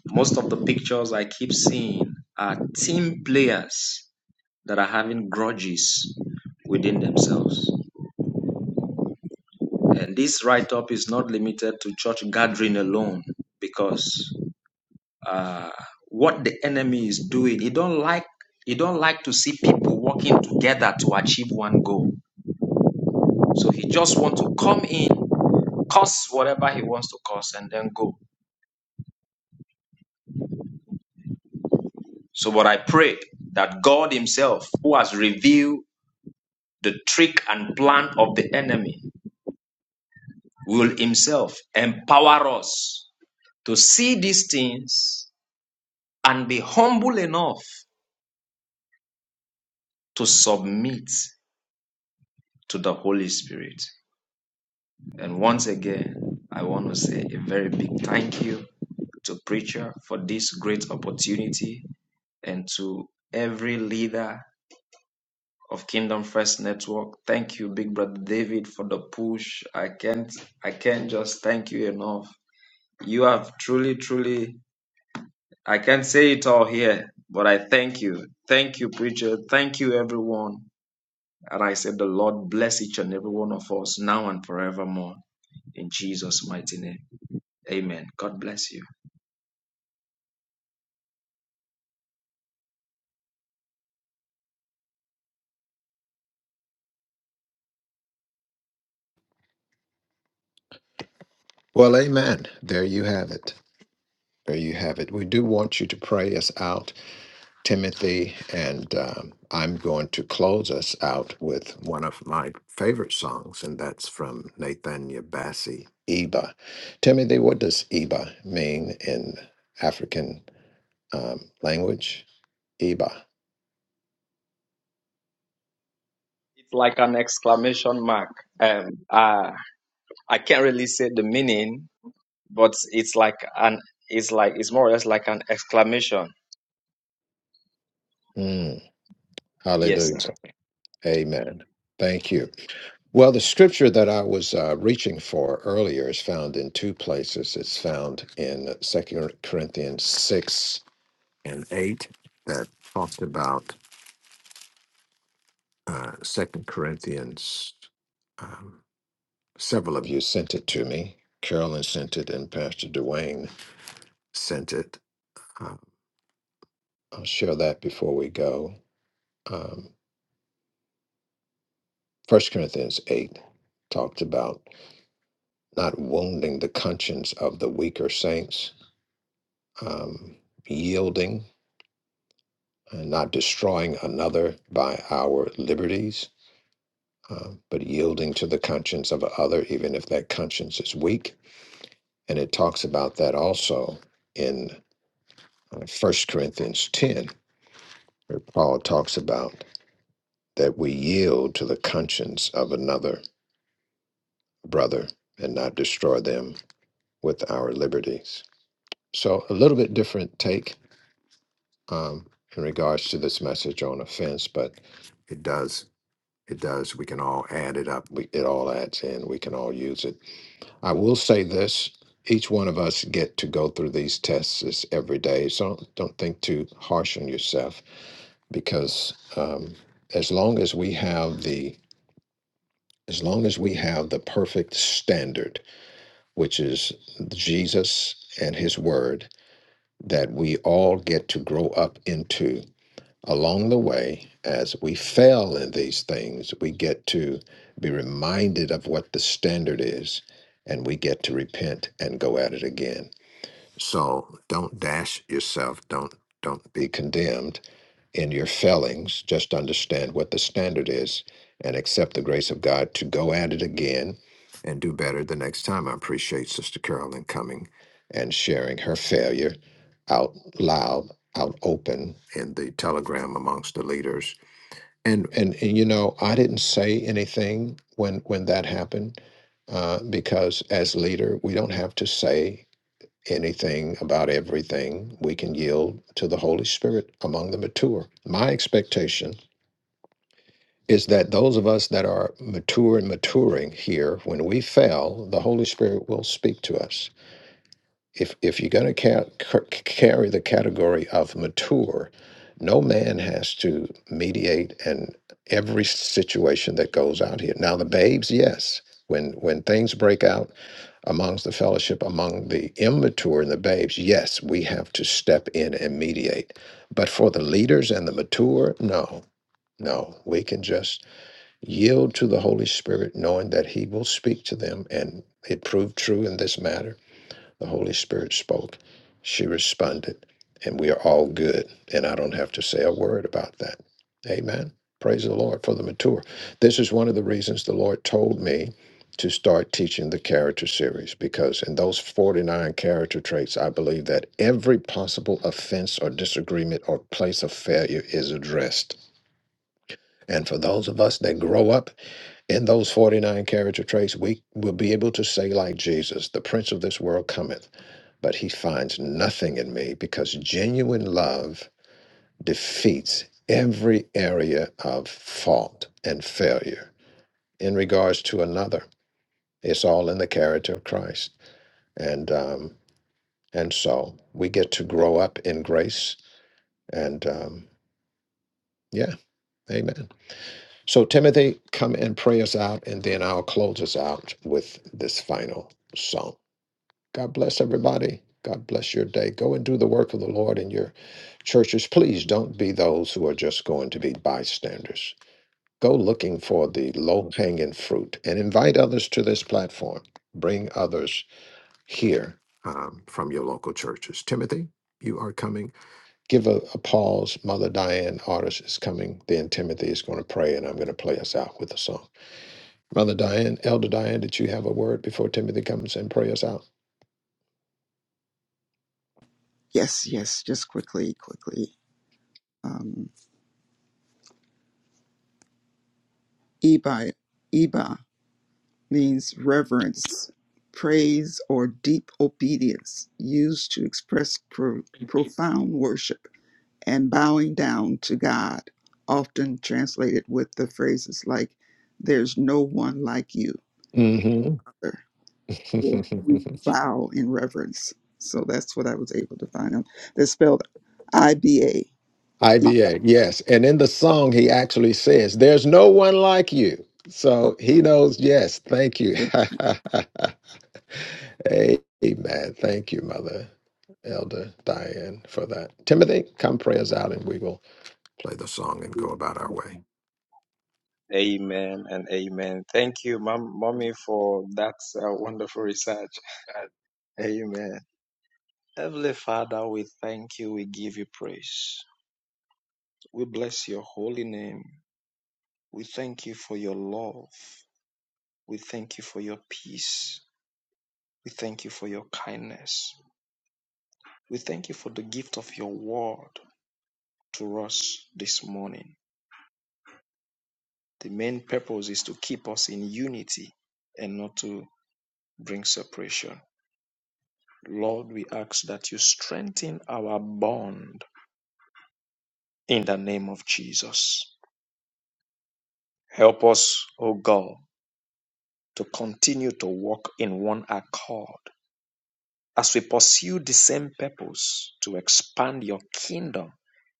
D: most of the pictures I keep seeing are team players that are having grudges within themselves. And this write up is not limited to church gathering alone, because uh, what the enemy is doing, he don't like he don't like to see people working together to achieve one goal. So he just want to come in cause whatever he wants to cause and then go. So, but I pray that God Himself, who has revealed the trick and plan of the enemy, will Himself empower us to see these things and be humble enough to submit to the Holy Spirit. And once again, I want to say a very big thank you to preacher for this great opportunity and to every leader of Kingdom First Network. Thank you, Big Brother David, for the push. I can't I can't just thank you enough. You have truly, truly I can't say it all here, but I thank you. Thank you, preacher. Thank you everyone. And I said the Lord bless each and every one of us now and forevermore. In Jesus' mighty name. Amen. God bless you.
B: Well, amen. There you have it. There you have it. We do want you to pray us out, Timothy, and um, I'm going to close us out with one of my favorite songs, and that's from Nathaniel Bassey, Iba. Timothy, what does Iba mean in African um, language? Iba.
D: It's like an exclamation mark. Um uh, I can't really say the meaning, but it's like an it's like it's more or less like an exclamation.
B: Mm,
D: Yes,
B: hallelujah.
D: sir.
B: Amen. Thank you. Well, the scripture that I was uh, reaching for earlier is found in two places. It's found in Second Corinthians 6 and 8 that talked about uh, 2 Corinthians. Um, several of you sent it to me. Carolyn sent it, and Pastor Dwayne sent it. Um, I'll share that before we go. Um, 1 Corinthians 8 talked about not wounding the conscience of the weaker saints, um, yielding, and not destroying another by our liberties, uh, but yielding to the conscience of another, even if that conscience is weak And it talks about that also in uh, 1 Corinthians 10, where Paul talks about that we yield to the conscience of another brother and not destroy them with our liberties. So, a little bit different take um, in regards to this message on offense, but it does, it does, we can all add it up. We, it all adds in. We can all use it I will say this, each one of us get to go through these tests is every day. So don't, don't think too harsh on yourself because um, as long as we have the as long as we have the perfect standard, which is Jesus and his word that we all get to grow up into along the way as we fail in these things, we get to be reminded of what the standard is and we get to repent and go at it again So don't dash yourself. Don't don't be condemned in your failings. Just understand what the standard is and accept the grace of God to go at it again and do better the next time. I appreciate Sister Carolyn coming and sharing her failure out loud, out open in the telegram amongst the leaders. And and, and you know, I didn't say anything when when that happened. Uh, because as leader, we don't have to say anything about everything, we can yield to the Holy Spirit among the mature. My expectation is that those of us that are mature and maturing here, when we fail, the Holy Spirit will speak to us. If, if you're going to ca- ca- carry the category of mature, no man has to mediate in every situation that goes out here. Now, the babes, yes. When, when things break out, amongst the fellowship, among the immature and the babes, yes, we have to step in and mediate. But for the leaders and the mature, no, no. We can just yield to the Holy Spirit, knowing that He will speak to them. And it proved true in this matter the Holy Spirit spoke. She responded. And we are all good. And I don't have to say a word about that. Amen. Praise the Lord for the mature. This is one of the reasons the Lord told me to start teaching the character series because in those 49 character traits, I believe that every possible offense or disagreement or place of failure is addressed. And for those of us that grow up in those 49 character traits, we will be able to say, like Jesus, the prince of this world cometh but he finds nothing in me because genuine love defeats every area of fault and failure in regards to another. It's all in the character of Christ, and um, and so we get to grow up in grace. And um, yeah, Amen. So Timothy, come and pray us out, and then I'll close us out with this final song. God bless everybody. God bless your day. Go and do the work of the Lord in your churches. Please don't be those who are just going to be bystanders. Go looking for the low hanging fruit and invite others to this platform. Bring others here um, from your local churches. Timothy, you are coming. Give a, a pause. Mother Diane Artis is coming. Then Timothy is going to pray, and I'm going to play us out with a song. Mother Diane, Elder Diane, did you have a word before Timothy comes and pray us out?
L: Yes, yes, just quickly, quickly. Um, Iba, Iba means reverence, praise, or deep obedience, used to express pro- profound worship and bowing down to God, often translated with the phrases like, There's no one like you,
B: hmm
L: Father," or We bow in reverence. So that's what I was able to find out. They're spelled I B A. E.
B: IBA, yes. And in the song, he actually says, There's no one like you. So he knows, yes, thank you. Amen. Thank you, Mother Elder Diane, for that. Timothy, come pray us out and we will play the song and go about our way.
D: Amen and amen. Thank you, mom, mommy, for that uh, wonderful research. Amen. Heavenly Father, we thank you. We give you praise. We bless your holy name. We thank you for your love. We thank you for your peace. We thank you for your kindness. We thank you for the gift of your word to us this morning. The main purpose is to keep us in unity and not to bring separation. Lord, we ask that you strengthen our bond in the name of Jesus. Help us, O God, to continue to walk in one accord as we pursue the same purpose to expand your kingdom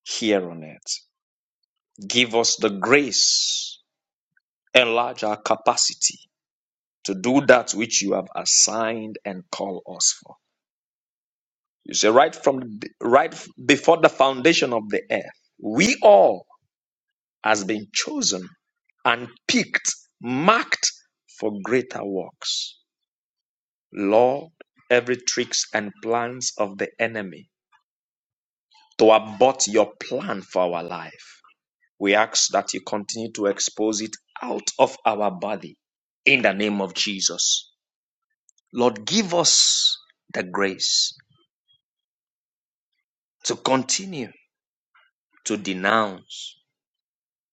D: here on earth. Give us the grace, enlarge our capacity to do that which you have assigned and called us for. You say, right from the, right before the foundation of the earth, we all has been chosen and picked, marked for greater works. Lord, every tricks and plans of the enemy to abort your plan for our life. We ask that you continue to expose it out of our body in the name of Jesus. Lord, give us the grace to continue to denounce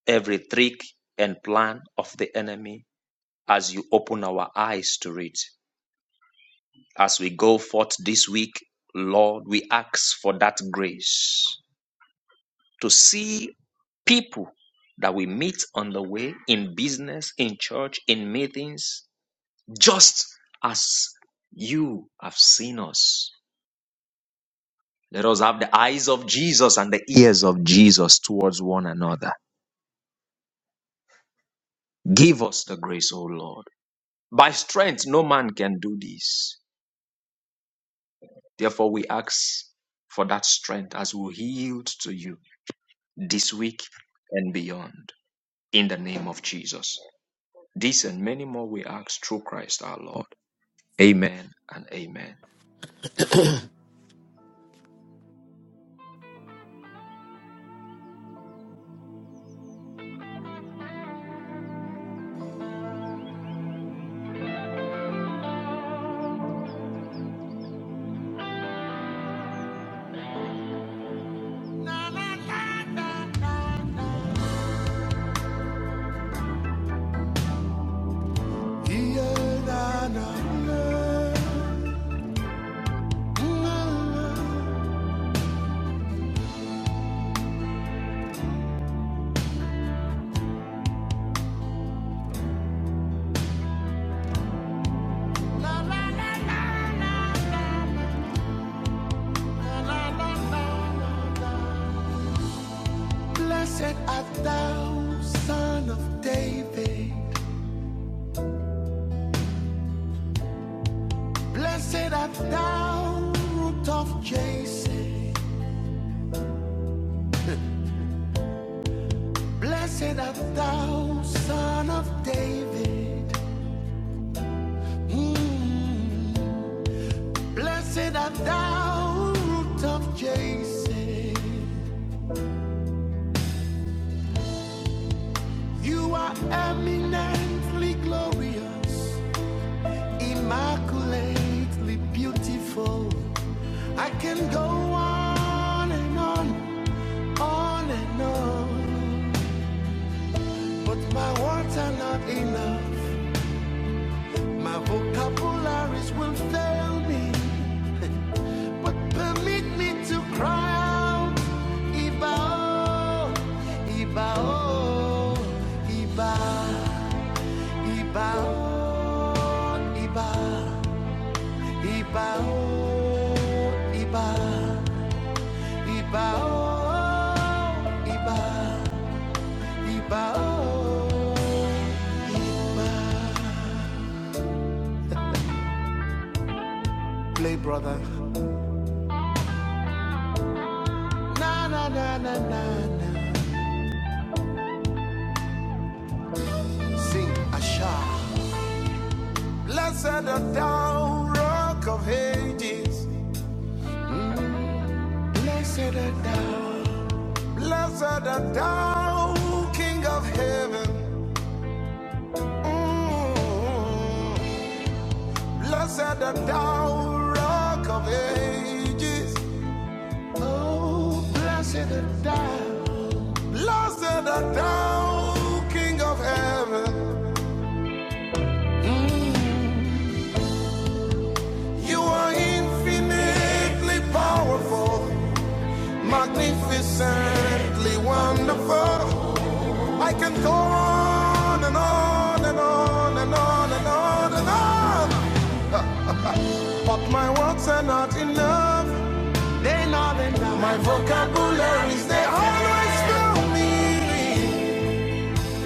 D: every trick and plan of the enemy as you open our eyes to it. As we go forth this week, Lord, we ask for that grace to see people that we meet on the way in business, in church, in meetings, just as you have seen us. Let us have the eyes of Jesus and the ears of Jesus towards one another. Give us the grace, O Lord. By strength, no man can do this Therefore, we ask for that strength as we yield to you this week and beyond in the name of Jesus. This and many more we ask through Christ our Lord. Amen and amen.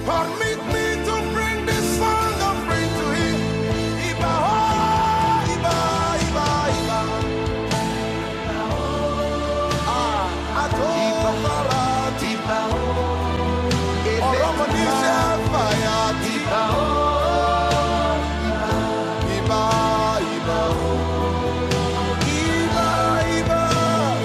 A: Permit me to bring this song of praise to Him. Iba, oh, Iba, Iba, Iba, Adonai, Shemaiah, Iba, Iba, Iba, oh, Iba, Iba.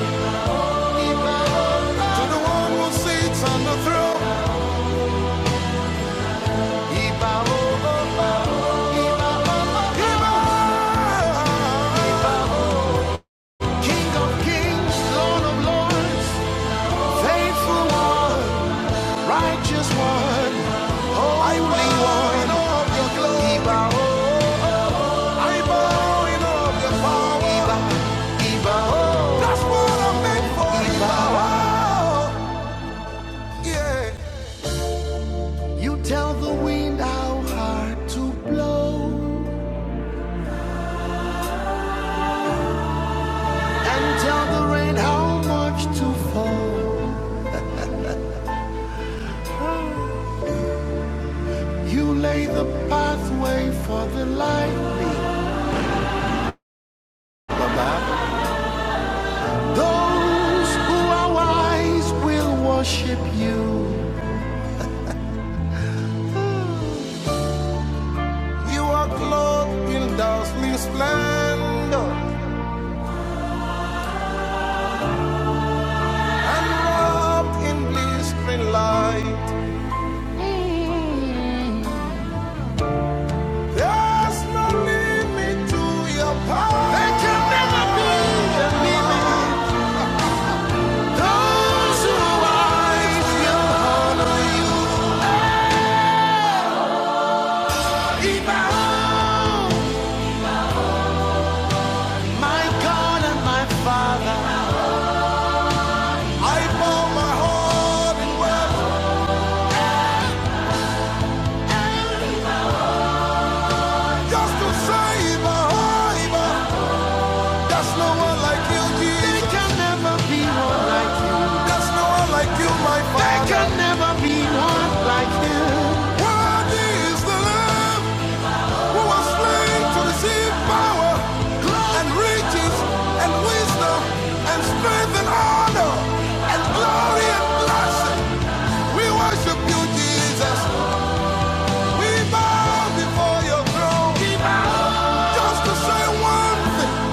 A: Just to save a hiver. There's no one like you, G. no one like you, my father. Worthy the Lamb who was slain to receive power and riches and wisdom and strength and honor and glory and blessing. We worship you, Jesus. We bow before your throne. Just to say one thing,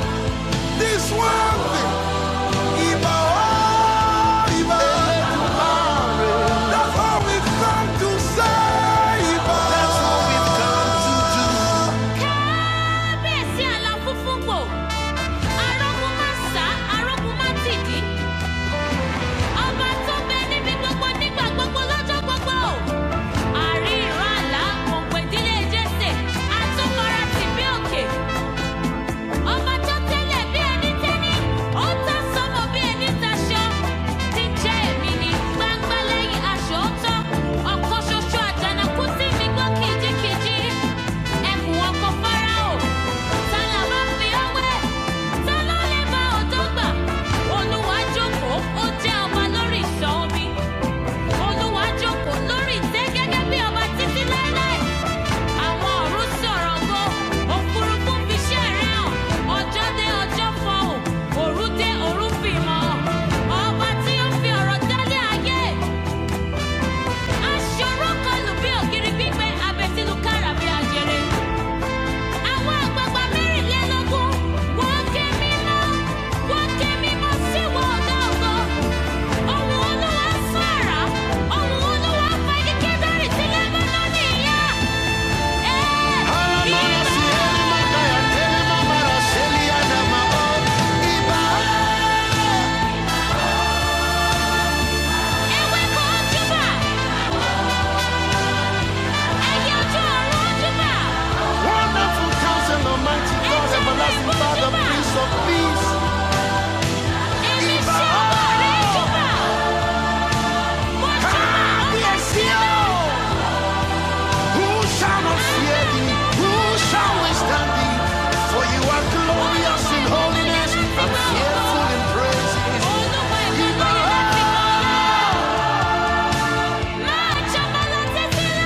A: this one thing. Iba, Iba. kábíyèsí aláfúnfúngbò arógunmáṣá arógunmátìdí ọba tó bẹ níbi gbogbo nígbà gbogbo lọ́jọ́ gbogbo àrí ìran àlá òǹpẹ̀dílé jésè àtúnkọ́ra tìbí òkè Ọba tó tẹ́lẹ̀ bí sọ́mọ bí ẹni taṣọ. Ti jẹ́ èmi ni gbangba lẹ́yìn aṣọ ọ̀tọ̀. Ọ̀kan ṣoṣo àjànàkú sí mi gbọ́ Fáráò. Ta la bá fi ọ́ wẹ̀? Ta ló ó jẹ́ ọba Olúwa jókòó lórí ìtẹ́ gẹ́gẹ́ bí ọba títí láéláé. Àwọn ọ̀run sọ̀rọ̀ go, òfurufú fi iṣẹ́ rẹ̀ hàn. Ọjọ́ dé ọjọ́ fọhùn, òru dé òru fi Àwọn àgbààgbà mẹ́rìnlélógún wọ́n ké mímọ́, wọ́n ké mímọ́ sí ìwọ ọ̀gá ògo. Ohùn Olúwa sún àrá, ohùn Olúwa fa igi kedari ti Lẹ́bánánì yá. Ee, ewéko ojúbà, ẹyẹ ojú ọ̀run ojúbà, ẹja rẹ̀ ojúbà, èmi ṣẹ́wọ̀ rẹ̀ ojúbà, ọba, olúwa ìlú mi kọ́lá. Máa jọba lọ títí láé.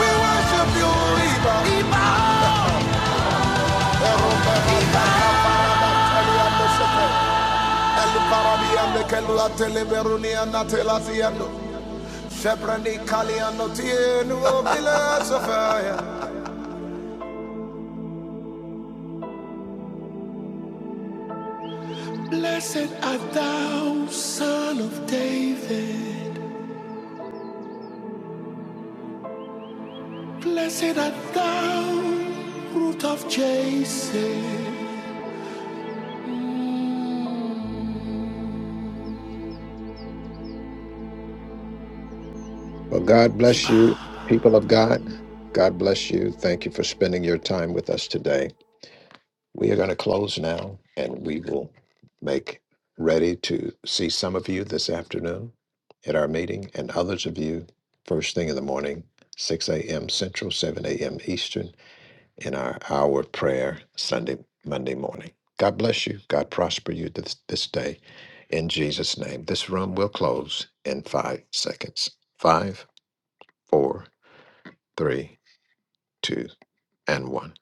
A: We worship you, Iba. tienu obile sofaya.
B: Well, God bless you, people of God. God bless you. Thank you for spending your time with us today. We are going to close now and we will make ready to see some of you this afternoon at our meeting and others of you first thing in the morning, 6 a.m. Central, 7 a.m. Eastern, in our hour of prayer Sunday, Monday morning. God bless you. God prosper you this, this day in Jesus' name. This room will close in five seconds. Five, four, three, two, and one.